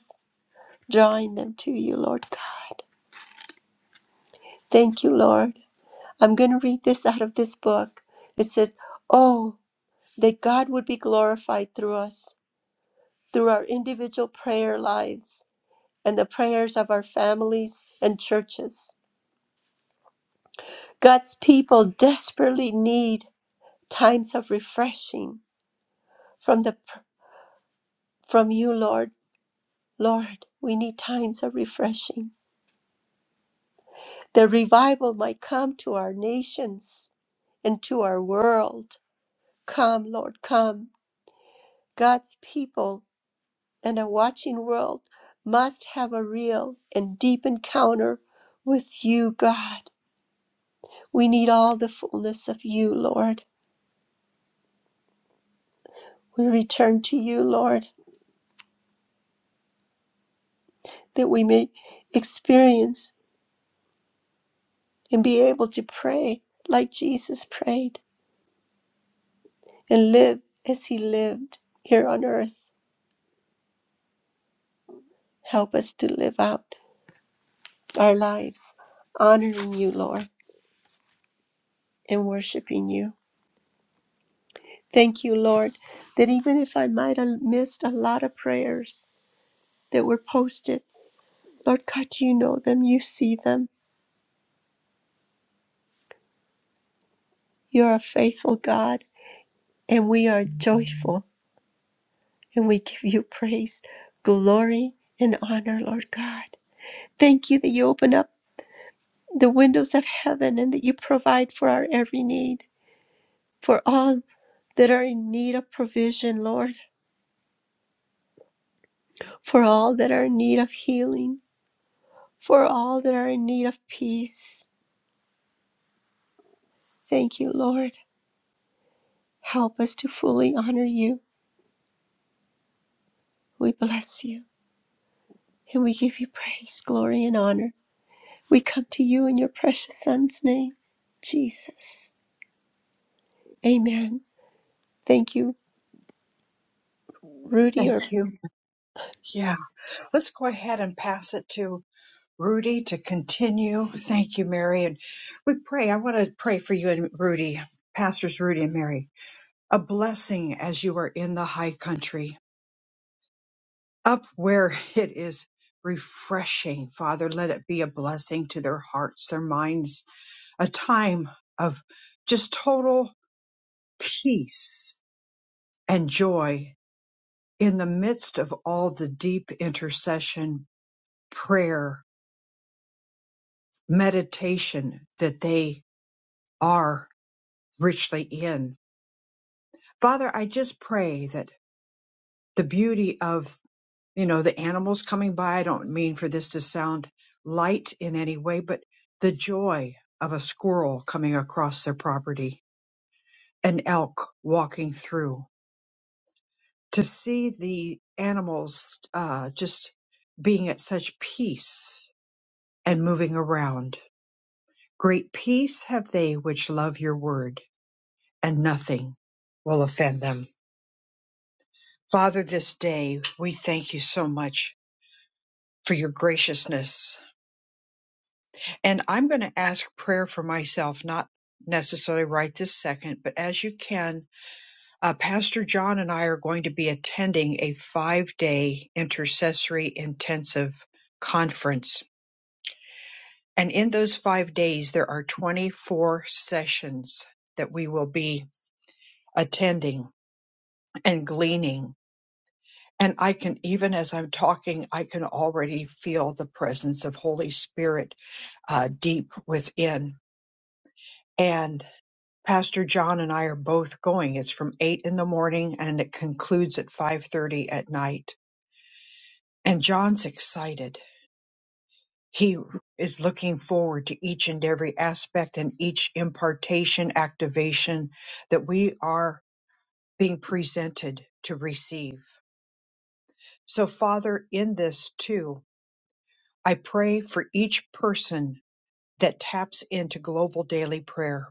C: drawing them to you, Lord God. Thank you, Lord. I'm going to read this out of this book. It says, Oh, that God would be glorified through us through our individual prayer lives and the prayers of our families and churches. God's people desperately need times of refreshing from the from you, Lord. Lord, we need times of refreshing. The revival might come to our nations and to our world. Come, Lord, come. God's people and a watching world must have a real and deep encounter with you, God. We need all the fullness of you, Lord. We return to you, Lord, that we may experience and be able to pray like Jesus prayed and live as he lived here on earth. Help us to live out our lives honoring you, Lord, and worshiping you. Thank you, Lord, that even if I might have missed a lot of prayers that were posted, Lord God, you know them, you see them. You're a faithful God, and we are joyful And we give you praise, glory, and honor, Lord God. Thank you that you open up the windows of heaven and that you provide for our every need, for all that are in need of provision, Lord, for all that are in need of healing, for all that are in need of peace. Thank you, Lord. Help us to fully honor you. We bless you and we give you praise, glory, and honor. We come to you in your precious Son's name, Jesus. Amen. Thank you. Rudy
A: Thank
C: or
A: you. Yeah, let's go ahead and pass it to Rudy to continue. Thank you, Mary. And we pray, I want to pray for you and Rudy, Pastors Rudy and Mary, a blessing as you are in the high country, up where it is refreshing. Father, let it be a blessing to their hearts, their minds, a time of just total peace and joy in the midst of all the deep intercession, prayer, meditation that they are richly in. Father, I just pray that the beauty of, you know, the animals coming by, I don't mean for this to sound light in any way, but the joy of a squirrel coming across their property, an elk walking through, to see the animals uh, just being at such peace and moving around. Great peace have they which love your word, and nothing will offend them. Father, this day we thank you so much for your graciousness. And I'm going to ask prayer for myself, not necessarily right this second, but as you can. Uh, Pastor John and I are going to be attending a five day intercessory intensive conference. And in those five days, there are 24 sessions that we will be attending and gleaning. And I can, even as I'm talking, I can already feel the presence of Holy Spirit uh, deep within. and Pastor John and I are both going. It's from eight in the morning and it concludes at five thirty at night. And John's excited. He is looking forward to each and every aspect and each impartation activation that we are being presented to receive. So Father, in this too, I pray for each person that taps into global daily prayer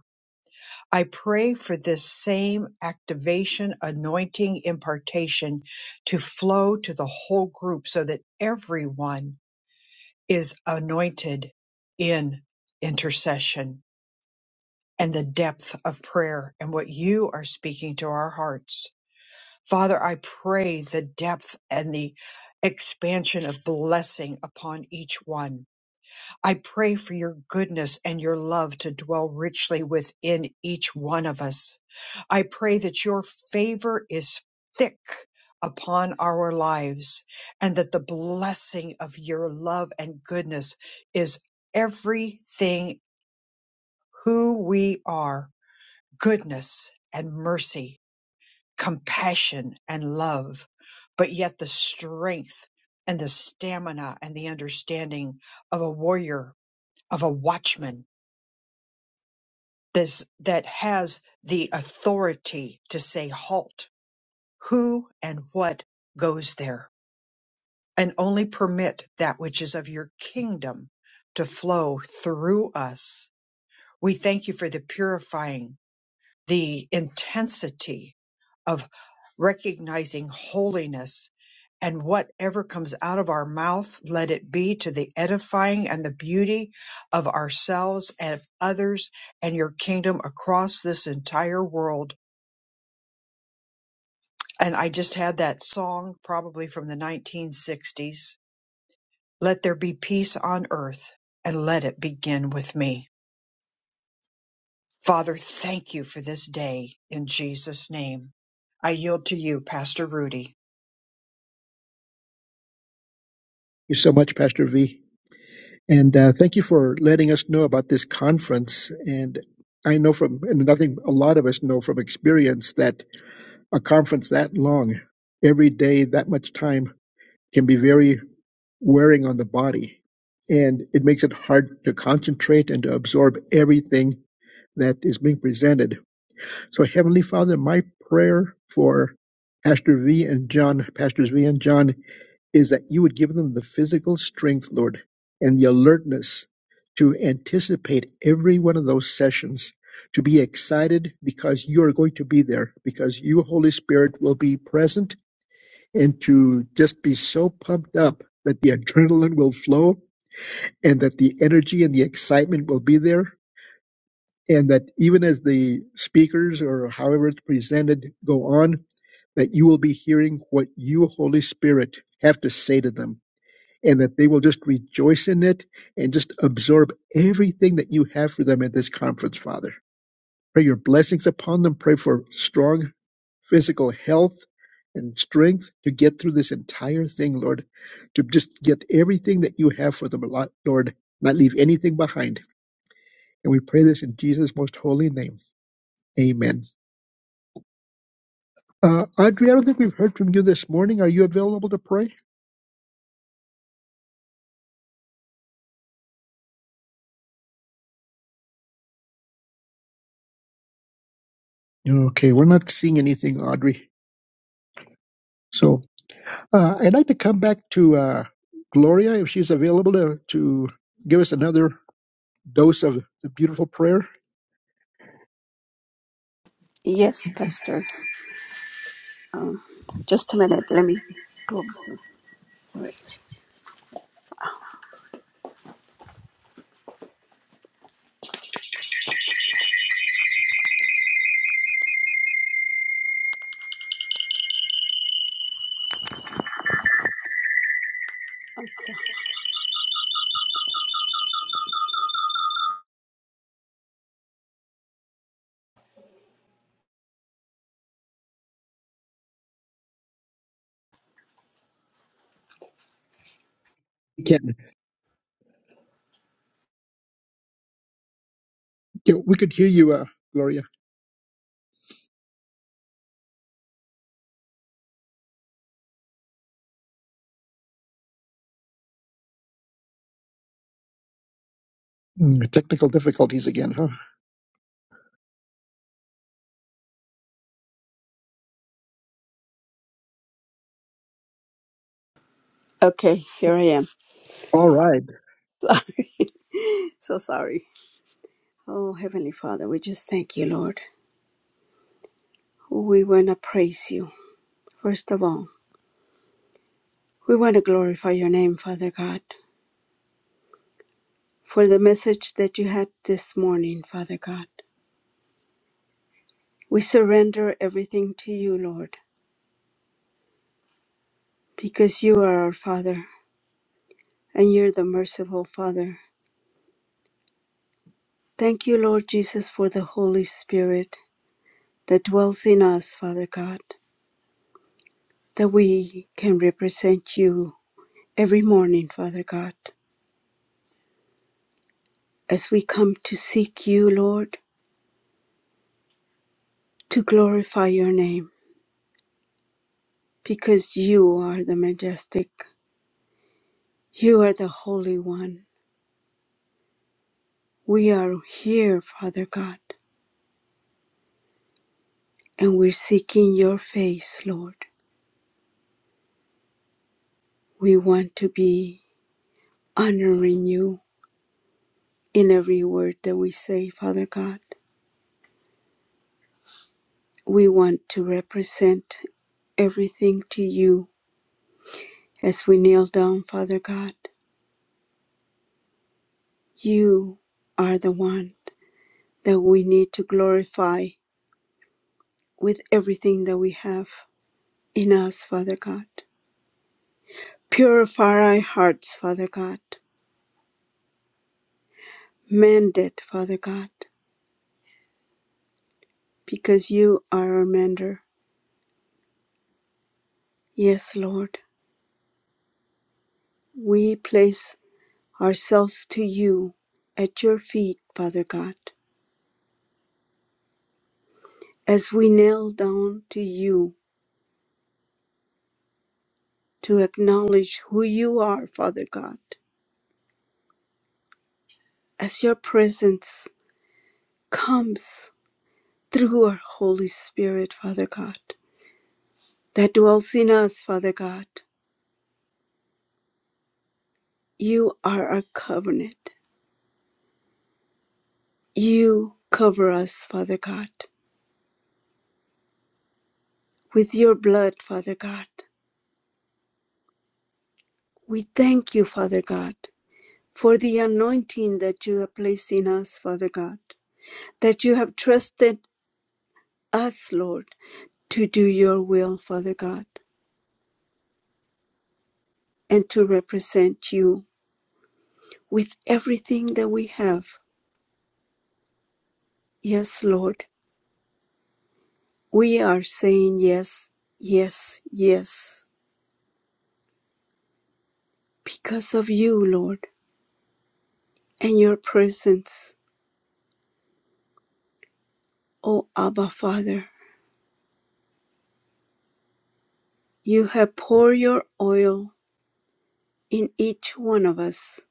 A: I pray for this same activation, anointing, impartation to flow to the whole group so that everyone is anointed in intercession and the depth of prayer and what you are speaking to our hearts. Father, I pray the depth and the expansion of blessing upon each one I pray for your goodness and your love to dwell richly within each one of us. I pray that your favor is thick upon our lives and that the blessing of your love and goodness is everything who we are goodness and mercy, compassion and love, but yet the strength and the stamina and the understanding of a warrior, of a watchman this that has the authority to say halt who and what goes there and only permit that which is of your kingdom to flow through us we thank you for the purifying the intensity of recognizing holiness and whatever comes out of our mouth, let it be to the edifying and the beauty of ourselves and others and your kingdom across this entire world. And I just had that song probably from the 1960s. Let there be peace on earth and let it begin with me. Father, thank you for this day in Jesus' name. I yield to you, Pastor Rudy.
B: thank you so much pastor v and uh, thank you for letting us know about this conference and i know from and I think a lot of us know from experience that a conference that long, every day that much time can be very wearing on the body. And it makes it hard to concentrate and to absorb everything that is being presented. So, Heavenly Father, my prayer for Pastor V and John, Pastors V and John, is that you would give them the physical strength, Lord, and the alertness to anticipate every one of those sessions, to be excited because you are going to be there, because you, Holy Spirit, will be present and to just be so pumped up that the adrenaline will flow and that the energy and the excitement will be there. And that even as the speakers or however it's presented go on, that you will be hearing what you, Holy Spirit, have to say to them. And that they will just rejoice in it and just absorb everything that you have for them at this conference, Father. Pray your blessings upon them. Pray for strong physical health and strength to get through this entire thing, Lord, to just get everything that you have for them, Lord, not leave anything behind. And we pray this in Jesus' most holy name. Amen. Uh, Audrey, I don't think we've heard from you this morning. Are you available to pray? Okay, we're not seeing anything, Audrey. So uh, I'd like to come back to uh, Gloria if she's available to, to give us another dose of the beautiful prayer.
I: Yes, Pastor. Um, just a minute. Let me close the bridge. outside.
B: We can. Yeah, We could hear you, uh, Gloria. Mm, Technical difficulties again, huh?
D: Okay, here I am.
B: All right.
D: Sorry. so sorry. Oh, Heavenly Father, we just thank you, Lord. We want to praise you, first of all. We want to glorify your name, Father God, for the message that you had this morning, Father God. We surrender everything to you, Lord, because you are our Father and you're the merciful Father. Thank you, Lord Jesus, for the Holy Spirit that dwells in us, Father God, that we can represent you Every morning, Father God, as we come to seek you, Lord, to glorify your name, because you are the majestic, you are the Holy One. We are here, Father God, and we're seeking your face, Lord. We want to be honoring you in every word that we say, Father God. We want to represent everything to you as we kneel down, Father God. You are the one. that we need to glorify with everything that we have in us, Father God. Purify our hearts, Father God. Mend it, Father God, because you are our mender. Yes, Lord. We place ourselves to you at your feet, Father God, as we kneel down to you to acknowledge who you are, Father God, as your presence comes through our Holy Spirit, Father God. that dwells in us, Father God. You are our covenant. You cover us, Father God, with your blood, Father God. We thank you, Father God, for the anointing that you have placed in us, Father God, that you have trusted us, Lord, to do your will, Father God, and to represent you with everything that we have. Yes, Lord, we are saying yes, yes, yes, because of you, Lord and your presence, O Abba Father. You have poured your oil in each one of us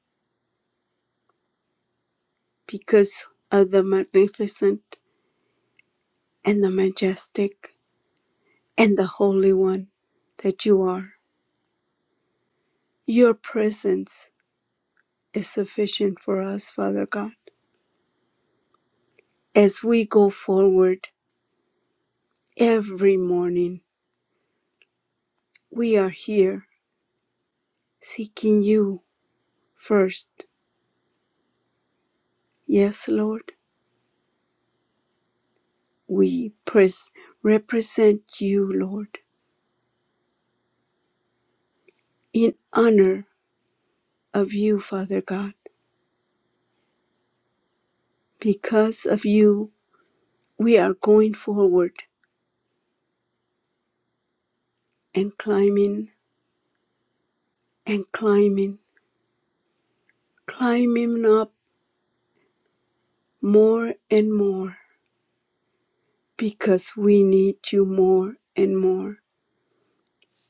D: because of the magnificent and the majestic and the holy one that you are. Your presence is sufficient for us, Father God. As we go forward every morning, we are here seeking you first. Yes, Lord, we pres- represent you, Lord in honor of you, Father God. Because of you, we are going forward and climbing and climbing, climbing up more and more because we need you more and more.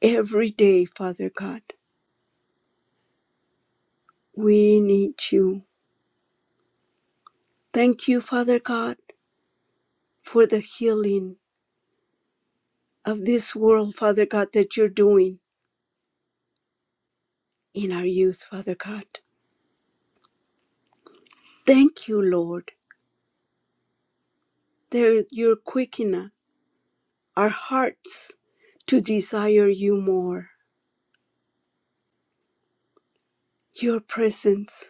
D: Every day, Father God, we need you. Thank you, Father God, for the healing of this world, Father God, that you're doing in our youth, Father God. Thank you, Lord. There, you're quickening us our hearts to desire you more. Your presence,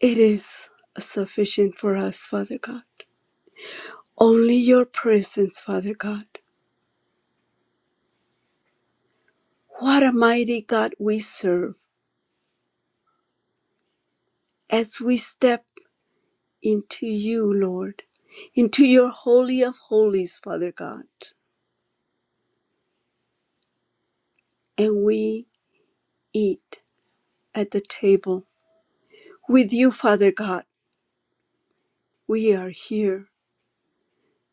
D: it is sufficient for us, Father God. Only your presence, Father God. What a mighty God we serve as we step into you, Lord, into your holy of holies, Father God. And we eat at the table with you, Father God. We are here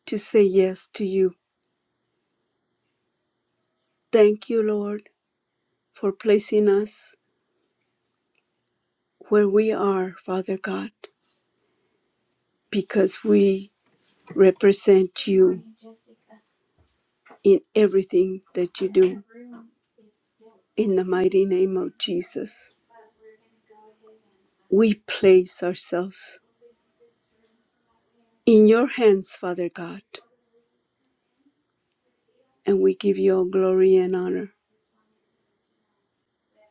D: to say yes to you. Thank you, Lord, for placing us where we are, Father God, because we represent you in everything that you do. In the mighty name of Jesus, we place ourselves in your hands, Father God, and we give you all glory and honor.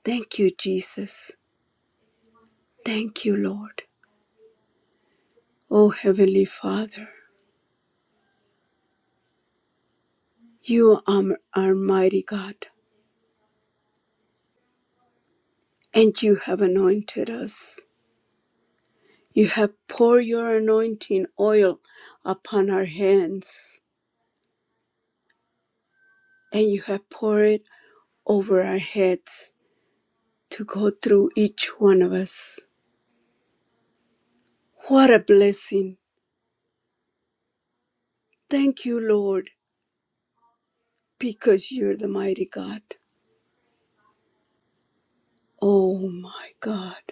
D: Thank you, Jesus. Thank you, Lord. O Heavenly Father, you are our mighty God, and you have anointed us. You have poured your anointing oil upon our hands and you have poured it over our heads to go through each one of us. What a blessing. Thank you, Lord, because you're the mighty God. Oh my God.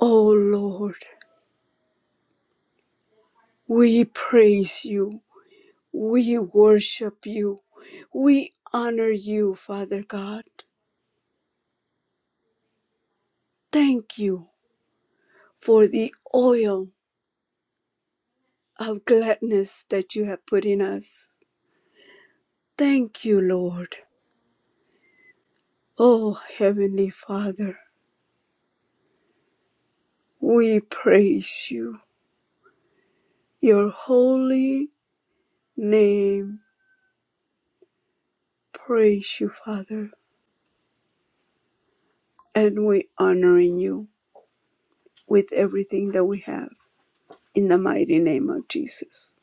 D: Oh Lord, we praise you. We worship you. We honor you, Father God. Thank you for the oil of gladness that you have put in us. Thank you, Lord. Oh, Heavenly Father. We praise you, your holy name. Praise you, Father. And we honoring you with everything that we have in the mighty name of Jesus.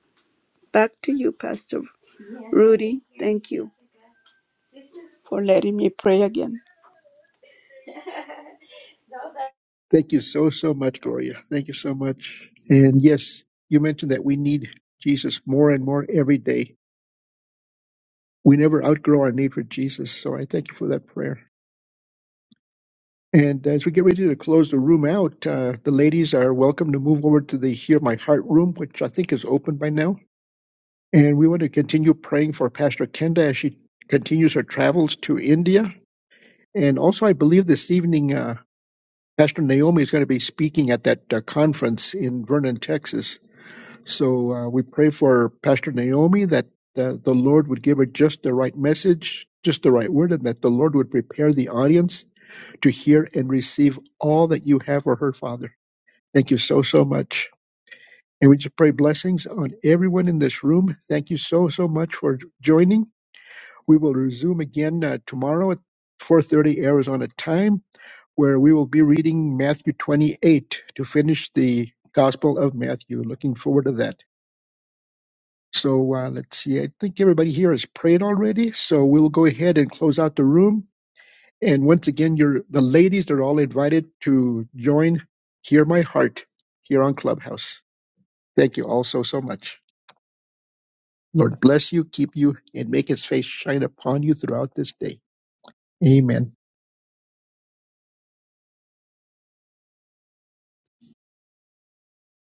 D: Back to you, Pastor Rudy. Thank you for letting me pray again.
B: Thank you so, so much, Gloria. Thank you so much. And yes, you mentioned that we need Jesus more and more every day. We never outgrow our need for Jesus. So I thank you for that prayer. And as we get ready to close the room out, uh, the ladies are welcome to move over to the Hear My Heart room, which I think is open by now. And we want to continue praying for Pastor Kenda as she continues her travels to India. And also, I believe this evening, uh, Pastor Naomi is going to be speaking at that uh, conference in Vernon, Texas. So uh, we pray for Pastor Naomi that uh, the Lord would give her just the right message, just the right word, and that the Lord would prepare the audience to hear and receive all that you have for her, Father. Thank you so, so much. And we just pray blessings on everyone in this room. Thank you so, so much for joining. We will resume again uh, tomorrow at 4.30 Arizona time, where we will be reading Matthew 28 to finish the Gospel of Matthew. Looking forward to that. So uh, let's see. I think everybody here has prayed already. So we'll go ahead and close out the room. And once again, you're, the ladies are all invited to join Hear My Heart here on Clubhouse. Thank you all so, so much. Lord bless you, keep you, and make his face shine upon you throughout this day. Amen.